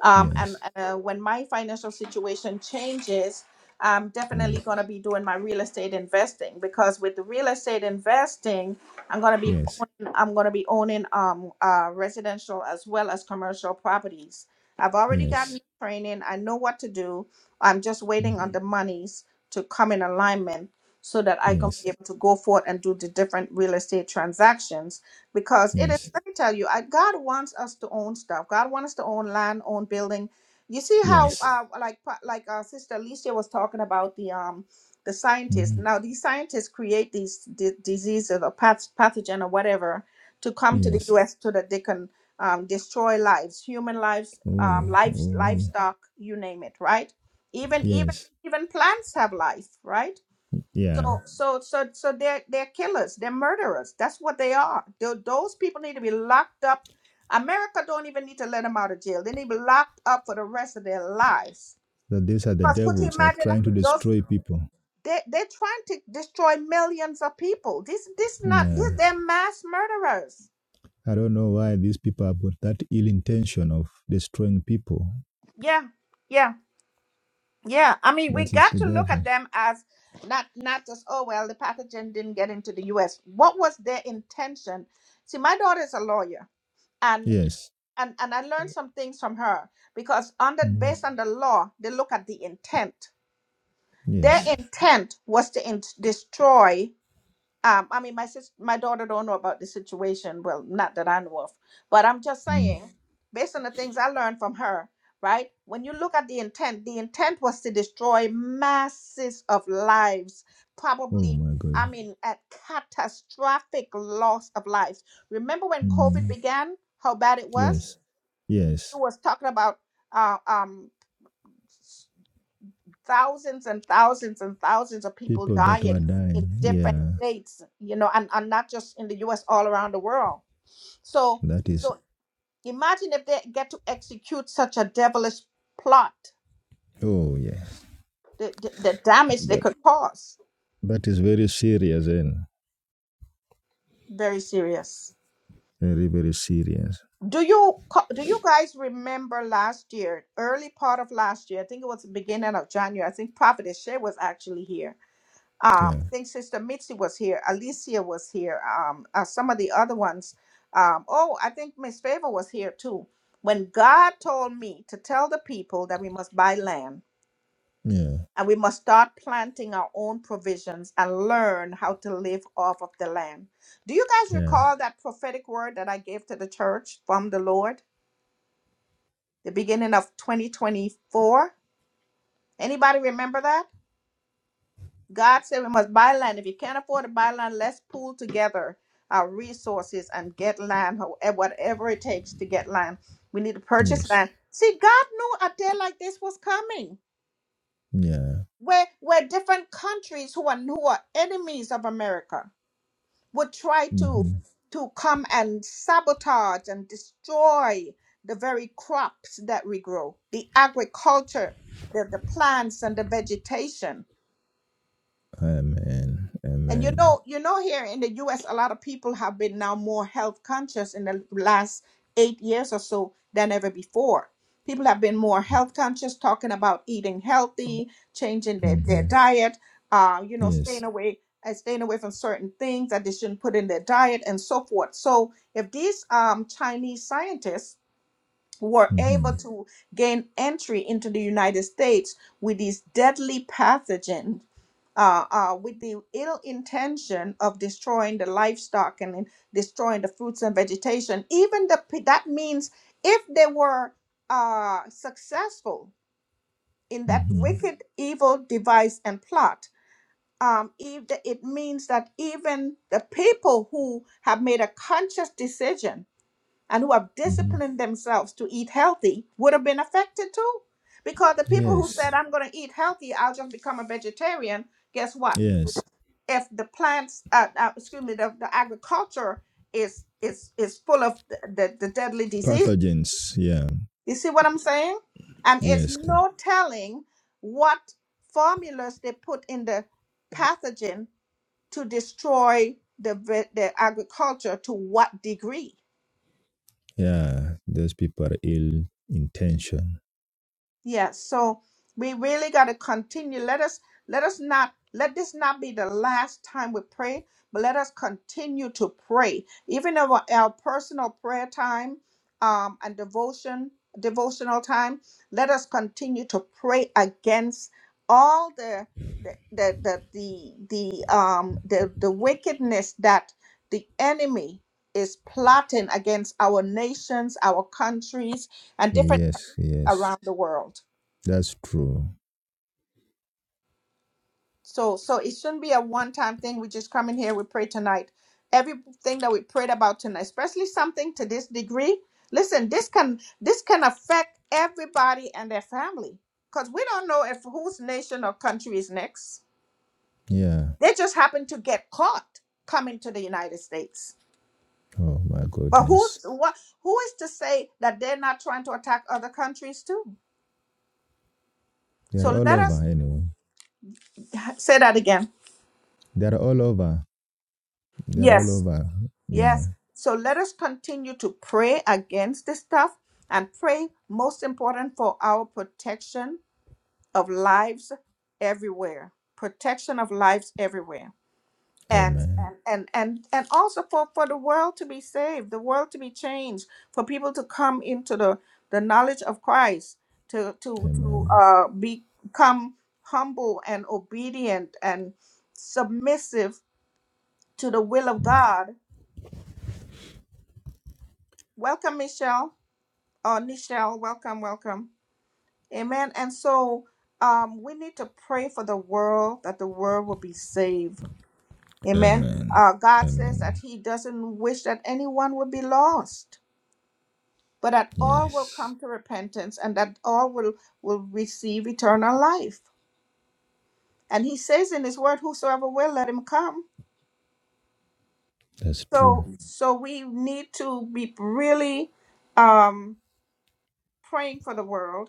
Speaker 1: Um, and
Speaker 2: Yes.
Speaker 1: uh, when my financial situation changes, I'm definitely
Speaker 2: Yes.
Speaker 1: going to be doing my real estate investing because with the real estate investing, I'm going to be.
Speaker 2: Yes.
Speaker 1: I'm gonna be owning um uh residential as well as commercial properties. I've already gotten
Speaker 2: Yes.
Speaker 1: the training. I know what to do. I'm just
Speaker 2: Mm.
Speaker 1: waiting on the monies to come in alignment so that I can
Speaker 2: Yes.
Speaker 1: be able to go forth and do the different real estate transactions. Because it is,
Speaker 2: Yes.
Speaker 1: let me tell you, I, God wants us to own stuff. God wants us to own land, own building. You see how,
Speaker 2: Yes.
Speaker 1: uh, like, like uh, Sister Alicia was talking about the um the scientists.
Speaker 2: Mhm.
Speaker 1: Now, these scientists create these d- diseases or path- pathogen or whatever, to come to the
Speaker 2: Yes.
Speaker 1: U.S. so that they can um, destroy lives, human lives, um,
Speaker 2: Oh,
Speaker 1: lives,
Speaker 2: oh, yeah.
Speaker 1: livestock, you name it, right? Even even
Speaker 2: Yes.
Speaker 1: even plants have life, right?
Speaker 2: Yeah.
Speaker 1: So so so so they're they're killers, they're murderers. That's what they are. Tho- those people need to be locked up. America don't even need to let them out of jail. They need to be locked up for the rest of their lives.
Speaker 2: That these are the
Speaker 1: Because could you
Speaker 2: devils that are
Speaker 1: imagine
Speaker 2: trying to
Speaker 1: those?
Speaker 2: destroy people.
Speaker 1: They they're trying to destroy millions of people. This this not
Speaker 2: Yeah.
Speaker 1: this, they're mass murderers.
Speaker 2: I don't know why these people have got that ill intention of destroying people.
Speaker 1: Yeah. Yeah. Yeah, I mean, we
Speaker 2: That is
Speaker 1: got
Speaker 2: the
Speaker 1: to look at
Speaker 2: devil.
Speaker 1: them as not not just oh well, the pathogen didn't get into the U.S. What was their intention? See, my daughter is a lawyer, and
Speaker 2: Yes.
Speaker 1: and and I learned some things from her because under
Speaker 2: Mm.
Speaker 1: based on the law, they look at the intent. Their
Speaker 2: Yes.
Speaker 1: intent was to in- destroy um i mean my sis my daughter don't know about the situation well not that i know of but i'm just
Speaker 2: Mm.
Speaker 1: saying based on the things i learned from her right when you look at the intent the intent was to destroy masses of lives
Speaker 2: Oh
Speaker 1: probably
Speaker 2: my
Speaker 1: i
Speaker 2: God.
Speaker 1: mean at catastrophic loss of lives remember when covid
Speaker 2: Mm.
Speaker 1: began how bad it was
Speaker 2: Yes.
Speaker 1: it
Speaker 2: Yes.
Speaker 1: was talking about uh, um thousands and thousands and thousands of people
Speaker 2: People that were
Speaker 1: dying in
Speaker 2: dying.
Speaker 1: different
Speaker 2: Yeah.
Speaker 1: states you know and, and not just in the us all around the world so
Speaker 2: That is.
Speaker 1: so imagine if they get to execute such a devilish plot
Speaker 2: Oh yes.
Speaker 1: the, the, the damage they
Speaker 2: That
Speaker 1: could cause
Speaker 2: that is very serious and
Speaker 1: very serious
Speaker 2: very very serious.
Speaker 1: do you co- do you guys remember last year early part of last year i think it was the beginning of january i think prophet Shea was actually here
Speaker 2: Yeah.
Speaker 1: um, I think Sister Mitzi was here, Alicia was here, um, uh, some of the other ones. Um, oh, I think Miss Favor was here too. When God told me to tell the people that we must buy land
Speaker 2: Yeah.
Speaker 1: and we must start planting our own provisions and learn how to live off of the land. Do you guys
Speaker 2: Yeah.
Speaker 1: recall that prophetic word that I gave to the church from the Lord, the beginning of 2024? Anybody remember that? God said we must buy land. If you can't afford to buy land, let's pool together our resources and get land, however, whatever it takes to get land. We need to purchase
Speaker 2: Yes.
Speaker 1: land. See, God knew a day like this was coming,
Speaker 2: Yeah.
Speaker 1: where where different countries who are who are enemies of America would try to
Speaker 2: hmm
Speaker 1: to come and sabotage and destroy the very crops that we grow, the agriculture, the, the plants and the vegetation
Speaker 2: Amen.
Speaker 1: And you
Speaker 2: Amen.
Speaker 1: know, you know, here in the U.S., a lot of people have been now more health conscious in the last eight years or so than ever before. People have been more health conscious, talking about eating healthy, changing their, their
Speaker 2: hmm
Speaker 1: diet, uh, you know, staying
Speaker 2: Yes.
Speaker 1: away, uh, staying away from certain things that they shouldn't put in their diet, and so forth. So, if these um, Chinese scientists were able
Speaker 2: hmm
Speaker 1: to gain entry into the United States with these deadly pathogens uh, uh, with the ill intention of destroying the livestock and then destroying the fruits and vegetation. Even the pe- that means if they were uh, successful in that
Speaker 2: hmm
Speaker 1: wicked, evil device and plot, um, if the- it means that even the people who have made a conscious decision and who have
Speaker 2: hmm
Speaker 1: disciplined themselves to eat healthy would have been affected too. Because the people who
Speaker 2: Yes.
Speaker 1: said, I'm going to eat healthy, I'll just become a vegetarian, guess what?
Speaker 2: Yes.
Speaker 1: if the plants, uh, uh, excuse me, the, the agriculture is is is full of the, the, the deadly disease.
Speaker 2: Pathogens. Yeah.
Speaker 1: You see what I'm saying? And it's
Speaker 2: Yes.
Speaker 1: no telling what formulas they put in the pathogen to destroy the ve- the agriculture to what degree
Speaker 2: Yeah. Those people are ill intention.
Speaker 1: Yes. So we really got to continue. Let us let us not let this not be the last time we pray, but let us continue to pray. Even our, our personal prayer time um, and devotion, devotional time, let us continue to pray against all the the the the the, the um the, the wickedness that the enemy is plotting against our nations, our countries, and different
Speaker 2: Yes. Yes.
Speaker 1: around the world.
Speaker 2: That's true.
Speaker 1: So, so it shouldn't be a one-time thing. We just come in here, we pray tonight. Everything that we prayed about tonight, especially something to this degree. Listen, this can this can affect everybody and their family because we don't know if whose nation or country is next.
Speaker 2: Yeah.
Speaker 1: They just happen to get caught coming to the United States.
Speaker 2: Oh my
Speaker 1: But who's
Speaker 2: goodness.
Speaker 1: what? Who is to say that they're not trying to attack other countries too?
Speaker 2: They're
Speaker 1: So
Speaker 2: all
Speaker 1: let
Speaker 2: over
Speaker 1: us
Speaker 2: anyway.
Speaker 1: say that again.
Speaker 2: They're all over. They're all
Speaker 1: Yes,
Speaker 2: over. Yeah.
Speaker 1: Yes. So let us continue to pray against this stuff and pray, most important, for our protection of lives everywhere. Protection of lives everywhere. And
Speaker 2: Amen.
Speaker 1: and and and, and also for, for the world to be saved, the world to be changed, for people to come into the, the knowledge of Christ, to to to
Speaker 2: Amen.
Speaker 1: uh become humble and obedient and submissive to the will of God. Welcome, Michelle. Oh, Nichelle, welcome, welcome. Amen. And so um, we need to pray for the world that the world will be saved. Amen.
Speaker 2: Amen.
Speaker 1: Uh, God says that
Speaker 2: Amen.
Speaker 1: He doesn't wish that anyone would be lost, but that all will
Speaker 2: Yes.
Speaker 1: come to repentance and that all will, will receive eternal life. And He says in His word, Whosoever will, let him come.
Speaker 2: That's true.
Speaker 1: So, so we need to be really um, praying for the world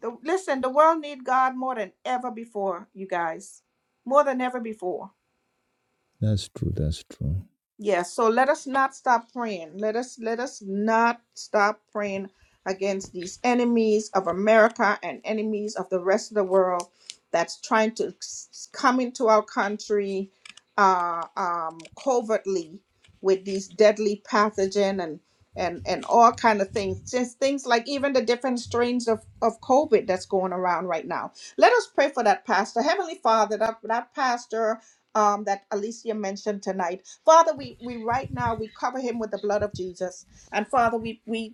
Speaker 1: The, listen, the world needs God more than ever before, you guys. More than ever before.
Speaker 2: That's true. That's true.
Speaker 1: Yes, so let us not stop praying. Let us let us not stop praying against these enemies of America and enemies of the rest of the world that's trying to s- come into our country uh, um, covertly with these deadly pathogen and and and all kind of things. Just things like even the different strains of of COVID that's going around right now. Let us pray for that pastor, Heavenly Father, that that pastor um, that Alicia mentioned tonight. Father, we, we right now we cover him with the blood of Jesus. And Father, we we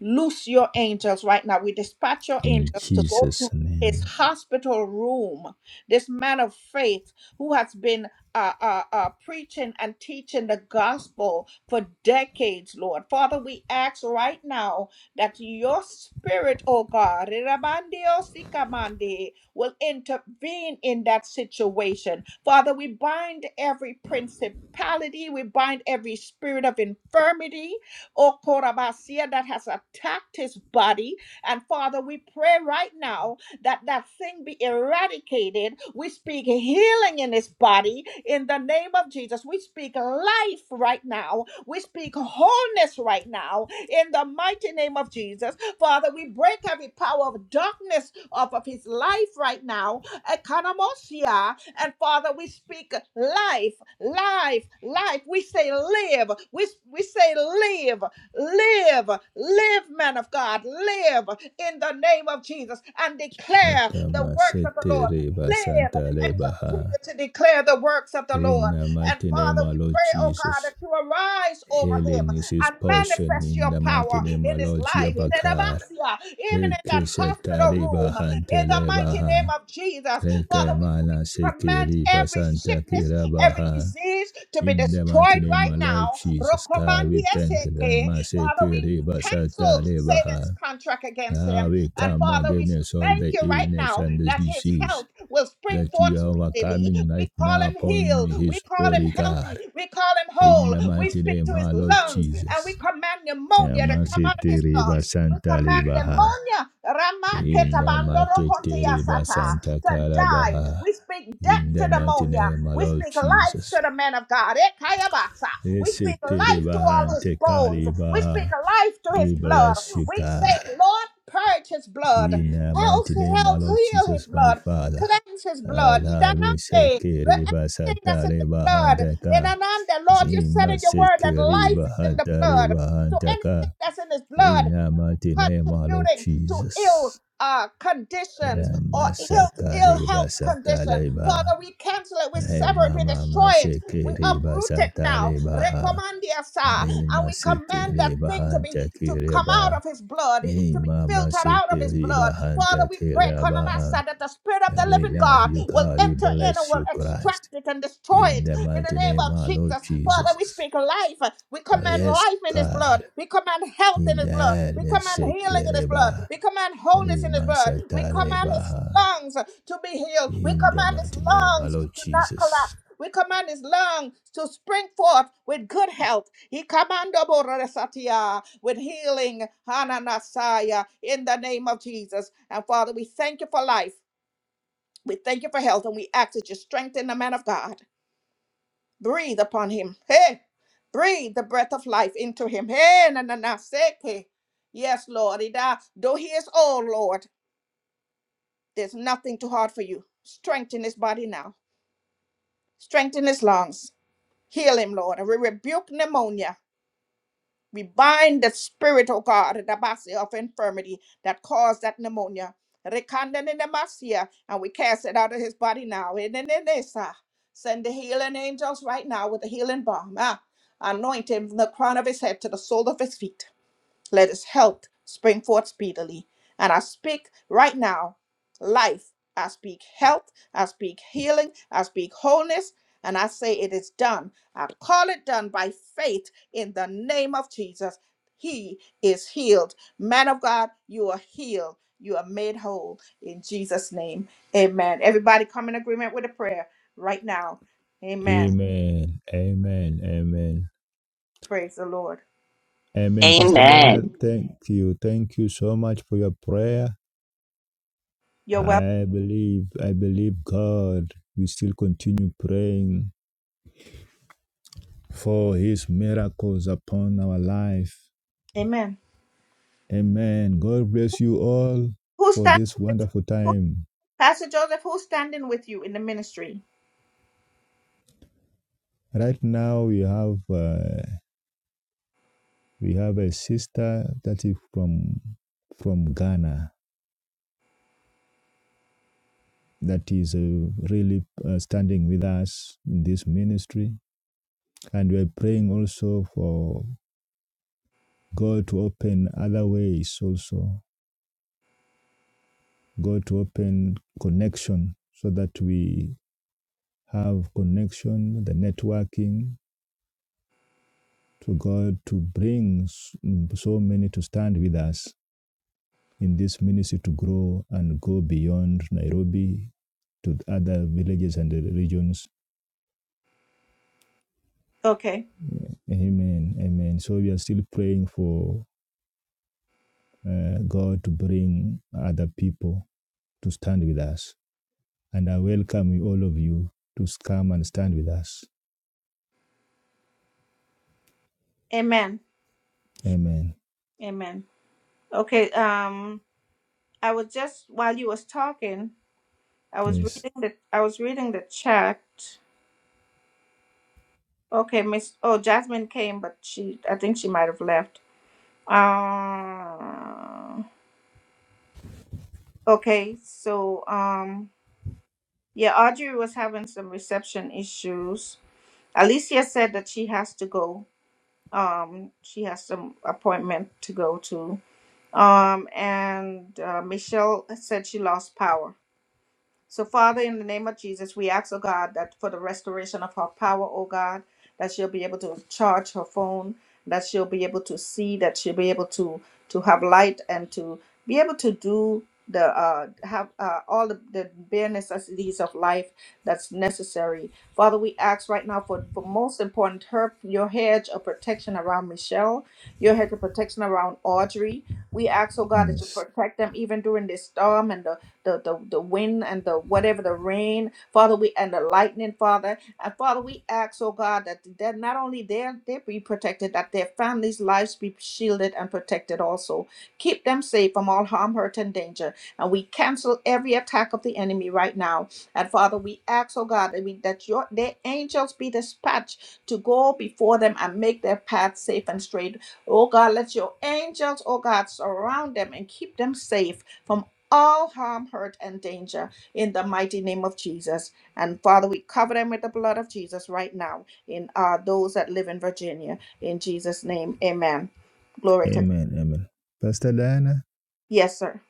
Speaker 1: Loose your angels right now. We dispatch your
Speaker 2: In
Speaker 1: angels to go
Speaker 2: Jesus'
Speaker 1: to his
Speaker 2: name.
Speaker 1: hospital room. This man of faith who has been uh, uh, uh, preaching and teaching the gospel for decades, Lord. Father, we ask right now that your spirit, oh God, Rabandiosikamande, will intervene in that situation. Father, we bind every principality, we bind every spirit of infirmity, oh Korabasia, that has attacked his body. And Father, we pray right now that that thing be eradicated. We speak healing in his body in the name of Jesus. We speak life right now. We speak wholeness right now in the mighty name of Jesus. Father, we break every power of darkness off of his life right now. Economosia. And Father, we speak life, life, life. We say live. We, we say live. Live, live, man of God, live in the name of Jesus and declare the works of the Lord. Live and continue to declare the works of the
Speaker 2: In
Speaker 1: Lord.
Speaker 2: the
Speaker 1: And
Speaker 2: mighty name
Speaker 1: Father, we
Speaker 2: of Lord
Speaker 1: pray, oh God,
Speaker 2: Jesus.
Speaker 1: that you arise over him
Speaker 2: Healing is his
Speaker 1: and
Speaker 2: portion
Speaker 1: manifest
Speaker 2: in
Speaker 1: your
Speaker 2: the mighty
Speaker 1: power
Speaker 2: name
Speaker 1: in
Speaker 2: of
Speaker 1: his
Speaker 2: Lord
Speaker 1: life, in
Speaker 2: Jabakar.
Speaker 1: Adabasia, even in that
Speaker 2: Reke seta
Speaker 1: hospital
Speaker 2: reba
Speaker 1: room,
Speaker 2: hante
Speaker 1: in the mighty
Speaker 2: rebaha.
Speaker 1: name of Jesus. Father,
Speaker 2: Reke
Speaker 1: we bring-
Speaker 2: mana seke
Speaker 1: command
Speaker 2: reba
Speaker 1: every
Speaker 2: santa
Speaker 1: sickness, every
Speaker 2: kirabaha.
Speaker 1: disease to be
Speaker 2: In the mighty
Speaker 1: destroyed
Speaker 2: name
Speaker 1: right
Speaker 2: of Lord
Speaker 1: now.
Speaker 2: Jesus, God, we thank you.
Speaker 1: Rokobandiaseke, Father,
Speaker 2: Maseke
Speaker 1: we
Speaker 2: reba santa
Speaker 1: cancel
Speaker 2: rebaha.
Speaker 1: Satan's contract against
Speaker 2: Ah,
Speaker 1: him.
Speaker 2: we
Speaker 1: And
Speaker 2: come
Speaker 1: Father, we
Speaker 2: against all
Speaker 1: thank
Speaker 2: the
Speaker 1: you right
Speaker 2: illness
Speaker 1: now
Speaker 2: and the
Speaker 1: that his
Speaker 2: disease
Speaker 1: health will spring
Speaker 2: that
Speaker 1: forth
Speaker 2: you are
Speaker 1: speedily.
Speaker 2: overcoming
Speaker 1: We
Speaker 2: right
Speaker 1: call
Speaker 2: now
Speaker 1: him
Speaker 2: upon
Speaker 1: healed. We
Speaker 2: his
Speaker 1: call him
Speaker 2: body,
Speaker 1: healthy.
Speaker 2: God.
Speaker 1: We call him
Speaker 2: In
Speaker 1: whole.
Speaker 2: the
Speaker 1: We
Speaker 2: mighty
Speaker 1: speak
Speaker 2: name,
Speaker 1: to his
Speaker 2: our Lord
Speaker 1: lungs and we
Speaker 2: Jesus.
Speaker 1: command pneumonia to come out of
Speaker 2: Yamasete
Speaker 1: his
Speaker 2: reba
Speaker 1: lungs. We
Speaker 2: Santa
Speaker 1: command
Speaker 2: Libaha.
Speaker 1: pneumonia
Speaker 2: In the mighty Tereba
Speaker 1: Ramaketabandoropoteyasata,
Speaker 2: Santa
Speaker 1: to die.
Speaker 2: Calabaha.
Speaker 1: We speak
Speaker 2: In
Speaker 1: death to
Speaker 2: the mighty
Speaker 1: pneumonia.
Speaker 2: name, our
Speaker 1: We
Speaker 2: Lord
Speaker 1: speak life to
Speaker 2: Jesus.
Speaker 1: the man of God. Ekayabasa. We speak
Speaker 2: Esete
Speaker 1: life to
Speaker 2: reba
Speaker 1: all his
Speaker 2: Hante
Speaker 1: bones. We speak
Speaker 2: Kalibaha.
Speaker 1: life to his
Speaker 2: We
Speaker 1: blood.
Speaker 2: bless you,
Speaker 1: We
Speaker 2: God.
Speaker 1: say, Lord, purge his blood.
Speaker 2: In the
Speaker 1: Health,
Speaker 2: mighty name, our
Speaker 1: health,
Speaker 2: Lord
Speaker 1: heal his
Speaker 2: Jesus, my
Speaker 1: blood.
Speaker 2: Father.
Speaker 1: Cleanse his blood. He
Speaker 2: Allah
Speaker 1: done
Speaker 2: we shake
Speaker 1: nothing.
Speaker 2: riba
Speaker 1: Anything that's in
Speaker 2: satare
Speaker 1: his blood.
Speaker 2: bahandaka.
Speaker 1: Nenanande, Lord, you said
Speaker 2: Zima
Speaker 1: in your word
Speaker 2: seke
Speaker 1: that life is
Speaker 2: riba
Speaker 1: in the
Speaker 2: hatare
Speaker 1: blood. So
Speaker 2: bahandaka.
Speaker 1: anything that's in his blood
Speaker 2: In the mighty name, our Lord
Speaker 1: contributing to ill
Speaker 2: Jesus.
Speaker 1: uh, conditions or
Speaker 2: Rama
Speaker 1: ill, ill
Speaker 2: sakare
Speaker 1: health condition.
Speaker 2: basatare ba.
Speaker 1: Father, we cancel it, we sever it,
Speaker 2: Rema
Speaker 1: we destroy
Speaker 2: mama
Speaker 1: it,
Speaker 2: shake
Speaker 1: we
Speaker 2: riba
Speaker 1: uproot it now.
Speaker 2: satare baha.
Speaker 1: Recomandia sa, and
Speaker 2: Rima
Speaker 1: we
Speaker 2: sete
Speaker 1: command that
Speaker 2: riba
Speaker 1: thing to be to
Speaker 2: handake
Speaker 1: come out
Speaker 2: riba.
Speaker 1: of his blood, to be
Speaker 2: Ima
Speaker 1: filtered out of his blood. Father, we pray, Konamasa, that the Spirit of the
Speaker 2: we
Speaker 1: living
Speaker 2: love
Speaker 1: God
Speaker 2: you,
Speaker 1: will
Speaker 2: God. We
Speaker 1: enter in and
Speaker 2: bless
Speaker 1: will
Speaker 2: you, Christ.
Speaker 1: extract it and destroy it
Speaker 2: In the
Speaker 1: in the
Speaker 2: mighty
Speaker 1: name
Speaker 2: name of
Speaker 1: of
Speaker 2: our Lord
Speaker 1: Jesus, Father, we
Speaker 2: Jesus.
Speaker 1: speak life. We
Speaker 2: Uh,
Speaker 1: command
Speaker 2: Yes,
Speaker 1: life in His blood.
Speaker 2: God.
Speaker 1: We command health in
Speaker 2: In
Speaker 1: His blood.
Speaker 2: the
Speaker 1: We command healing in His blood.
Speaker 2: Nesekereba,
Speaker 1: We command wholeness in His
Speaker 2: Rima
Speaker 1: blood. We command His
Speaker 2: Satarebaha.
Speaker 1: lungs to be healed. We
Speaker 2: In the
Speaker 1: command His
Speaker 2: mighty name, of our
Speaker 1: lungs
Speaker 2: Lord
Speaker 1: to not
Speaker 2: Jesus.
Speaker 1: collapse. We command His lungs to spring forth with good health. He commando borasatia with healing, Hananasaya, in the name of Jesus. And Father, we thank you for life. We thank you for health, and we ask that you strengthen the man of God. Breathe upon him. Hey, breathe the breath of life into him. Hey, na na na, seke. Yes, Lord. It, uh, though he is old, Lord, there's nothing too hard for you. Strengthen his body now. Strengthen his lungs. Heal him, Lord. We rebuke pneumonia. We bind the spirit, oh God, Rabasi, of infirmity that caused that pneumonia. Rekanda nemasia, And we cast it out of his body now. Enenenesa. Send the healing angels right now with the healing balm. Ah, anoint him from the crown of his head to the sole of his feet. Let his health spring forth speedily. And I speak right now life. I speak health. I speak healing. I speak wholeness. And I say it is done. I call it done by faith in the name of Jesus. He is healed. Man of God, you are healed. You are made whole in Jesus' name. Amen. Everybody come in agreement with a prayer right now. Amen.
Speaker 2: Amen. Amen. Amen.
Speaker 1: Praise the Lord.
Speaker 2: Amen. Pastor
Speaker 4: Amen.
Speaker 2: Diana, thank you. Thank you so much for your prayer.
Speaker 1: You're welcome.
Speaker 2: I believe, I believe God. We still continue praying for his miracles upon our life.
Speaker 1: Amen.
Speaker 2: Amen. God bless
Speaker 1: Who-
Speaker 2: you all
Speaker 1: Who's
Speaker 2: for
Speaker 1: standing?
Speaker 2: this
Speaker 1: with
Speaker 2: wonderful
Speaker 1: you?
Speaker 2: time.
Speaker 1: Pastor Joseph, who's standing with you in the ministry?
Speaker 2: Right now we have uh, we have a sister that is from from Ghana that is uh, really uh, standing with us in this ministry, and we are praying also for God to open other ways also. God to open connection so that we have connection, the networking, to God to bring mm, so many to stand with us in this ministry to grow and go beyond Nairobi to other villages and regions.
Speaker 1: Okay.
Speaker 2: Amen. Amen. So we are still praying for uh, God to bring other people to stand with us. And I welcome all of you to come and stand with us.
Speaker 1: Amen.
Speaker 2: Amen.
Speaker 1: Amen. Okay. Um, I was just while you was talking, I was
Speaker 2: Yes.
Speaker 1: reading the I was reading the chat. Okay, Miss Oh Jasmine came, but she I think she might have left. Uh, okay, so um yeah, Audrey was having some reception issues. Alicia said that she has to go. Um, she has some appointment to go to. Um, and uh, Michelle said she lost power. So, Father, in the name of Jesus, we ask, oh God, that for the restoration of her power, oh God, that she'll be able to charge her phone, that she'll be able to see, that she'll be able to to have light and to be able to do the uh have uh, all the, the bare necessities of life that's necessary father we ask right now for for most important her your hedge of protection around michelle your hedge of protection around audrey we ask oh god that you
Speaker 2: Yes.
Speaker 1: protect them even during this storm and the the, the, the wind and the whatever the rain, Father, we and the lightning, Father. And Father, we ask, oh God, that, that not only their they be protected, that their families' lives be shielded and protected also. Keep them safe from all harm, hurt, and danger. And we cancel every attack of the enemy right now. And Father, we ask, oh God, that, we, that your their angels be dispatched to go before them and make their path safe and straight. Oh God, let your angels, oh God, surround them and keep them safe from all harm, hurt, and danger in the mighty name of Jesus. And Father, we cover them with the blood of Jesus right now in uh, those that live in Virginia. In Jesus' name, amen. Glory to God.
Speaker 2: Amen. Amen. Pastor Diana,
Speaker 1: Yes, sir.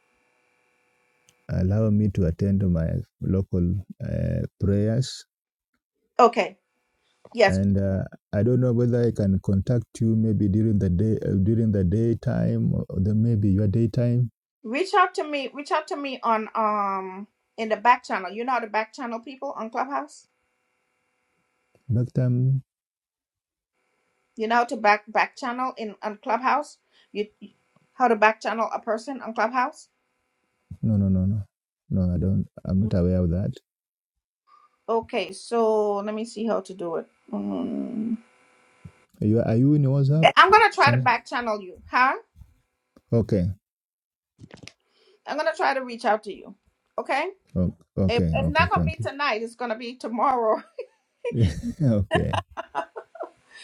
Speaker 2: allow me to attend to my local uh, prayers
Speaker 1: Okay. Yes.
Speaker 2: and uh, I don't know whether I can contact you maybe during the day uh, during the daytime or the, maybe your daytime
Speaker 1: Reach out to me. Reach out to me on um in the back channel. You know how to back channel people on Clubhouse?
Speaker 2: back time.
Speaker 1: You know how to back back channel in on Clubhouse? You how to back channel a person on Clubhouse?
Speaker 2: No, no, no, no, no. I don't. I'm not aware of that.
Speaker 1: Okay, so let me see how to do it. Mm.
Speaker 2: Are you are you in WhatsApp?
Speaker 1: I'm gonna try to
Speaker 2: Some
Speaker 1: back channel you, huh?
Speaker 2: okay,
Speaker 1: I'm gonna try to reach out to you. Okay?
Speaker 2: O-
Speaker 1: It,
Speaker 2: okay,
Speaker 1: it's
Speaker 2: okay.
Speaker 1: not gonna be
Speaker 2: Thank
Speaker 1: tonight, it's gonna be tomorrow.
Speaker 2: you. okay,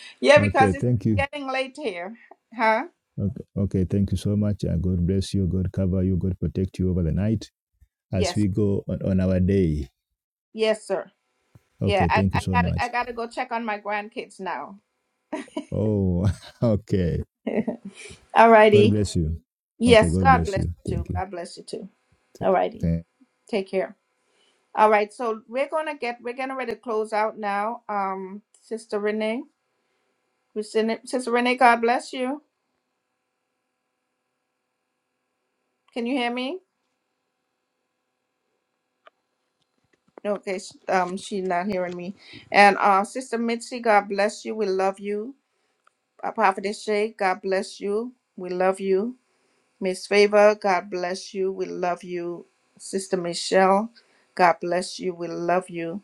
Speaker 1: yeah,
Speaker 2: okay.
Speaker 1: because it's
Speaker 2: Thank you.
Speaker 1: getting late here. Huh?
Speaker 2: Okay, okay. Thank you so much. Uh, God bless you. God cover you. God protect you over the night as
Speaker 1: Yes.
Speaker 2: we go on, on our day.
Speaker 1: Yes, sir. Yeah,
Speaker 2: Okay.
Speaker 1: I,
Speaker 2: Thank you
Speaker 1: I
Speaker 2: so
Speaker 1: gotta I
Speaker 2: much.
Speaker 1: gotta go check on my grandkids now.
Speaker 2: Oh, okay. God
Speaker 1: Alrighty.
Speaker 2: bless you. Okay,
Speaker 1: Yes,
Speaker 2: God
Speaker 1: God
Speaker 2: bless
Speaker 1: bless
Speaker 2: you.
Speaker 1: you too.
Speaker 2: Thank you.
Speaker 1: God bless you too. Alrighty.
Speaker 2: Thank
Speaker 1: Take care. All right, so we're gonna get we're gonna ready to close out now. Um, Sister Renee. Sister Renee, God bless you. Can you hear me? Okay, sh- um, she's not hearing me. And uh, Sister Mitzi, God bless you. We love you. Uh, Prophetess Shay, God bless you. We love you. Miss Favor, God bless you. We love you. Sister Michelle, God bless you. We love you.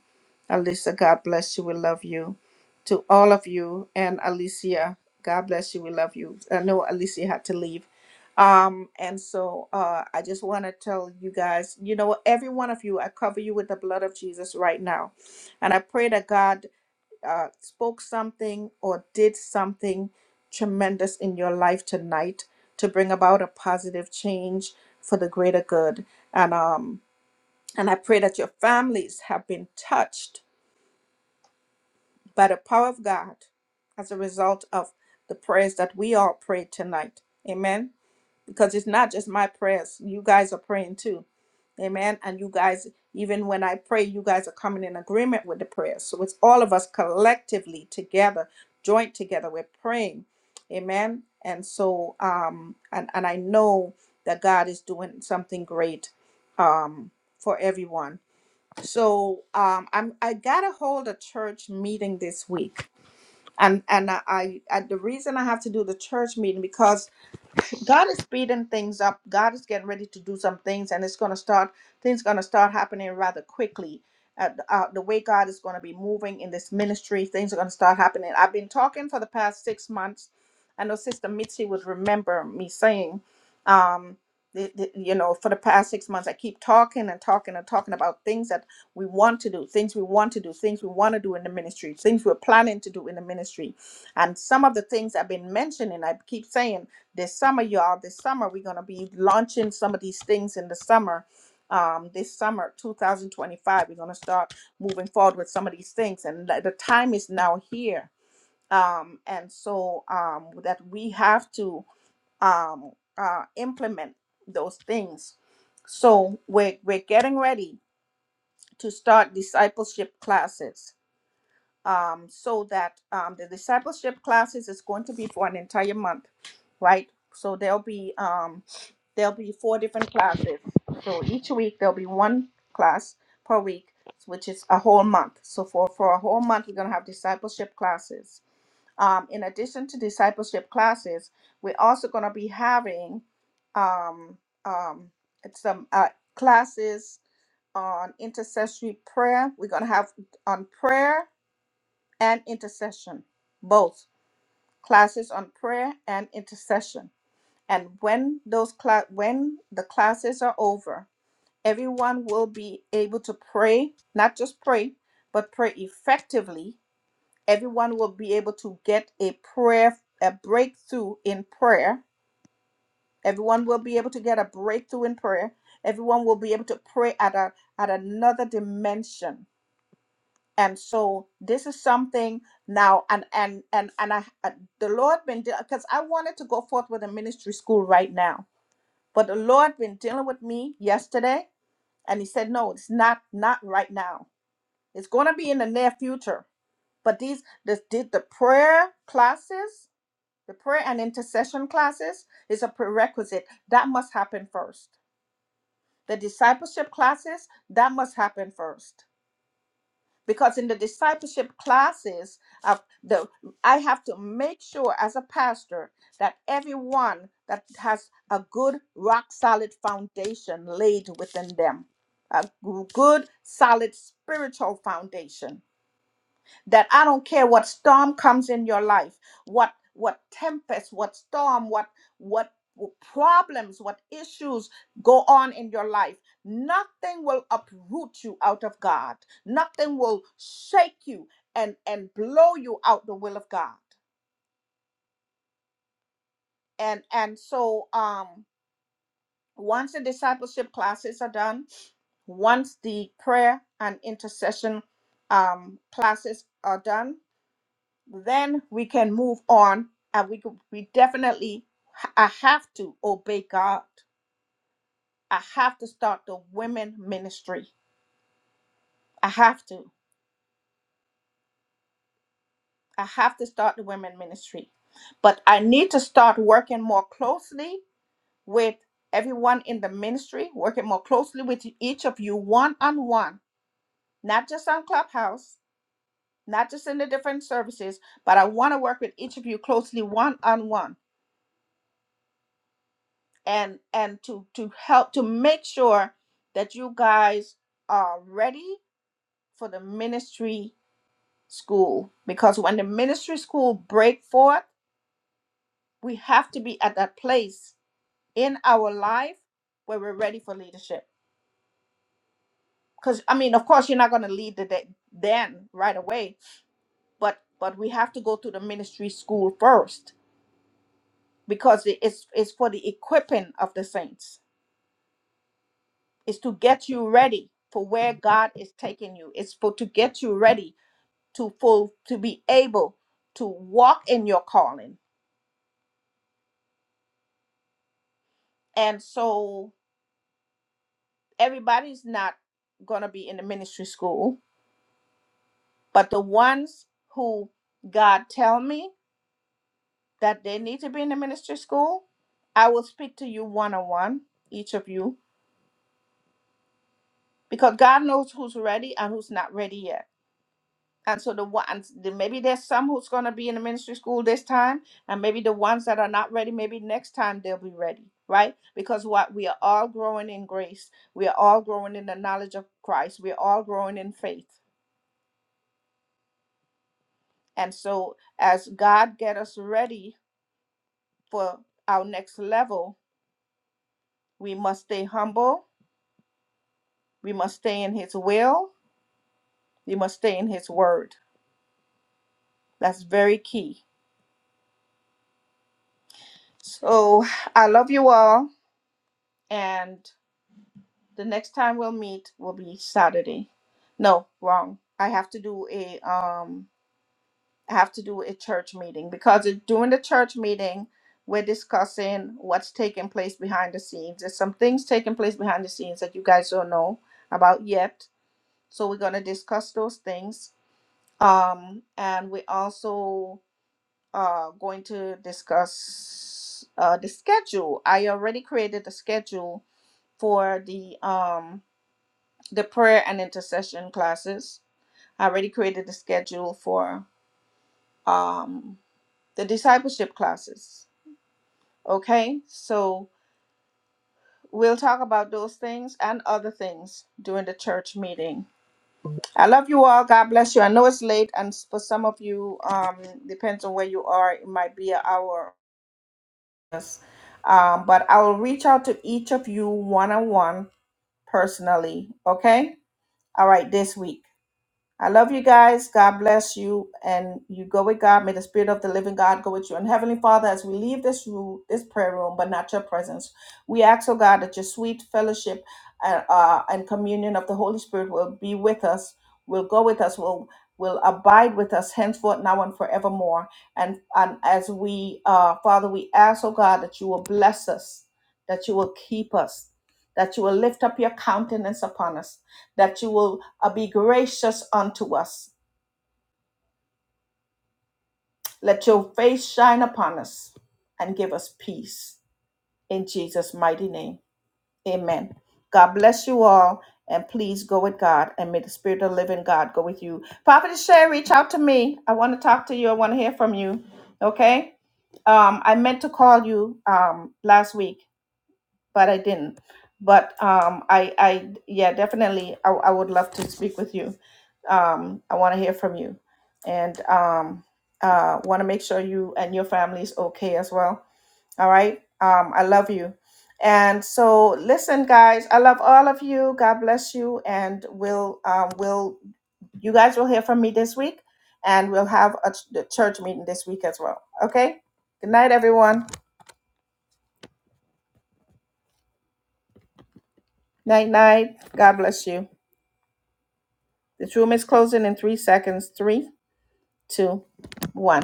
Speaker 1: Alisa, God bless you. We love you. To all of you and Alicia, God bless you. We love you. I know Alicia had to leave. Um, and so uh, I just want to tell you guys, you know, every one of you, I cover you with the blood of Jesus right now. And I pray that God uh, spoke something or did something tremendous in your life tonight to bring about a positive change for the greater good. And um, and I pray that your families have been touched by the power of God as a result of the prayers that we all prayed tonight. Amen. Because it's not just my prayers, you guys are praying too. Amen. And you guys, even when I pray, you guys are coming in agreement with the prayers. So it's all of us collectively together, joint together. We're praying. Amen. And so um and, and I know that God is doing something great um for everyone. So um I'm I got a hold a church meeting this week and and I, I, I the reason I have to do the church meeting because God is speeding things up. God is getting ready to do some things, and it's going to start. Things going to start happening rather quickly. Uh, the uh, the way God is going to be moving in this ministry, things are going to start happening. I've been talking for the past six months. I know Sister Mitzi would remember me saying, um, the, the, you know, for the past six months, I keep talking and talking and talking about things that we want to do, things we want to do, things we want to do in the ministry, things we're planning to do in the ministry, and some of the things I've been mentioning, I keep saying this summer, y'all. This summer, we're going to be launching some of these things in the summer. Um, this summer, 2025, we're going to start moving forward with some of these things, and the the time is now here. Um, and so um, that we have to um, uh, implement those things. So we're we're getting ready to start discipleship classes. Um, so that um, the discipleship classes is going to be for an entire month, right? So there'll be um, there'll be four different classes. So each week there'll be one class per week, which is a whole month. So for for a whole month, we're gonna have discipleship classes. Um, in addition to discipleship classes, we're also gonna be having um, um, it's some uh, classes on intercessory prayer. We're gonna have on prayer and intercession, both classes on prayer and intercession and when those cla- when the classes are over, everyone will be able to pray, not just pray, but pray effectively. Everyone will be able to get a prayer, a breakthrough in prayer. Everyone will be able to get a breakthrough in prayer. Everyone will be able to pray at a at another dimension. And so this is something now, and and and and I, uh, the Lord been because I wanted to go forth with a ministry school right now But the Lord been dealing with me yesterday, and He said, "No, it's not not right now. It's going to be in the near future." But these this, the the prayer classes, the prayer and intercession classes, is a prerequisite that must happen first. The discipleship classes that must happen first because in the discipleship classes of the i have to make sure as a pastor that everyone that has a good rock solid foundation laid within them a g- good solid spiritual foundation that I don't care what storm comes in your life, what what tempest, what storm, what what problems, what issues go on in your life. Nothing will uproot you out of God. Nothing will shake you and and blow you out the will of God. And and so um once the discipleship classes are done, once the prayer and intercession um classes are done, then we can move on and we could, we definitely i have to obey god i have to start the women ministry i have to i have to start the women ministry but i need to start working more closely with everyone in the ministry working more closely with each of you one on one not just on clubhouse not just in the different services but i want to work with each of you closely one on one and and to to help to make sure that you guys are ready for the ministry school because when the ministry school break forth we have to be at that place in our life where we're ready for leadership because i mean of course you're not going to lead the day then right away but but we have to go to the ministry school first because it- it's it's for the equipping of the saints is to get you ready for where God is taking you. It's for to get you ready to full to be able to walk in your calling. And so everybody's not going to be in the ministry school, but the ones who God tell me that they need to be in the ministry school, I will speak to you one on one, each of you, because God knows who's ready and who's not ready yet And so the ones, the- maybe there's some who's going to be in the ministry school this time, and maybe the ones that are not ready, maybe next time they'll be ready, right? Because what we are all growing in grace, we are all growing in the knowledge of Christ, we're all growing in faith. And so as God get us ready for our next level, we must stay humble, we must stay in His will, we must stay in His word. That's very key. So I love you all, and The next time we'll meet will be Saturday. No, wrong. I have to do a um I have to do a church meeting because it, during the church meeting we're discussing what's taking place behind the scenes. There's some things taking place behind the scenes that you guys don't know about yet. So we're gonna discuss those things. Um and we also uh going to discuss uh the schedule. I already created the schedule for the um the prayer and intercession classes. I already created the schedule for um, the discipleship classes. Okay, so we'll talk about those things and other things during the church meeting. I love you all. God bless you. I know it's late, and s- for some of you, um, depends on where you are, it might be an hour. Um, but I will reach out to each of you one on one personally. Okay, all right, this week. I love you guys. God bless you. And you go with God. May the Spirit of the living God go with you. And Heavenly Father, as we leave this room, this prayer room, but not your presence, we ask, oh God, that your sweet fellowship and, uh, and communion of the Holy Spirit will be with us, will go with us, will will abide with us henceforth, now and forevermore. And, and as we, uh, Father, we ask, oh God, that you will bless us, that you will keep us, that you will lift up your countenance upon us that you will uh, be gracious unto us. Let your face shine upon us and give us peace. In Jesus' mighty name, amen. God bless you all, and please go with God, and may the Spirit of the living God go with you. Prophet Sherry, reach out to me. I want to talk to you. I want to hear from you. Okay? Um, I meant to call you um, last week but I didn't. But um, I, I, yeah, definitely, I, I would love to speak with you. Um, I want to hear from you, and um, uh, want to make sure you and your family is okay as well. All right. Um, I love you, and so listen, guys. I love all of you. God bless you, and we'll, um, we'll, you guys will hear from me this week, and we'll have a ch- the church meeting this week as well. Okay. Good night, everyone. Night, night. God bless you. This room is closing in three seconds. Three, two, one.